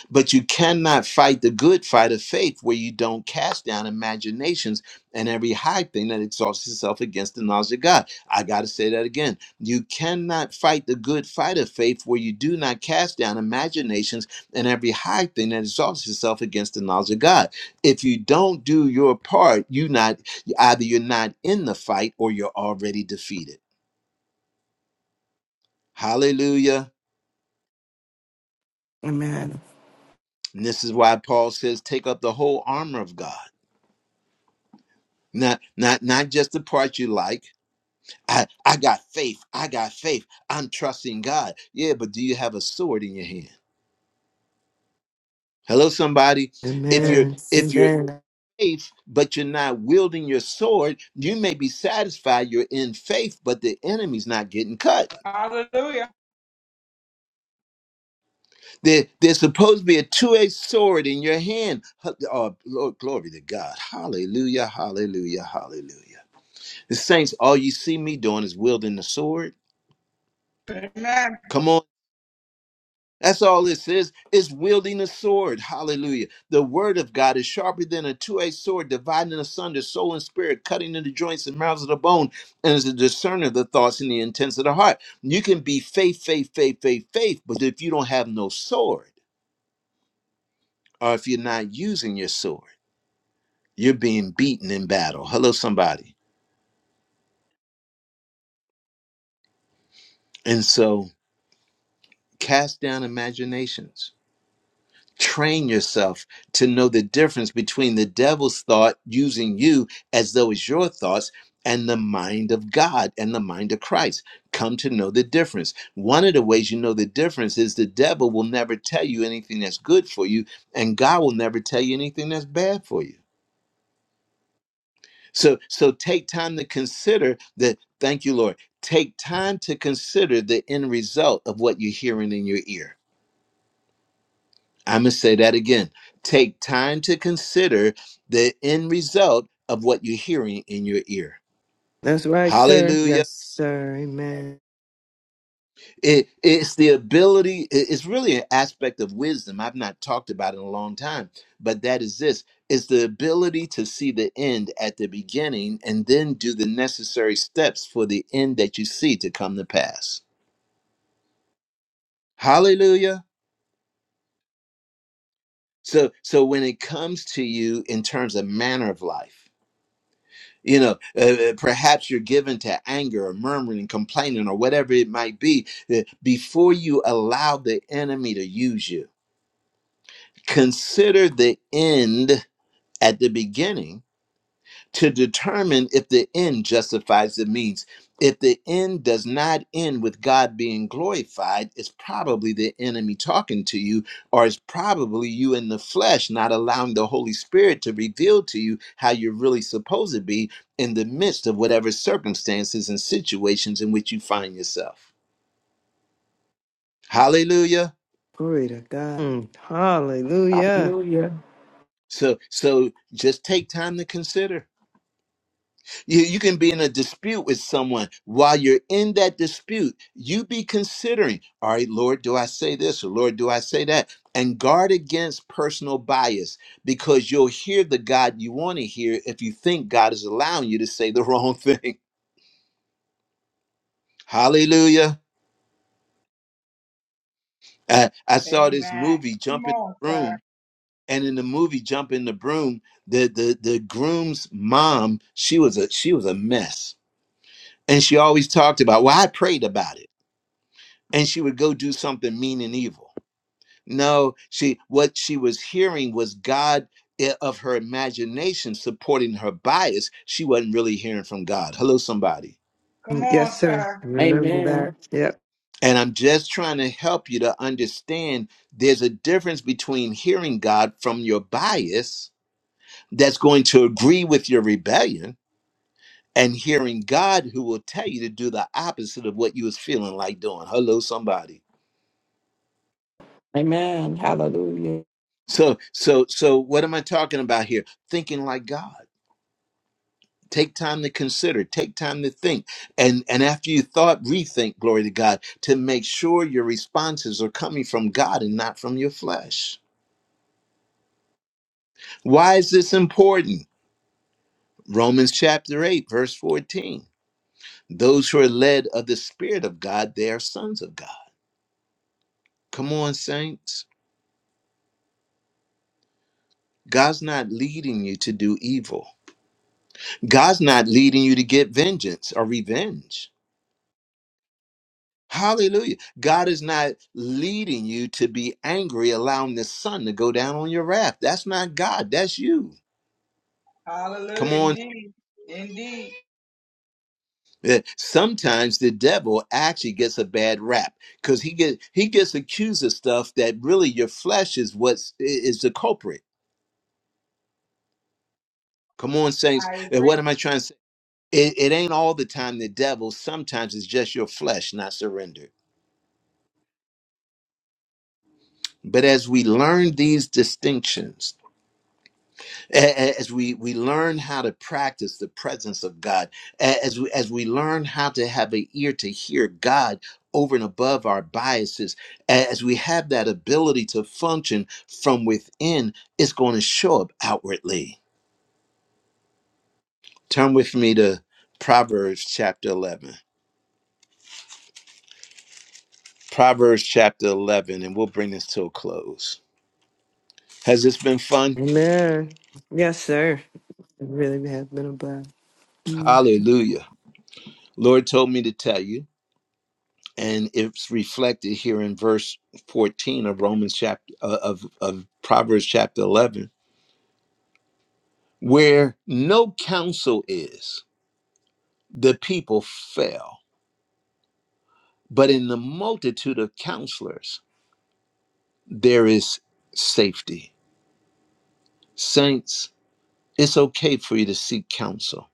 Speaker 1: But you cannot fight the good fight of faith where you don't cast down imaginations and every high thing that exalts itself against the knowledge of God. I got to say that again. You cannot fight the good fight of faith where you do not cast down imaginations and every high thing that exalts itself against the knowledge of God. If you don't do your part, you not either you're not in the fight or you're already defeated. Hallelujah.
Speaker 6: Amen.
Speaker 1: And this is why Paul says, take up the whole armor of God Not not not just the part you like. I I got faith. I got faith. I'm trusting God. Yeah, but do you have a sword in your hand? Hello, somebody. If you're
Speaker 8: Amen.
Speaker 1: if you're
Speaker 6: Yes.
Speaker 8: Amen.
Speaker 1: faith, but you're not wielding your sword, you may be satisfied you're in faith, but the enemy's not getting cut.
Speaker 2: Hallelujah.
Speaker 1: There, there's supposed to be a two-edged sword in your hand. Huh, Oh, Lord, glory to God. Hallelujah, hallelujah, hallelujah. The saints, all you see me doing is wielding the sword.
Speaker 2: Amen.
Speaker 1: Come on. That's all this is. is wielding a sword. Hallelujah. The word of God is sharper than a two edged sword, dividing asunder soul and spirit, cutting into joints and mouths of the bone, and is a discerner of the thoughts and the intents of the heart. You can be faith, faith, faith, faith, faith, but if you don't have no sword, or if you're not using your sword, you're being beaten in battle. Hello, somebody. And so cast down imaginations train yourself to know the difference between the devil's thought using you as though it's your thoughts and the mind of God and the mind of Christ. Come to know the difference. One of the ways you know the difference is the devil will never tell you anything that's good for you, and God will never tell you anything that's bad for you. So, so take time to consider that. Thank you, Lord. Take time to consider the end result of what you're hearing in your ear. I'm going to say that again. Take time to consider the end result of what you're hearing in your ear.
Speaker 8: That's right, sir.
Speaker 1: Hallelujah.
Speaker 8: Yes. Sir, amen.
Speaker 1: It, it's the ability, it- it's really an aspect of wisdom I've not talked about in a long time, but that is this it's the ability to see the end at the beginning and then do the necessary steps for the end that you see to come to pass. Hallelujah. So so when it comes to you in terms of manner of life, You know, uh, uh, perhaps you're given to anger or murmuring, complaining, or whatever it might be. uh, Before you allow the enemy to use you, consider the end at the beginning to determine if the end justifies the means. If the end does not end with God being glorified, it's probably the enemy talking to you, or it's probably you in the flesh not allowing the Holy Spirit to reveal to you how you're really supposed to be in the midst of whatever circumstances and situations in which you find yourself. Hallelujah.
Speaker 8: Glory to God. Mm, hallelujah.
Speaker 6: Hallelujah.
Speaker 1: So so just take time to consider. You, you can be in a dispute with someone. While you're in that dispute, you be considering, all right, Lord, do I say this or Lord, do I say that? And guard against personal bias because you'll hear the God you want to hear if you think God is allowing you to say the wrong thing. Hallelujah. Uh, I saw this
Speaker 2: Amen.
Speaker 1: movie,
Speaker 2: Come
Speaker 1: Jump in
Speaker 2: on,
Speaker 1: the
Speaker 2: sir.
Speaker 1: Broom. And in the movie Jump in the Broom, the, the the groom's mom, she was a she was a mess. And she always talked about, well, I prayed about it. and she would go do something mean and evil. No, she what she was hearing was God i- of her imagination supporting her bias. She wasn't really hearing from God. Hello, somebody.
Speaker 2: Come
Speaker 8: Mm,
Speaker 2: on,
Speaker 8: Yes, sir.
Speaker 2: sir.
Speaker 8: I remember that.
Speaker 6: Amen.
Speaker 8: Yep.
Speaker 1: And I'm just trying to help you to understand there's a difference between hearing God from your bias that's going to agree with your rebellion and hearing God who will tell you to do the opposite of what you was feeling like doing. Hello, somebody.
Speaker 6: Amen. Hallelujah.
Speaker 1: So, so, so what am I talking about here? Thinking like God. take time to consider take time to think and and after you thought rethink glory to god to make sure your responses are coming from god and not from your flesh why is this important romans chapter 8 verse 14 those who are led of the spirit of god they are sons of god come on saints god's not leading you to do evil god's not leading you to get vengeance or revenge Hallelujah. God is not leading you to be angry, allowing the sun to go down on your wrath. That's not God. That's you. Come
Speaker 2: Hallelujah.
Speaker 1: on.
Speaker 2: Indeed. Indeed.
Speaker 1: Uh, Sometimes the devil actually gets a bad rap because he get he gets accused of stuff that really your flesh is what's i- is the culprit. Come on, saints.
Speaker 2: I
Speaker 1: Uh, What
Speaker 2: agree.
Speaker 1: am I trying to say? It, it ain't all the time the devil. Sometimes it's just your flesh not surrendered. But as we learn these distinctions, A- as we we learn how to practice the presence of God, a- as we, as we learn how to have an ear to hear God over and above our biases, a- as we have that ability to function from within, it's going to show up outwardly. Turn with me to Proverbs chapter eleven. Proverbs chapter eleven, and we'll bring this to a close. Has this been fun?
Speaker 8: Amen. Yes, sir. It really has been a blessing. Mm,
Speaker 1: Hallelujah! Lord told me to tell you. and it's reflected here in verse 14 of Romans chapter uh, of of Proverbs chapter 11 where no counsel is the people fail but in the multitude of counselors there is safety saints it's okay for you to seek counsel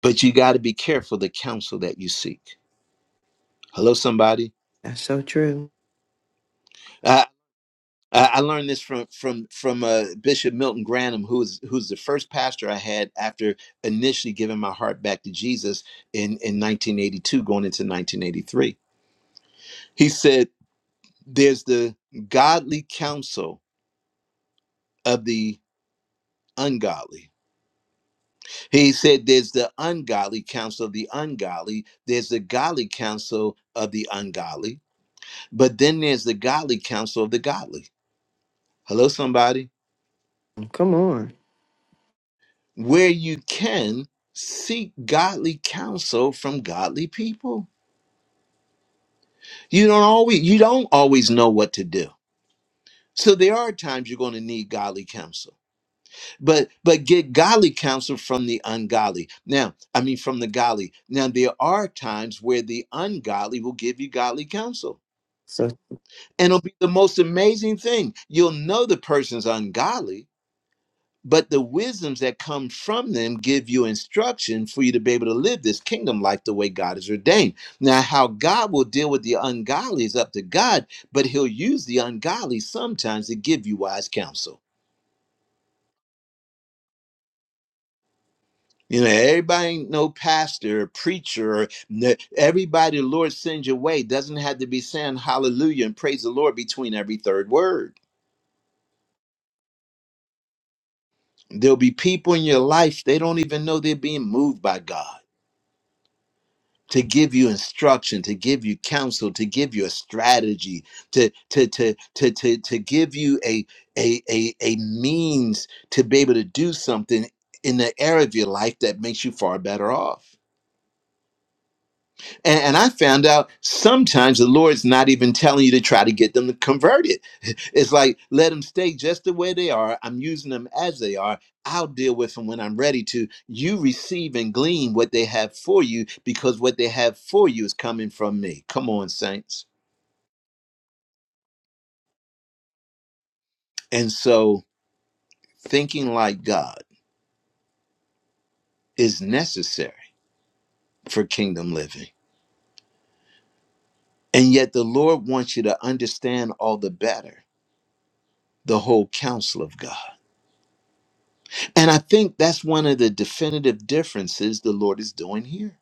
Speaker 1: but you got to be careful the counsel that you seek hello somebody
Speaker 8: that's so true.
Speaker 1: I I learned this from from from uh, Bishop Milton Granham, who's who's the first pastor I had after initially giving my heart back to Jesus in in 1982, going into 1983. He said, "There's the godly counsel of the ungodly." He said, "There's the ungodly counsel of the ungodly. There's the godly counsel of the ungodly, but then there's the godly counsel of the godly." Hello, somebody.
Speaker 8: Come on.
Speaker 1: where you can seek godly counsel from godly people. You don't always you don't always know what to do. So there are times you're going to need godly counsel. But but get godly counsel from the ungodly. Now, I mean from the godly. Now there are times where the ungodly will give you godly counsel.
Speaker 8: So
Speaker 1: And it'll be the most amazing thing. You'll know the person's ungodly but the wisdoms that come from them give you instruction for you to be able to live this kingdom life the way God has ordained. Now, how God will deal with the ungodly is up to God, but He'll use the ungodly sometimes to give you wise counsel. You know, everybody ain't no pastor or preacher. Or n- everybody the Lord sends your way doesn't have to be saying hallelujah and praise the Lord between every third word. There'll be people in your life, they don't even know they're being moved by God to give you instruction to give you counsel to give you a strategy to to to to to, to give you a, a a a means to be able to do something in the area of your life that makes you far better off and, and I found out sometimes the Lord's not even telling you to try to get them to convert it. It's like, let them stay just the way they are. I'm using them as they are. I'll deal with them when I'm ready to. You receive and glean what they have for you because what they have for you is coming from me. Come on, saints. And so thinking like God is necessary for kingdom living. And yet the Lord wants you to understand all the better the whole counsel of God And I think that's one of the definitive differences the Lord is doing here.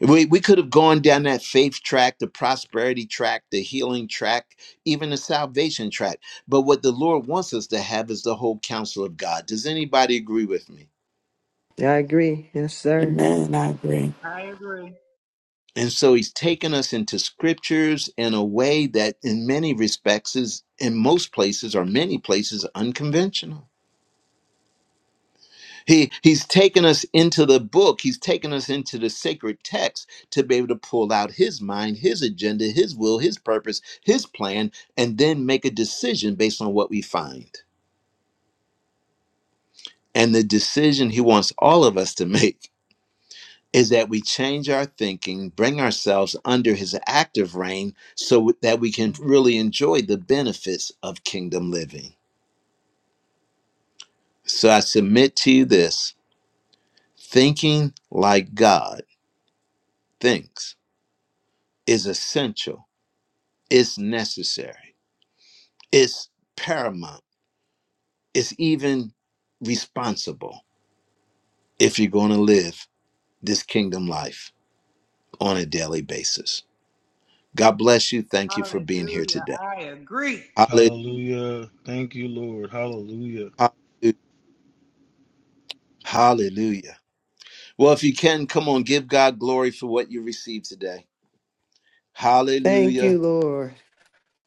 Speaker 1: We, we could have gone down that faith track, the prosperity track, the healing track, even the salvation track. But what the Lord wants us to have is the whole counsel of God. Does anybody agree with me?
Speaker 8: yeah, I agree. Yes, sir.
Speaker 6: Amen. I agree.
Speaker 2: I agree.
Speaker 1: And so he's taken us into scriptures in a way that, in many respects, is in most places or many places unconventional. He he's taken us into the book. He's taken us into the sacred text to be able to pull out his mind, his agenda, his will, his purpose, his plan, and then make a decision based on what we find. And the decision he wants all of us to make is that we change our thinking, bring ourselves under his active reign so that we can really enjoy the benefits of kingdom living. So I submit to you this thinking like God thinks is essential It's necessary. It's paramount. It's even responsible if you're going to live this kingdom life on a daily basis. God bless you. Thank you for being here
Speaker 2: Hallelujah.
Speaker 1: today.
Speaker 2: I agree.
Speaker 1: Halle-
Speaker 3: Hallelujah. Thank you, Lord. Hallelujah.
Speaker 1: Hallelujah. Well, if you can, come on, give God glory for what you received today.
Speaker 8: Thank
Speaker 1: Hallelujah.
Speaker 8: you, Lord.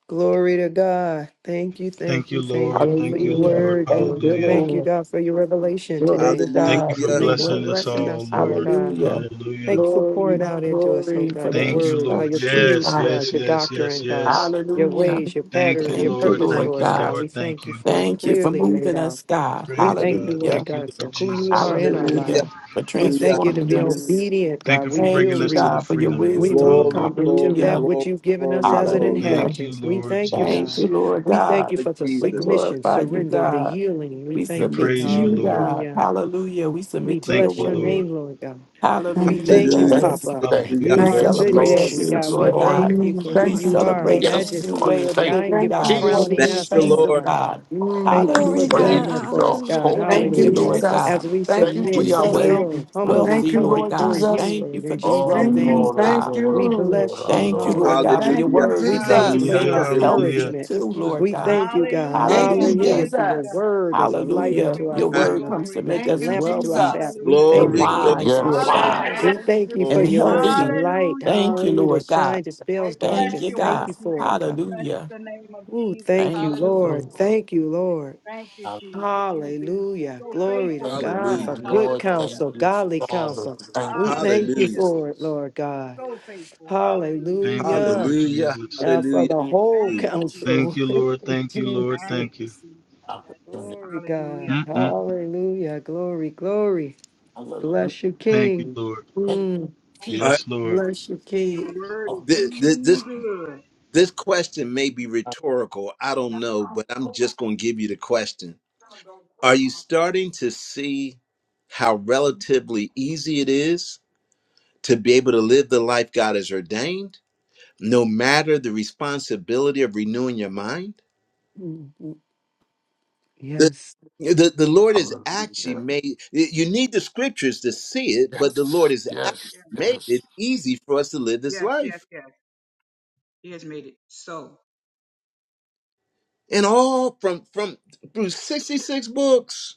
Speaker 8: Glory to God. Thank you, thank
Speaker 3: Thank
Speaker 8: you,
Speaker 3: you,
Speaker 8: thank
Speaker 3: Lord.
Speaker 8: you for
Speaker 3: Thank you,
Speaker 8: your
Speaker 6: Hallelujah.
Speaker 3: Lord.
Speaker 8: word,
Speaker 6: Thank
Speaker 8: Lord.
Speaker 6: you,
Speaker 3: Hallelujah.
Speaker 8: Thank you,
Speaker 6: Lord.
Speaker 8: God, for your revelation
Speaker 6: Glory
Speaker 8: today.
Speaker 6: to
Speaker 3: Thank you
Speaker 6: God
Speaker 3: for
Speaker 6: for
Speaker 1: Hallelujah.
Speaker 6: your
Speaker 8: Thank you for
Speaker 3: blessing
Speaker 6: word.
Speaker 3: us
Speaker 8: blessing
Speaker 3: all,
Speaker 8: us, Lord
Speaker 3: Lord.
Speaker 8: God.
Speaker 6: Hallelujah.
Speaker 3: Hallelujah.
Speaker 8: Thank you for
Speaker 6: Glory,
Speaker 8: pouring out into us, oh
Speaker 6: glory for
Speaker 8: God,
Speaker 6: the
Speaker 8: your
Speaker 3: Thank you,
Speaker 8: words, how
Speaker 3: Lord.
Speaker 8: your
Speaker 6: instructions,
Speaker 3: Yes,
Speaker 8: truths,
Speaker 6: God.
Speaker 8: Lord,
Speaker 3: yes,
Speaker 8: your
Speaker 3: yes, yes,
Speaker 8: doctrine, God,
Speaker 3: yes.
Speaker 8: your
Speaker 6: Hallelujah.
Speaker 8: ways, your
Speaker 3: Thank you,
Speaker 8: pattern, your
Speaker 6: Thank you,
Speaker 3: Lord.
Speaker 8: purpose
Speaker 6: Lord
Speaker 3: Thank
Speaker 8: for
Speaker 3: you,
Speaker 8: us,
Speaker 6: God.
Speaker 8: God.
Speaker 3: Lord.
Speaker 8: We
Speaker 3: Thank
Speaker 8: thank you
Speaker 3: you.
Speaker 8: for it
Speaker 6: Thank you for
Speaker 8: clearly laid
Speaker 6: moving
Speaker 8: out.
Speaker 6: us, God.
Speaker 8: We
Speaker 3: Praise
Speaker 8: thank you,
Speaker 3: God.
Speaker 8: Lord
Speaker 6: Hallelujah.
Speaker 3: Thank you,
Speaker 8: God, for
Speaker 3: Lord
Speaker 8: who you
Speaker 3: Jesus.
Speaker 8: are in our
Speaker 1: Hallelujah.
Speaker 8: lives.
Speaker 6: Hallelujah. For
Speaker 8: We
Speaker 1: Hallelujah.
Speaker 8: thank you to
Speaker 6: transforming
Speaker 8: be
Speaker 1: Hallelujah.
Speaker 6: us.
Speaker 8: obedient, God.
Speaker 3: Thank you
Speaker 8: We
Speaker 3: for
Speaker 6: Thank
Speaker 8: will
Speaker 3: bringing
Speaker 6: you,
Speaker 3: us to
Speaker 8: reap.
Speaker 3: the
Speaker 6: God, for your
Speaker 3: freedom,
Speaker 8: We
Speaker 3: Lord.
Speaker 6: wisdom.
Speaker 8: will
Speaker 1: Glory,
Speaker 3: Hallelujah.
Speaker 8: come into
Speaker 1: glory,
Speaker 8: that
Speaker 6: Hallelujah.
Speaker 8: which
Speaker 1: glory,
Speaker 8: you've given us
Speaker 1: glory,
Speaker 8: as an
Speaker 1: glory.
Speaker 6: Hallelujah.
Speaker 3: Thank you,
Speaker 8: inheritance. We
Speaker 3: Lord
Speaker 8: thank you,
Speaker 6: Thank
Speaker 8: God.
Speaker 6: you,
Speaker 3: Jesus.
Speaker 6: Lord
Speaker 8: We thank
Speaker 6: God.
Speaker 8: you
Speaker 1: Lord
Speaker 8: for the
Speaker 6: We
Speaker 1: Jesus.
Speaker 8: submission,
Speaker 6: glorify you,
Speaker 8: surrender, the
Speaker 6: God.
Speaker 8: yielding. We
Speaker 6: We
Speaker 3: We
Speaker 8: thank you.
Speaker 6: submit to
Speaker 3: praise you,
Speaker 6: you,
Speaker 3: Lord.
Speaker 6: God.
Speaker 8: Hallelujah.
Speaker 6: Hallelujah. We
Speaker 8: We
Speaker 6: submit to
Speaker 3: Thank
Speaker 6: your
Speaker 8: bless
Speaker 3: you,
Speaker 8: your
Speaker 6: word.
Speaker 3: Lord.
Speaker 8: name, Lord God. We
Speaker 10: Thank
Speaker 6: Hallelujah.
Speaker 10: you,
Speaker 8: thank you,
Speaker 1: Hallelujah.
Speaker 7: Thank you,
Speaker 6: Yes.
Speaker 10: Jesus.
Speaker 8: Papa.
Speaker 7: thank you.
Speaker 1: Hallelujah.
Speaker 8: You
Speaker 3: Hallelujah.
Speaker 6: We
Speaker 10: Thank
Speaker 8: are a
Speaker 7: Yes,
Speaker 10: you,
Speaker 8: good
Speaker 6: celebrate
Speaker 7: Lord.
Speaker 8: daddy,
Speaker 10: Jesus.
Speaker 6: you,
Speaker 8: God.
Speaker 7: Yes,
Speaker 8: We
Speaker 6: Lord
Speaker 7: Lord.
Speaker 6: God.
Speaker 8: thank you
Speaker 9: Thank
Speaker 10: Mm,
Speaker 8: for
Speaker 9: you,
Speaker 6: We
Speaker 8: who
Speaker 10: Thank
Speaker 9: Lord.
Speaker 10: you,
Speaker 8: you are,
Speaker 6: celebrate
Speaker 9: Hallelujah.
Speaker 10: Jesus.
Speaker 6: this
Speaker 7: Yes,
Speaker 9: Thank
Speaker 6: new
Speaker 9: you.
Speaker 7: Lord.
Speaker 6: way
Speaker 8: majesty.
Speaker 6: of
Speaker 7: Thank
Speaker 8: Thank
Speaker 7: you,
Speaker 6: living,
Speaker 8: you
Speaker 10: Thank
Speaker 8: for
Speaker 10: you,
Speaker 6: God,
Speaker 10: Lord
Speaker 6: living
Speaker 8: crowning
Speaker 1: Thank
Speaker 6: in the
Speaker 7: Jesus.
Speaker 8: us,
Speaker 1: you,
Speaker 10: Jesus.
Speaker 8: Lord
Speaker 6: kingdom,
Speaker 1: Lord.
Speaker 8: God.
Speaker 6: God.
Speaker 10: Mm.
Speaker 8: Thank you
Speaker 7: Oh,
Speaker 9: Glory
Speaker 8: for
Speaker 9: to
Speaker 6: Hallelujah.
Speaker 8: being
Speaker 7: praise
Speaker 9: God.
Speaker 8: there
Speaker 7: to
Speaker 8: for
Speaker 9: Hallelujah.
Speaker 8: us,
Speaker 7: your
Speaker 8: God.
Speaker 7: holy
Speaker 10: Thank
Speaker 6: Thank
Speaker 10: you,
Speaker 6: you,
Speaker 8: Hallelujah.
Speaker 7: name.
Speaker 6: Lord
Speaker 10: Jesus.
Speaker 6: God.
Speaker 8: As we
Speaker 10: Thank
Speaker 7: Thank
Speaker 10: you,
Speaker 8: submit,
Speaker 6: We
Speaker 7: you,
Speaker 6: are
Speaker 10: Jesus.
Speaker 7: thank
Speaker 6: well,
Speaker 8: yield,
Speaker 7: you, thank
Speaker 8: humbly
Speaker 10: Thank
Speaker 6: wealthy,
Speaker 10: you,
Speaker 7: you.
Speaker 8: come
Speaker 6: Lord
Speaker 10: Lord
Speaker 8: before
Speaker 6: God.
Speaker 8: you,
Speaker 10: Jesus.
Speaker 6: Thank you
Speaker 8: Lord,
Speaker 6: for
Speaker 8: in
Speaker 6: this
Speaker 7: Oh,
Speaker 8: Jesus'
Speaker 6: wealthiness,
Speaker 10: Mm,
Speaker 7: Lord,
Speaker 8: name.
Speaker 7: oh,
Speaker 10: thank
Speaker 6: God.
Speaker 8: We
Speaker 7: Lord, oh,
Speaker 10: you.
Speaker 8: bless you.
Speaker 6: Thank you,
Speaker 7: Lord, oh,
Speaker 6: Lord God,
Speaker 8: Hallelujah.
Speaker 6: for your
Speaker 10: Thank
Speaker 1: Hallelujah.
Speaker 10: you,
Speaker 6: word
Speaker 8: We
Speaker 6: that
Speaker 8: thank
Speaker 6: comes
Speaker 1: Hallelujah.
Speaker 8: you
Speaker 6: to
Speaker 8: for
Speaker 10: Jesus.
Speaker 6: make
Speaker 8: your
Speaker 3: Hallelujah.
Speaker 2: Hallelujah.
Speaker 1: Hallelujah.
Speaker 6: us healthy
Speaker 3: Hallelujah.
Speaker 8: encouragement.
Speaker 6: too,
Speaker 7: Lord.
Speaker 6: Lord
Speaker 8: We
Speaker 6: God.
Speaker 8: thank you, God.
Speaker 10: Thank
Speaker 2: Hallelujah.
Speaker 10: you,
Speaker 8: Hallelujah.
Speaker 6: Hallelujah.
Speaker 8: For your
Speaker 2: Hallelujah.
Speaker 10: Jesus.
Speaker 8: word as a light
Speaker 2: Glory,
Speaker 6: Hallelujah.
Speaker 8: unto our
Speaker 6: Your
Speaker 2: glory,
Speaker 8: feet
Speaker 6: word
Speaker 8: and
Speaker 6: comes to
Speaker 2: glory.
Speaker 6: make
Speaker 8: a, a
Speaker 10: Thank
Speaker 6: us
Speaker 10: you,
Speaker 8: lamp unto our
Speaker 6: wealthy
Speaker 8: path.
Speaker 10: Jesus.
Speaker 8: We
Speaker 2: Hallelujah,
Speaker 6: and
Speaker 2: Lord.
Speaker 8: thank you
Speaker 1: Glory,
Speaker 7: Hallelujah.
Speaker 1: glory,
Speaker 8: for
Speaker 6: wise,
Speaker 8: it.
Speaker 6: Lord
Speaker 1: glory,
Speaker 6: God,
Speaker 2: Hallelujah,
Speaker 10: Yes.
Speaker 2: Lord.
Speaker 7: Yes.
Speaker 8: We
Speaker 1: glory,
Speaker 10: Thank
Speaker 8: thank you
Speaker 10: you,
Speaker 8: for
Speaker 6: and
Speaker 1: glory.
Speaker 8: your word,
Speaker 7: Jesus,
Speaker 10: Jesus.
Speaker 8: the
Speaker 6: healthy.
Speaker 8: light,
Speaker 2: Hallelujah, Lord.
Speaker 6: Thank you,
Speaker 8: hallelujah,
Speaker 6: Lord
Speaker 8: that
Speaker 6: God.
Speaker 8: shines, dispels
Speaker 10: Thank you,
Speaker 2: Bless
Speaker 6: Thank you,
Speaker 8: darkness.
Speaker 2: your
Speaker 8: Thank
Speaker 6: God.
Speaker 8: you
Speaker 2: wonderful
Speaker 10: Jesus.
Speaker 8: for it,
Speaker 2: name.
Speaker 8: God.
Speaker 2: Bless
Speaker 6: Hallelujah.
Speaker 2: the name of
Speaker 8: Ooh,
Speaker 2: Jesus.
Speaker 8: thank you,
Speaker 6: Thank you,
Speaker 2: Hallelujah.
Speaker 8: Lord.
Speaker 6: Lord.
Speaker 8: Thank you, Lord.
Speaker 2: Thank you,
Speaker 7: I
Speaker 2: Jesus. You've been
Speaker 8: Hallelujah.
Speaker 2: so
Speaker 8: Glory
Speaker 2: faithful
Speaker 8: to
Speaker 7: thank
Speaker 2: to us
Speaker 8: God
Speaker 7: you,
Speaker 8: for
Speaker 1: Hallelujah.
Speaker 2: all.
Speaker 8: good
Speaker 7: Lord.
Speaker 2: Hallelujah.
Speaker 7: Thank
Speaker 8: counsel,
Speaker 7: you,
Speaker 8: godly
Speaker 7: Father.
Speaker 8: counsel.
Speaker 7: Thank
Speaker 8: We
Speaker 7: you for
Speaker 8: thank you
Speaker 2: Hallelujah.
Speaker 1: Hallelujah.
Speaker 8: for it, Lord God.
Speaker 2: So faithful. Hallelujah.
Speaker 3: Thank you,
Speaker 8: Hallelujah.
Speaker 3: Lord
Speaker 2: Thank you,
Speaker 1: Hallelujah.
Speaker 2: Jesus.
Speaker 3: Jesus.
Speaker 8: Uh, for
Speaker 1: Hallelujah.
Speaker 8: the whole
Speaker 2: Thank
Speaker 1: Hallelujah.
Speaker 2: you, Jesus.
Speaker 3: Thank
Speaker 8: counsel.
Speaker 3: you, Lord. Thank you, Lord.
Speaker 8: Jesus.
Speaker 2: Thank
Speaker 3: Thank
Speaker 2: you,
Speaker 3: you.
Speaker 2: Jesus.
Speaker 7: the opportunity.
Speaker 8: Glory, God.
Speaker 2: Hallelujah.
Speaker 3: Mm-mm.
Speaker 8: Hallelujah. Glory, glory.
Speaker 7: Hallelujah.
Speaker 8: Bless you,
Speaker 3: Thank you,
Speaker 8: King.
Speaker 3: Lord.
Speaker 7: Thank you,
Speaker 8: Mm,
Speaker 1: Uh,
Speaker 7: teacher
Speaker 3: Yes, Lord.
Speaker 8: bless you,
Speaker 2: The
Speaker 8: King.
Speaker 2: word is
Speaker 7: of the
Speaker 1: thi- thi-
Speaker 2: really
Speaker 1: this,
Speaker 2: good.
Speaker 1: this question may be
Speaker 7: kingdom.
Speaker 1: rhetorical. I don't know, but I'm just going to give you the question. Are you starting to see how relatively easy it is to be able to live the life God has ordained, no matter the responsibility of renewing your mind?
Speaker 8: Mhm.
Speaker 1: The,
Speaker 8: Yes.
Speaker 1: the, the Lord has actually
Speaker 7: Hallelujah.
Speaker 1: made you need the scriptures to see it, but the Lord
Speaker 7: Yes.
Speaker 1: has actually
Speaker 7: Yes.
Speaker 1: made
Speaker 7: Yes.
Speaker 1: it easy for us to live this
Speaker 2: Yes, yes,
Speaker 1: life.
Speaker 2: yes. He has made it so.
Speaker 1: And all from from through 66 books.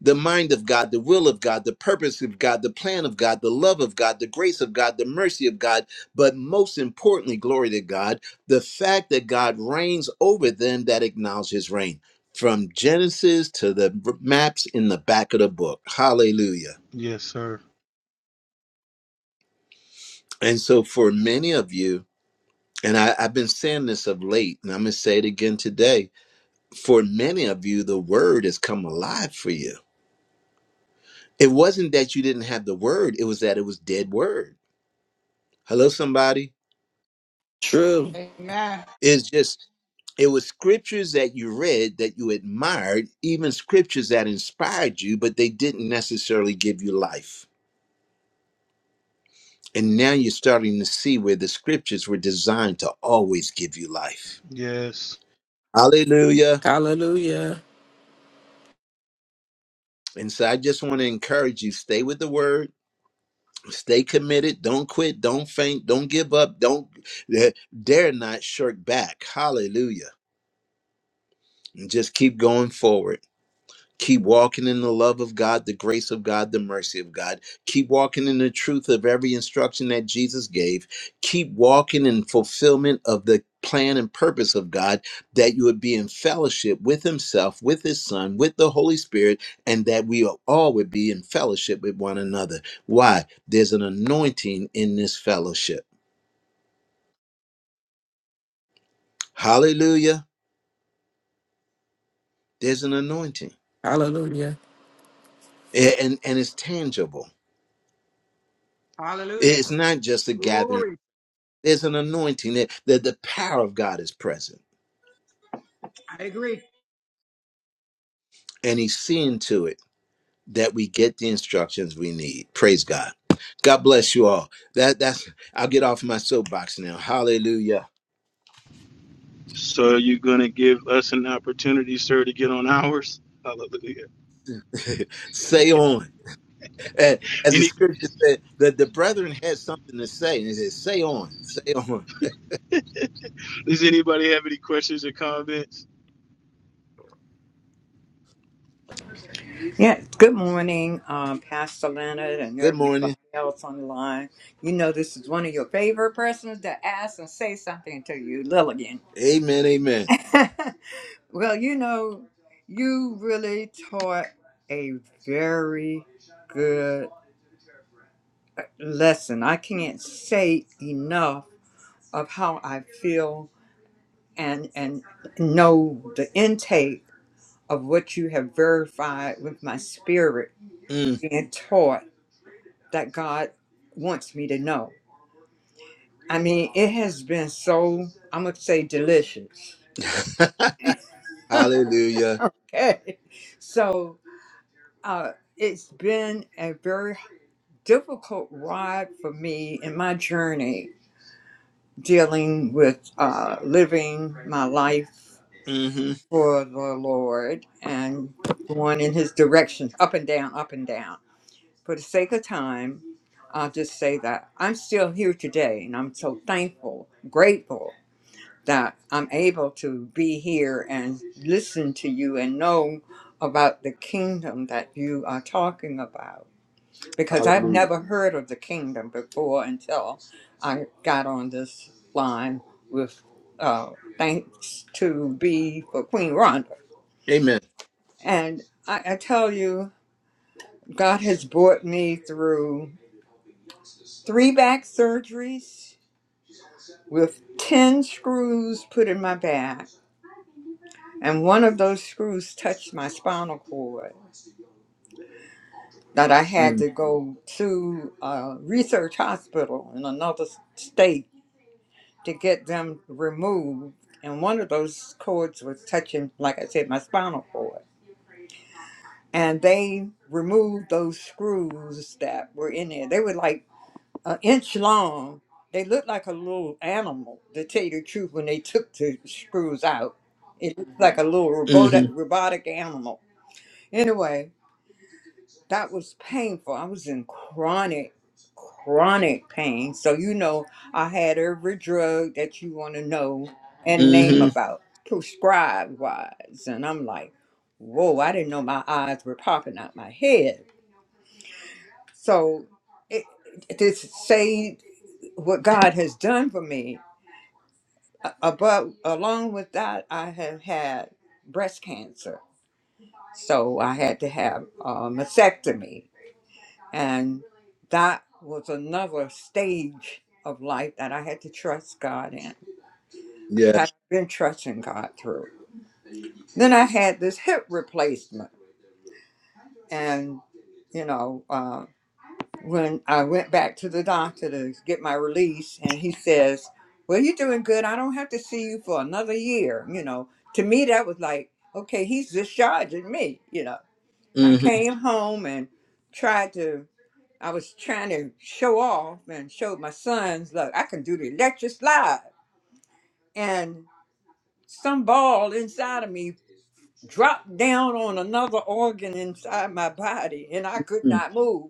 Speaker 1: The mind of God, the will of God, the purpose of God, the plan of God, the love of God, the grace of God, the mercy of God, but most importantly, glory to God, the fact that God reigns over them that acknowledge his reign. From Genesis to the maps in the back of the book. Hallelujah.
Speaker 3: Yes, sir.
Speaker 1: And so for many of you, and I, I've been saying this of late, and I'm gonna say it again today, for many of you, the word has come alive for you. It wasn't that you didn't have the word, it was that it was dead word. Hello, somebody.
Speaker 6: True.
Speaker 2: Amen.
Speaker 1: It's just it was scriptures that you read that you admired, even scriptures that inspired you, but they didn't necessarily give you life. And now you're starting to see where the scriptures were designed to always give you life.
Speaker 3: Yes.
Speaker 1: Hallelujah.
Speaker 6: Hallelujah.
Speaker 1: And so I just want to encourage you stay with the word, stay committed, don't quit, don't faint, don't give up, don't eh, dare not shirk back. Hallelujah. And just keep going forward. Keep walking in the love of God, the grace of God, the mercy of God. Keep walking in the truth of every instruction that Jesus gave. Keep walking in fulfillment of the plan and purpose of God that you would be in fellowship with Himself, with His Son, with the Holy Spirit, and that we all would be in fellowship with one another. Why? There's an anointing in this fellowship. Hallelujah. There's an anointing,
Speaker 6: Hallelujah.
Speaker 1: A- and, and it's tangible.
Speaker 2: Hallelujah.
Speaker 1: It's not just a gathering.
Speaker 2: Glory.
Speaker 1: There's an anointing that, that the power of God is present,
Speaker 2: I agree.
Speaker 1: and He's seeing to it that we get the instructions we need. Praise God. God bless you all. That that's I'll get off my soapbox now. Hallelujah.
Speaker 3: So you're going to give us an opportunity, sir, to get on ours? Hallelujah.
Speaker 1: say on. A- As the
Speaker 3: Any,
Speaker 1: scripture, the, the brethren had something to say, and they said, say on, say on.
Speaker 3: does anybody have any questions or comments?
Speaker 11: Yeah, good morning, um, Pastor Leonard and
Speaker 1: Good
Speaker 11: everybody
Speaker 1: morning.
Speaker 11: else on the line. You know, this is one of your favorite persons to ask and say something to you, Lilligan.
Speaker 1: Amen. Amen.
Speaker 11: well, you know, you really taught a very good lesson. I can't say enough of how I feel and and know the intake of what you have verified with my spirit
Speaker 1: Mm.
Speaker 11: being taught that God wants me to know. I mean, it has been so, I'm going to say delicious.
Speaker 1: Hallelujah.
Speaker 11: Okay. So uh, it's been a very difficult ride for me in my journey dealing with uh, living my life
Speaker 1: hmm
Speaker 11: for the Lord and going in his direction, up and down, up and down. For the sake of time, I'll just say that I'm still here today and I'm so thankful, grateful that I'm able to be here and listen to you and know about the kingdom that you are talking about because I've
Speaker 1: Hallelujah.
Speaker 11: never heard of the kingdom before until I got on this line with uh, thanks to be for Queen Rhonda.
Speaker 1: Amen.
Speaker 11: And I, I tell you, God has brought me through three back surgeries with 10 screws put in my back and one of those screws touched my spinal cord that I had
Speaker 1: Mm.
Speaker 11: to go to a research hospital in another s- state to get them removed. And one of those cords was touching, like I said, my spinal cord. And they removed those screws that were in there. They were like an inch long. They looked like a little animal, to tell you the truth, when they took the screws out. It looked like a little
Speaker 1: hmm
Speaker 11: robotic, robotic animal. Anyway, that was painful. I was in chronic, chronic pain. So, you know, I had every drug that you want to know and name
Speaker 1: hmm
Speaker 11: about, prescribed wise. And I'm like, whoa, I didn't know my eyes were popping out my head. So, it, to say what God has done for me, uh, uh, but along with that, I have had breast cancer. So, I had to have a mastectomy And that was another stage of life that I had to trust God in,
Speaker 1: Yeah.
Speaker 11: that I've been trusting God through. Then I had this hip replacement. And, you know, uh, when I went back to the doctor to get my release, and he says, Well, you're doing good. I don't have to see you for another year. You know, to me, that was like, okay, he's discharging me, you know. And I
Speaker 1: hmm
Speaker 11: came home and tried to I was trying to show off and show my sons, look, I can do the electric slide. And some ball inside of me dropped down on another organ inside my body, and I could not move.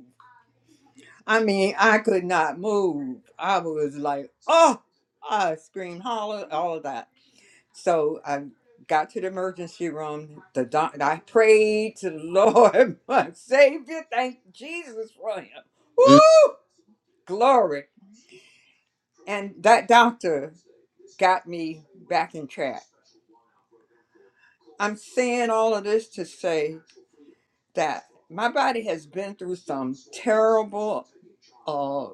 Speaker 11: I mean, I could not move. I was like, oh, I screamed, holler, all of that. So I got to the emergency room. The doc- I prayed to the Lord, my Savior. Thank Jesus for him. Woo! Glory. And that doctor got me back in track. I'm saying all of this to say that my body has been through some terrible uh,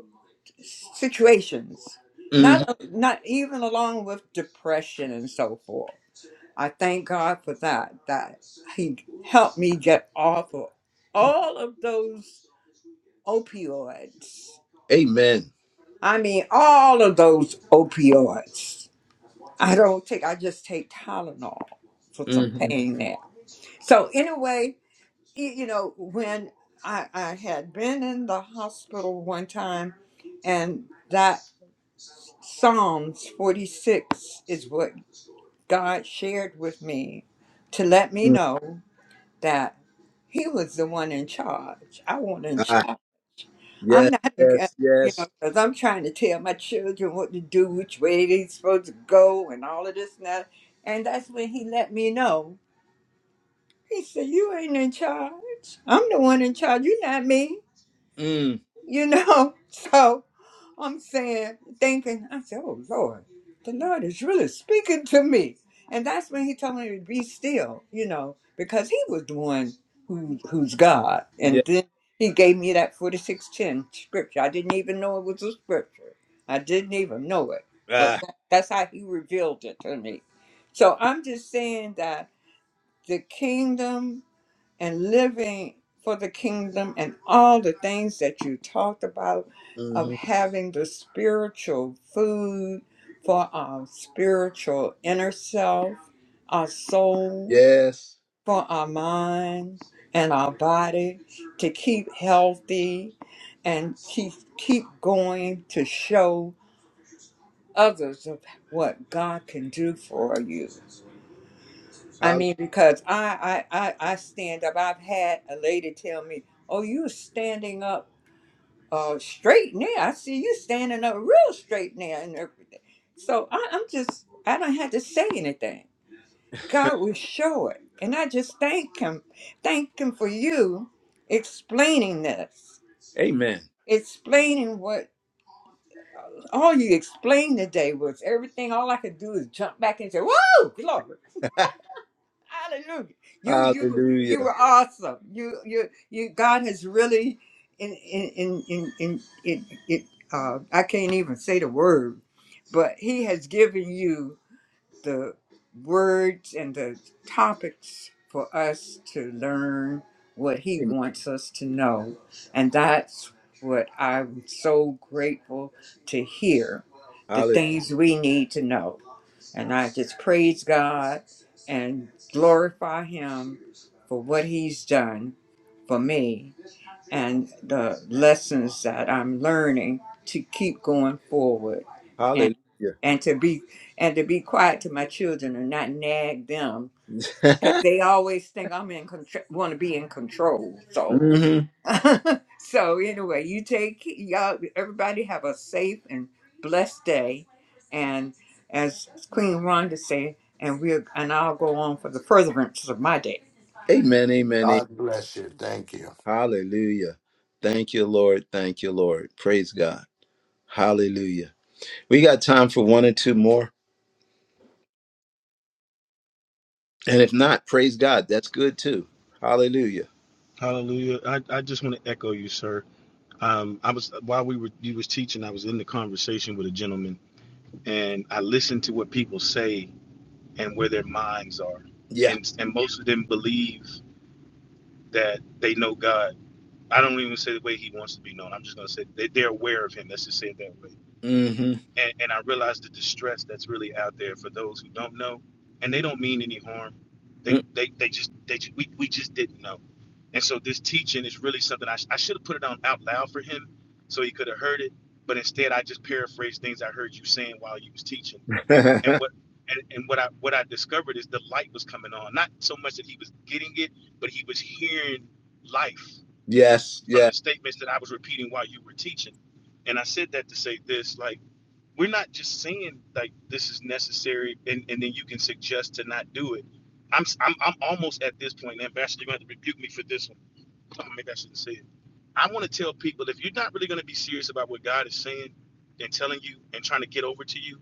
Speaker 11: situations,
Speaker 1: hmm
Speaker 11: not, not even along with depression and so forth. I thank God for that, that He helped me get off of all of those opioids.
Speaker 1: Amen.
Speaker 11: I mean, all of those opioids I don't take. I just take Tylenol for some
Speaker 1: hmm
Speaker 11: pain there. So anyway, y- you know, when I I had been in the hospital one time, and that Psalms forty six is what God shared with me to let me know that He was the one in charge. I wasn't in charge.
Speaker 1: Ah,
Speaker 11: I'm
Speaker 1: yes,
Speaker 11: not, a g- uh,
Speaker 1: yes,
Speaker 11: you know,
Speaker 1: yes.
Speaker 11: because I'm trying to tell my children what to do, which way they're supposed to go, and all of this and that. And that's when he let me know. He said, "You ain't in charge. I'm the one in charge. You're not me."
Speaker 1: Mm,
Speaker 11: You know, so I'm saying, thinking, I said, oh Lord, the Lord is really speaking to me. And that's when he told me to be still, you know, because he was the one who, who's God.
Speaker 1: yeah.
Speaker 11: And then he gave me that 4610 scripture. I didn't even know it was a scripture. I didn't even know it, but
Speaker 1: Ah,
Speaker 11: that- that's how he revealed it to me. So I'm just saying that the kingdom and living for the kingdom and all the things that you talked about of
Speaker 1: hmm
Speaker 11: having the spiritual food for our spiritual inner self, our soul,
Speaker 1: Yes.
Speaker 11: for our minds and our body to keep healthy and keep keep going to show others of what God can do for you. I
Speaker 1: Hall-
Speaker 11: mean, because I, I, I, I stand up. I've had a lady tell me, "Oh, you standing up, uh, straight now. I see you standing up real straight now and everything." So I, I'm just, I don't have to say anything. God will show it, and I just thank Him, thank Him for you explaining this,
Speaker 1: Amen.
Speaker 11: explaining what all you explained today was everything. All I could do is jump back and say, "Whoa, glory!" Hallelujah. You you you
Speaker 1: Hallelujah.
Speaker 11: were awesome. You you you God has really in in in in, in it it uh I can't even say the word, but he has given you the words and the topics for us to learn what he
Speaker 1: Amen.
Speaker 11: wants us to know. And that's what I'm so grateful to hear. The
Speaker 1: Halle-
Speaker 11: things we need to know. And I just praise God and glorify Him for what He's done for me and the lessons that I'm learning to keep going forward and,
Speaker 1: Hallelujah.
Speaker 11: and to be and to be quiet to my children and not nag them because they always think I'm in control want to be in control. so.
Speaker 1: hmm
Speaker 11: so anyway, you take y'all. Everybody have a safe and blessed day, and as Queen Rhonda said, and we will and I'll go on for the furtherance of my day.
Speaker 1: Amen. Amen. amen.
Speaker 7: God bless you. Thank you.
Speaker 1: Hallelujah. Thank you, Lord. Thank you, Lord. Praise God. Hallelujah. We got time for one or two more. And if not, praise God. That's good too. Hallelujah.
Speaker 3: Hallelujah. I, I just want to echo you, sir. Um, I was while we were you was teaching, I was in the conversation with a gentleman, and I listened to what people say and where their minds are,
Speaker 1: Yeah.
Speaker 3: and and most of them believe that they know God. I don't even say the way He wants to be known. I'm just gonna say they, they're aware of Him. Let's just say it that way
Speaker 1: hmm
Speaker 3: and, and I realize the distress that's really out there for those who don't know, and they don't mean any harm. They they they just they ju- we we just didn't know, and so this teaching is really something I sh- I should have put it on out loud for him, so he could have heard it. But instead, I just paraphrased things I heard you saying while you was teaching, and what and, and what I what I discovered is the light was coming on. Not so much that he was getting it, but he was hearing life
Speaker 1: yes.
Speaker 3: from
Speaker 1: Yeah.
Speaker 3: the statements that I was repeating while you were teaching. And I said that to say this, like we're not just saying like this is necessary and, and then you can suggest to not do it. I'm, i I'm I'm almost at this point, and Ambassador, you're gonna have to rebuke me for this one. Oh maybe I shouldn't say it. I want to tell people if you're not really gonna be serious about what God is saying and telling you and trying to get over to you,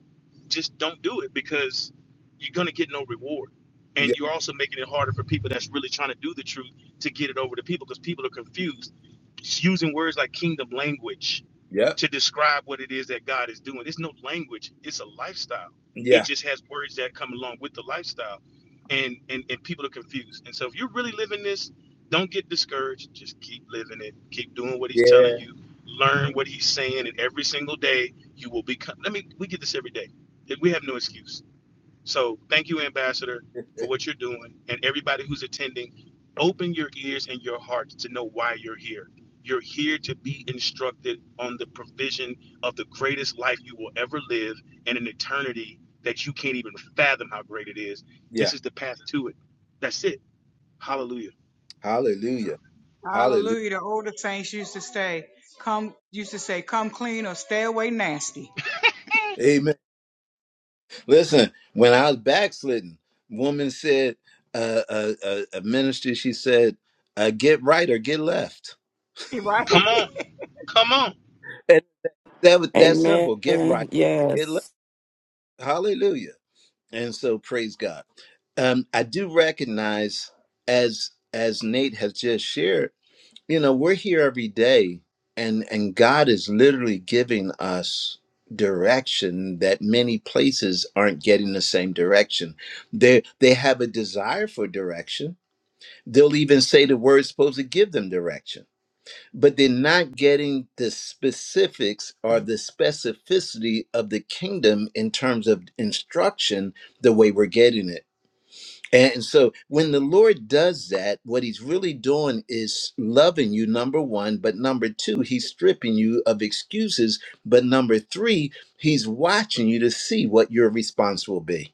Speaker 3: just don't do it because you're gonna get no reward. And you're also making it harder for people that's really trying to do the truth to get it over to people because people are confused. Just using words like kingdom language
Speaker 1: Yep.
Speaker 3: to describe what it is that God is doing. It's no language, it's a lifestyle. It
Speaker 1: Yeah,
Speaker 3: just has words that come along with the lifestyle. And and, and people are confused. And so if you're really living this, don't get discouraged. Just keep living it. Keep doing what he's telling
Speaker 1: yeah,
Speaker 3: you. Learn what he's saying, and every single day you will become. Let me we get this every day. We have no excuse so thank you, Ambassador, for what you're doing and everybody who's attending. Open your ears and your hearts to know why you're here. You're here to be instructed on the provision of the greatest life you will ever live and an eternity that you can't even fathom how great it is.
Speaker 1: yeah.
Speaker 3: This is the path to it. That's it. Hallelujah.
Speaker 1: Hallelujah. Hallelujah.
Speaker 2: Hallelujah. The older saints used to say, come, used to say, come clean or stay away nasty.
Speaker 1: Listen, when I was backslidden, woman said, uh, uh, uh, a minister, she said, uh, get right or get left.
Speaker 2: Right?
Speaker 3: Come on.
Speaker 2: Yes,
Speaker 3: Come on.
Speaker 1: And that was that
Speaker 6: Amen.
Speaker 1: simple. Get right, get left.
Speaker 6: Yes.
Speaker 1: Hallelujah. And so praise God. Um, I do recognize as as Nate has just shared you know we're here every day and and god is literally giving us direction that many places aren't getting the same direction they they have a desire for direction they'll even say the word's supposed to give them direction but they're not getting the specifics or the specificity of the kingdom in terms of instruction the way we're getting it and so when the Lord does that, what he's really doing is loving you, number one. But number two, he's stripping you of excuses. But number three, he's watching you to see what your response will be.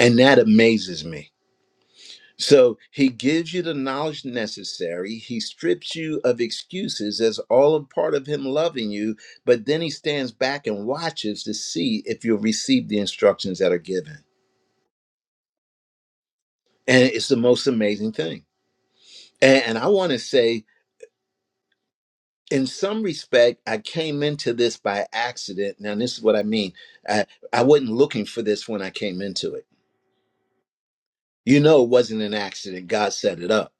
Speaker 1: And that amazes me. So he gives you the knowledge necessary. He strips you of excuses as all a part of him loving you. But then he stands back and watches to see if you'll receive the instructions that are given. And it's the most amazing thing. And, and I want to say, in some respect, I came into this by accident. Now, this is what I mean. I, I wasn't looking for this when I came into it. You know, it wasn't an accident. God set it up.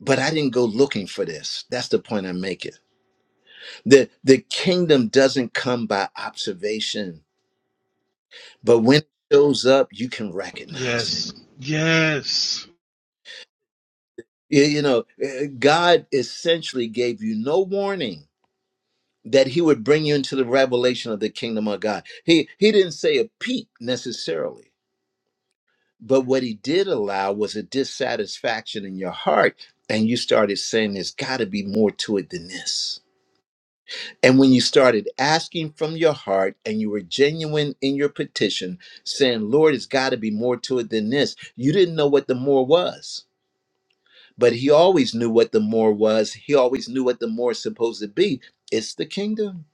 Speaker 1: But I didn't go looking for this. That's the point I'm making. The, the kingdom doesn't come by observation, but when it shows up, you can recognize
Speaker 3: Yes. Yes.
Speaker 1: it. You, you know, eh, God essentially gave you no warning that he would bring you into the revelation of the kingdom of God. He, he didn't say a peep necessarily But what he did allow was a dissatisfaction in your heart. And you started saying, there's got to be more to it than this. And when you started asking from your heart and you were genuine in your petition, saying, Lord, it's got to be more to it than this, you didn't know what the more was. But he always knew what the more was. He always knew what the more is supposed to be. It's the kingdom.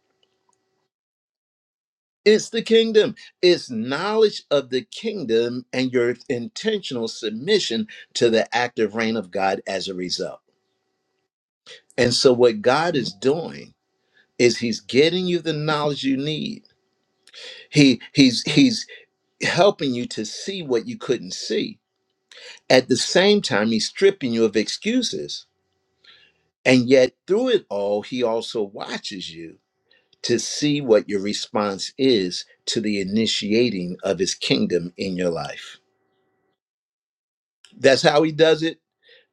Speaker 1: It's the kingdom. It's knowledge of the kingdom and your intentional submission to the active reign of God as a result. And so what God is doing is he's getting you the knowledge you need. He he's he's helping you to see what you couldn't see. At the same time he's stripping you of excuses. And yet through it all he also watches you to see what your response is to the initiating of his kingdom in your life. That's how he does it.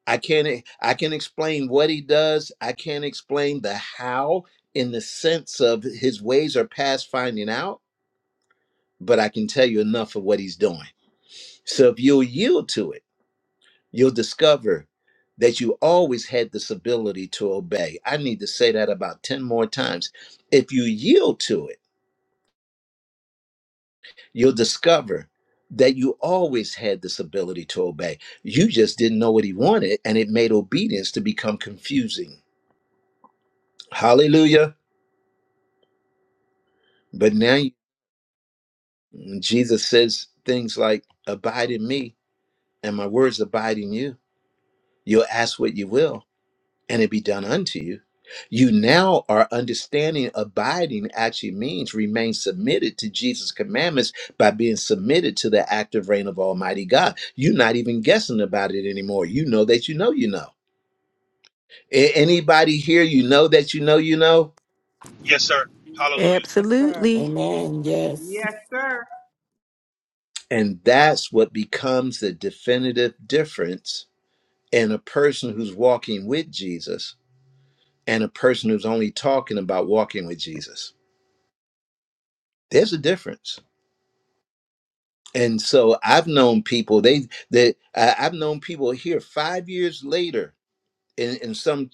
Speaker 1: I can't e, I can explain what he does. I can't explain the how in the sense of his ways are past finding out, but I can tell you enough of what he's doing. So if you'll yield to it, you'll discover that you always had this ability to obey. I need to say that about 10 more times. If you yield to it, you'll discover that you always had this ability to obey. You just didn't know what he wanted, and it made obedience to become confusing. Hallelujah. But now Jesus says things like, Abide in me, and my words abide in you. You'll ask what you will, and it be done unto you. You now are understanding abiding actually means remain submitted to Jesus' commandments by being submitted to the active reign of Almighty God. You're not even guessing about it anymore. You know that you know you know. A- anybody here, you know that you know you know?
Speaker 3: Yes, sir. Hallelujah.
Speaker 2: sir.
Speaker 9: Absolutely.
Speaker 6: Amen. Yes.
Speaker 2: Yes, sir.
Speaker 1: And that's what becomes the definitive difference and a person who's walking with Jesus and a person who's only talking about walking with Jesus. There's a difference. And so I've known people, they that I- I've known people here five years later in, in some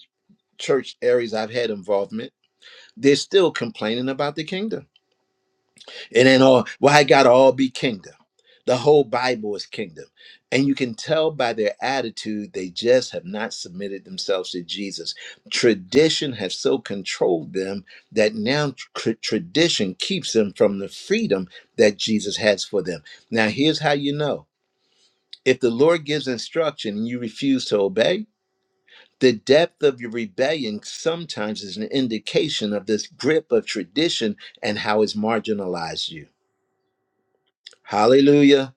Speaker 1: church areas I've had involvement, they're still complaining about the kingdom. It ain't all why it gotta all be kingdom. The whole Bible is kingdom. And you can tell by their attitude, they just have not submitted themselves to Jesus. Tradition has so controlled them that now tr- tradition keeps them from the freedom that Jesus has for them. Now, here's how you know if the Lord gives instruction and you refuse to obey, the depth of your rebellion sometimes is an indication of this grip of tradition and how it's marginalized you. Hallelujah.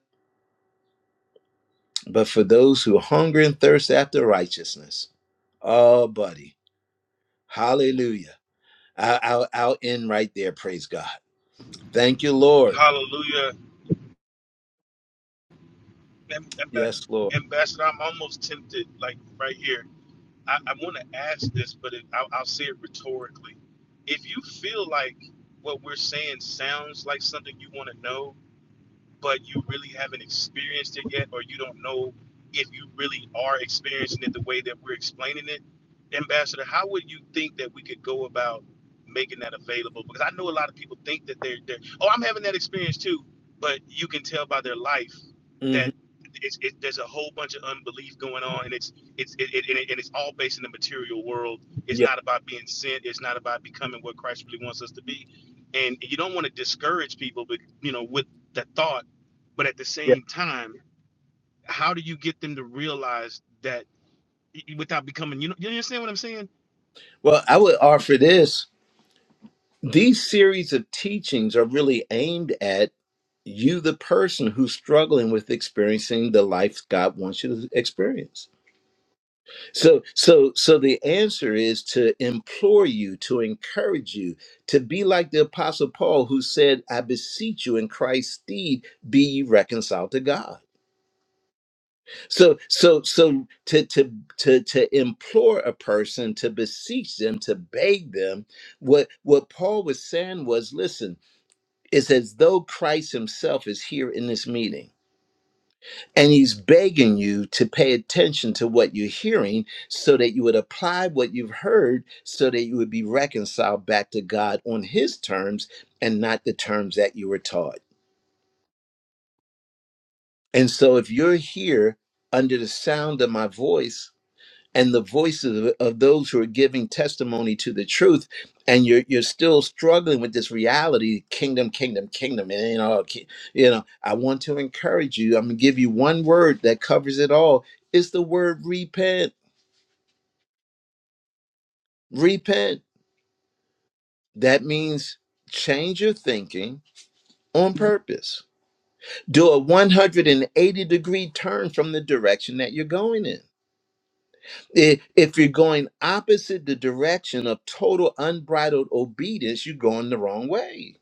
Speaker 1: But for those who hunger and thirst after righteousness, oh, buddy, hallelujah. I, I'll, I'll end right there. Praise God. Thank you, Lord.
Speaker 3: Hallelujah. Am-
Speaker 1: Yes,
Speaker 3: amb-
Speaker 1: Lord.
Speaker 3: Ambassador, I'm almost tempted, like right here. I, I want to ask this, but it, I'll, I'll say it rhetorically. If you feel like what we're saying sounds like something you want to know, but you really haven't experienced it yet, or you don't know if you really are experiencing it the way that we're explaining it, Ambassador, how would you think that we could go about making that available? Because I know a lot of people think that they're, they're oh, I'm having that experience too, but you can tell by their life
Speaker 1: hmm
Speaker 3: that it's, it, there's a whole bunch of unbelief going on, and it's it's it, it, and it- and it's all based in the material world. It's not about being sent. It's not about becoming what Christ really wants us to be. And you don't want to discourage people, but you know, with the thought but at the
Speaker 1: Yeah.
Speaker 3: same time, how do you get them to realize that without becoming, you know, you understand what I'm saying?
Speaker 1: Well, I would offer this. These series of teachings are really aimed at you, the person who's struggling with experiencing the life God wants you to experience. So, so, so the answer is to implore you, to encourage you, to be like the Apostle Paul, who said, "I beseech you, in Christ's stead, be ye reconciled to God." So, so, so, to to to to implore a person, to beseech them, to beg them. What what Paul was saying was, listen, it's as though Christ Himself is here in this meeting And he's begging you to pay attention to what you're hearing so that you would apply what you've heard so that you would be reconciled back to God on his terms and not the terms that you were taught. And so if you're here under the sound of my voice, and the voices of, of those who are giving testimony to the truth and you're you're still struggling with this reality kingdom kingdom kingdom and you know ki- you know I want to encourage you I'm going to give you one word that covers it all it's the word repent repent that means change your thinking on purpose do a 180 degree turn from the direction that you're going in I- If you're going opposite the direction of total unbridled obedience, you're going the wrong way.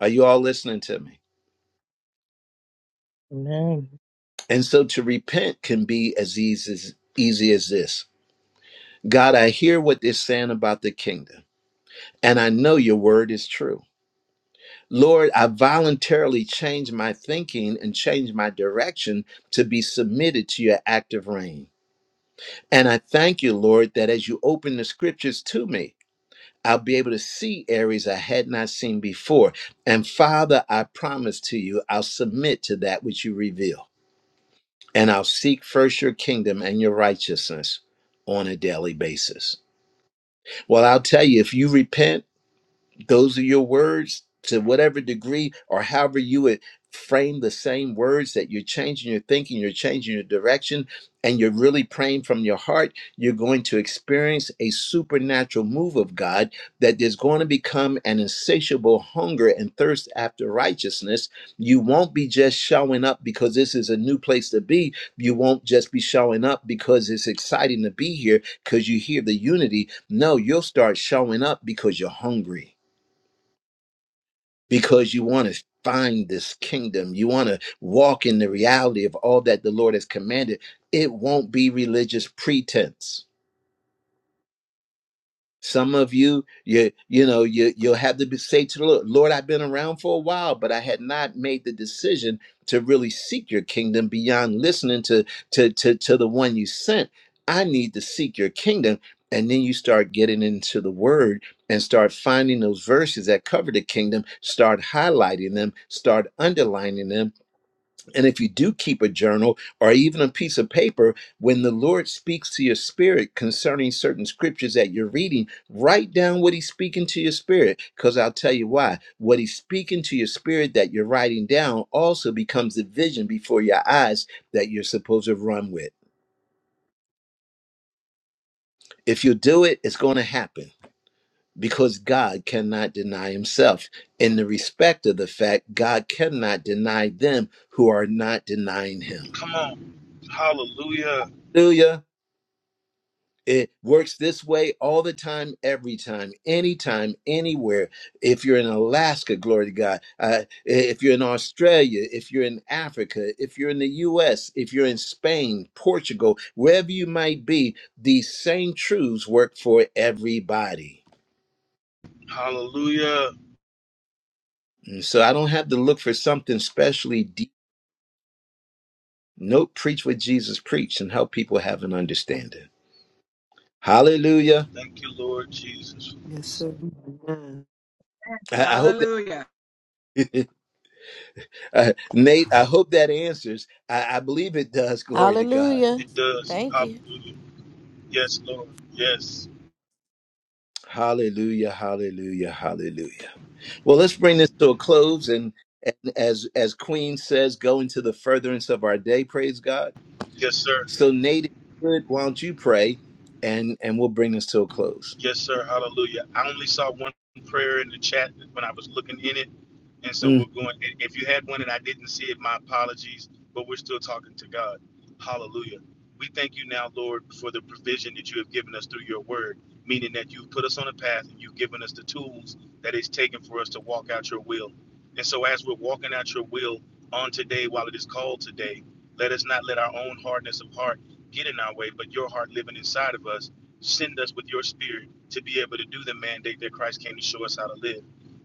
Speaker 1: Are you all listening to me?
Speaker 5: Amen.
Speaker 1: And so to repent can be as easy as, easy as this God, I hear what they're saying about the kingdom, and I know your word is true. Lord, I voluntarily change my thinking and change my direction to be submitted to your active reign. And I thank you, Lord, that as you open the scriptures to me, I'll be able to see areas I had not seen before. And Father, I promise to you, I'll submit to that which you reveal. And I'll seek first your kingdom and your righteousness on a daily basis. Well, I'll tell you, if you repent, those are your words to whatever degree or however you would frame the same words that you're changing your thinking you're changing your direction and you're really praying from your heart you're going to experience a supernatural move of god that is going to become an insatiable hunger and thirst after righteousness you won't be just showing up because this is a new place to be you won't just be showing up because it's exciting to be here because you hear the unity no you'll start showing up because you're hungry because you want to find this kingdom. You want to walk in the reality of all that the Lord has commanded. It won't be religious pretense. Some of you, you, you know, you, you'll have to be, say to the Lord, Lord, I've been around for a while, but I had not made the decision to really seek your kingdom beyond listening to, to, to, to the one you sent. I need to seek your kingdom. And then you start getting into the word and start finding those verses that cover the kingdom, start highlighting them, start underlining them, and if you do keep a journal or even a piece of paper, when the Lord speaks to your spirit concerning certain scriptures that you're reading, write down what He's speaking to your spirit. Because I'll tell you why. What He's speaking to your spirit that you're writing down also becomes the vision before your eyes that you're supposed to run with. If you do it, it's going to happen because God cannot deny Himself in the respect of the fact God cannot deny them who are not denying Him.
Speaker 3: Come on. Hallelujah.
Speaker 1: Hallelujah. It works this way all the time, every time, anytime, anywhere. If you're in Alaska, glory to God. Uh, if you're in Australia, if you're in Africa, if you're in the US, if you're in Spain, Portugal, wherever you might be, these same truths work for everybody.
Speaker 3: Hallelujah.
Speaker 1: And so I don't have to look for something specially deep. Nope, preach what Jesus preached and help people have an understanding. Hallelujah.
Speaker 3: Thank you, Lord Jesus,
Speaker 8: Yes, sir. Amen.
Speaker 1: I I hope that
Speaker 2: Hallelujah.
Speaker 1: Uh, Nate, I hope that answers. I, I believe it does. Glory to God.
Speaker 9: Hallelujah.
Speaker 3: It does.
Speaker 9: Thank you.
Speaker 3: Hallelujah. Yes, Lord. Yes.
Speaker 1: Hallelujah, hallelujah, hallelujah. Well, let's bring this to a close. And, and as, as Queen says, go into the furtherance of our day. Praise God.
Speaker 3: Yes, sir.
Speaker 1: So, Nate, if you could, why don't you pray and, and we'll bring this to a close?
Speaker 3: Yes, sir. Hallelujah. I only saw one prayer in the chat when I was looking in it. And so
Speaker 1: Mm,
Speaker 3: we're going, if you had one and I didn't see it, my apologies, but we're still talking to God. Hallelujah. We thank you now, Lord, for the provision that you have given us through your word, meaning that you've put us on a path and you've given us the tools that it's taken for us to walk out your will. And so as we're walking out your will on today, while it is called today, let us not let our own hardness of heart get in our way, but your heart living inside of us, send us with your spirit to be able to do the mandate that Christ came to show us how to live.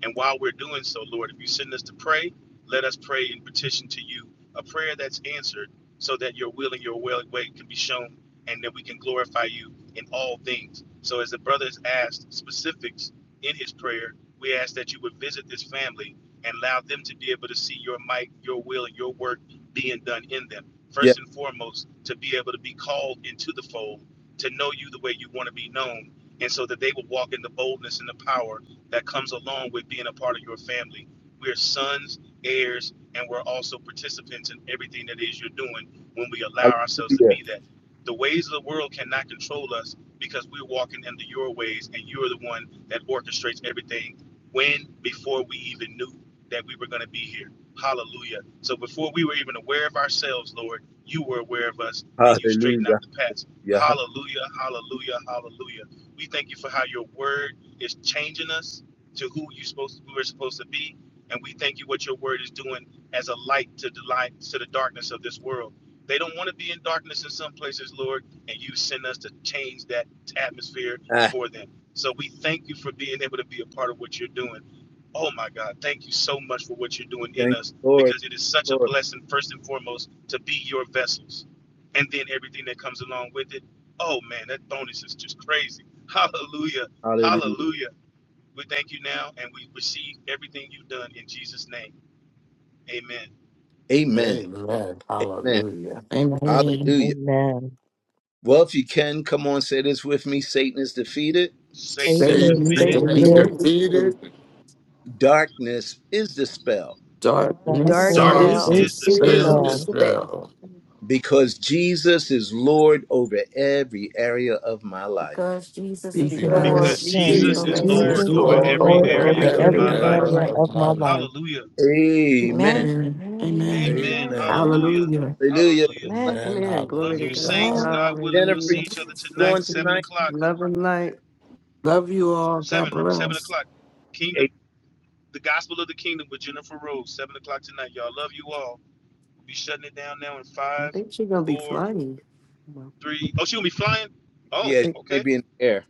Speaker 3: And while we're doing so, Lord, if you send us to pray, let us pray and petition to you a prayer that's answered so that your will and your well way can be shown and that we can glorify you in all things. So as the brother has asked specifics in his prayer, we ask that you would visit this family and allow them to be able to see your might, your will, and your work being done in them.
Speaker 1: yeah,
Speaker 3: First and foremost, to be able to be called into the fold, to know you the way you want to be known, and so that they will walk in the boldness and the power that comes along with being a part of your family. We're sons, heirs, and we're also participants in everything that is you're doing when we allow ourselves to
Speaker 1: hallelujah,
Speaker 3: be that. The ways of the world cannot control us because we're walking into your ways and you're the one that orchestrates everything when, before we even knew that we were going to be here. Hallelujah. So before we were even aware of ourselves, Lord, you were aware of us and you straightened out
Speaker 1: hallelujah.
Speaker 3: the paths.
Speaker 1: Yeah, ha-
Speaker 3: Hallelujah, hallelujah, hallelujah. We thank you for how your word is changing us to who you supposed to, who we're supposed to be. And we thank you what your word is doing as a light to the light to the darkness of this world. They don't want to be in darkness in some places, Lord, and you send us to change that atmosphere
Speaker 1: ah,
Speaker 3: for them. So we thank you for being able to be a part of what you're doing. Oh my God, thank you so much for what you're doing in
Speaker 1: thank
Speaker 3: us
Speaker 1: you, Lord,
Speaker 3: because it is such a
Speaker 1: Lord.
Speaker 3: blessing, first and foremost, to be your vessels and then everything that comes along with it. Oh man, that bonus is just crazy. Hallelujah
Speaker 1: Hallelujah.
Speaker 3: Hallelujah. We thank you now and we receive everything you've done in Jesus' name. Amen.
Speaker 1: Amen.
Speaker 7: Amen.
Speaker 1: Amen.
Speaker 7: Hallelujah.
Speaker 6: Amen.
Speaker 1: Hallelujah.
Speaker 5: Amen.
Speaker 1: Well, if you can, come on, say this with me Satan is defeated,
Speaker 3: Satan
Speaker 5: Satan
Speaker 3: is
Speaker 8: Mhm.
Speaker 6: Satan
Speaker 5: is
Speaker 6: is
Speaker 3: defeated,
Speaker 7: Satan
Speaker 8: Satan,
Speaker 7: is
Speaker 8: fills
Speaker 5: defeated.
Speaker 6: defeated.
Speaker 8: the
Speaker 7: defeated.
Speaker 1: darkness is dispelled
Speaker 9: This
Speaker 6: Darkness
Speaker 5: Darkness
Speaker 6: is
Speaker 3: darkness
Speaker 8: Darkness
Speaker 9: spell
Speaker 5: is
Speaker 3: is
Speaker 7: Darkness
Speaker 8: is
Speaker 7: is
Speaker 3: dispelled
Speaker 8: his
Speaker 6: dispelled
Speaker 5: dispelled.
Speaker 8: spit
Speaker 7: dispelled
Speaker 1: because Jesus is Lord over every area of my life.
Speaker 9: because Jesus is
Speaker 8: because
Speaker 3: because
Speaker 9: Lord
Speaker 7: because
Speaker 6: because
Speaker 8: Jesus is
Speaker 5: Yes,
Speaker 3: Jesus
Speaker 9: over
Speaker 3: is
Speaker 6: Jesus
Speaker 7: Jesus
Speaker 9: every
Speaker 3: Lord
Speaker 6: is
Speaker 8: ruler
Speaker 7: is
Speaker 5: Jesus
Speaker 3: over
Speaker 5: is
Speaker 6: Lord
Speaker 7: Lord
Speaker 9: area
Speaker 3: every
Speaker 9: of
Speaker 5: Lord
Speaker 6: over
Speaker 8: over
Speaker 9: my
Speaker 7: over
Speaker 3: area
Speaker 6: every
Speaker 9: life.
Speaker 5: over
Speaker 8: every
Speaker 3: of
Speaker 7: every
Speaker 3: my
Speaker 5: every
Speaker 8: area of
Speaker 6: area
Speaker 8: my
Speaker 6: of
Speaker 7: area
Speaker 3: life.
Speaker 5: area
Speaker 6: my
Speaker 8: life.
Speaker 7: of
Speaker 5: of
Speaker 7: my
Speaker 5: my
Speaker 6: life.
Speaker 7: life.
Speaker 5: life.
Speaker 3: Hallelujah.
Speaker 8: Yeah.
Speaker 1: Amen.
Speaker 9: Amen.
Speaker 6: Amen.
Speaker 9: Amen. Amen.
Speaker 6: Amen.
Speaker 3: Amen.
Speaker 9: Amen.
Speaker 7: Amen.
Speaker 9: Amen.
Speaker 3: Hallelujah.
Speaker 6: Hallelujah.
Speaker 1: Hallelujah.
Speaker 3: Hallelujah.
Speaker 9: Amen.
Speaker 7: Amen.
Speaker 8: Amen.
Speaker 3: Love
Speaker 8: Glory to
Speaker 3: you,
Speaker 8: God.
Speaker 3: saints.
Speaker 7: Hallelujah.
Speaker 9: Amen.
Speaker 3: God willing,
Speaker 1: Jennifer,
Speaker 3: we'll see
Speaker 8: Hallelujah.
Speaker 3: each other tonight,
Speaker 1: join
Speaker 3: seven
Speaker 1: tonight.
Speaker 8: Blessings,
Speaker 3: o'clock.
Speaker 8: love, and light.
Speaker 6: Love you all. God
Speaker 3: Seven, right? seven
Speaker 6: bless.
Speaker 3: o'clock.
Speaker 1: Eh,
Speaker 3: Kingdom, the gospel of the kingdom with Jennifer Rose, seven o'clock tonight. Y'all love you all. We'll be shutting it down now in
Speaker 8: I
Speaker 3: five,
Speaker 8: think she's gonna be
Speaker 3: four,
Speaker 8: flying. Well,
Speaker 3: three. Oh, she gonna be flying.
Speaker 8: I
Speaker 3: Oh,
Speaker 1: Yeah, she
Speaker 8: think.
Speaker 1: may
Speaker 3: okay,
Speaker 1: be in the air.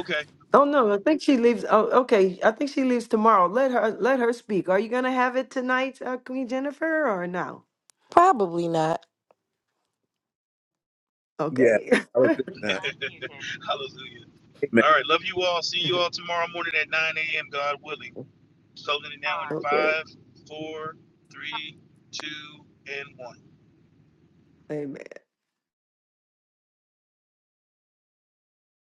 Speaker 3: okay.
Speaker 8: Oh no, I think she leaves. Oh, okay. I think she leaves tomorrow. Let her let her speak. Are you gonna have it tonight, uh, Queen Jennifer, or no?
Speaker 9: Probably not.
Speaker 1: Yeah,
Speaker 8: Okay.
Speaker 1: I would think not.
Speaker 3: Hallelujah. All right, love you all. See you all tomorrow morning at 9 a.m. God willing. Closing it now in
Speaker 8: okay.
Speaker 3: five, four, three, two, and one.
Speaker 8: Amen.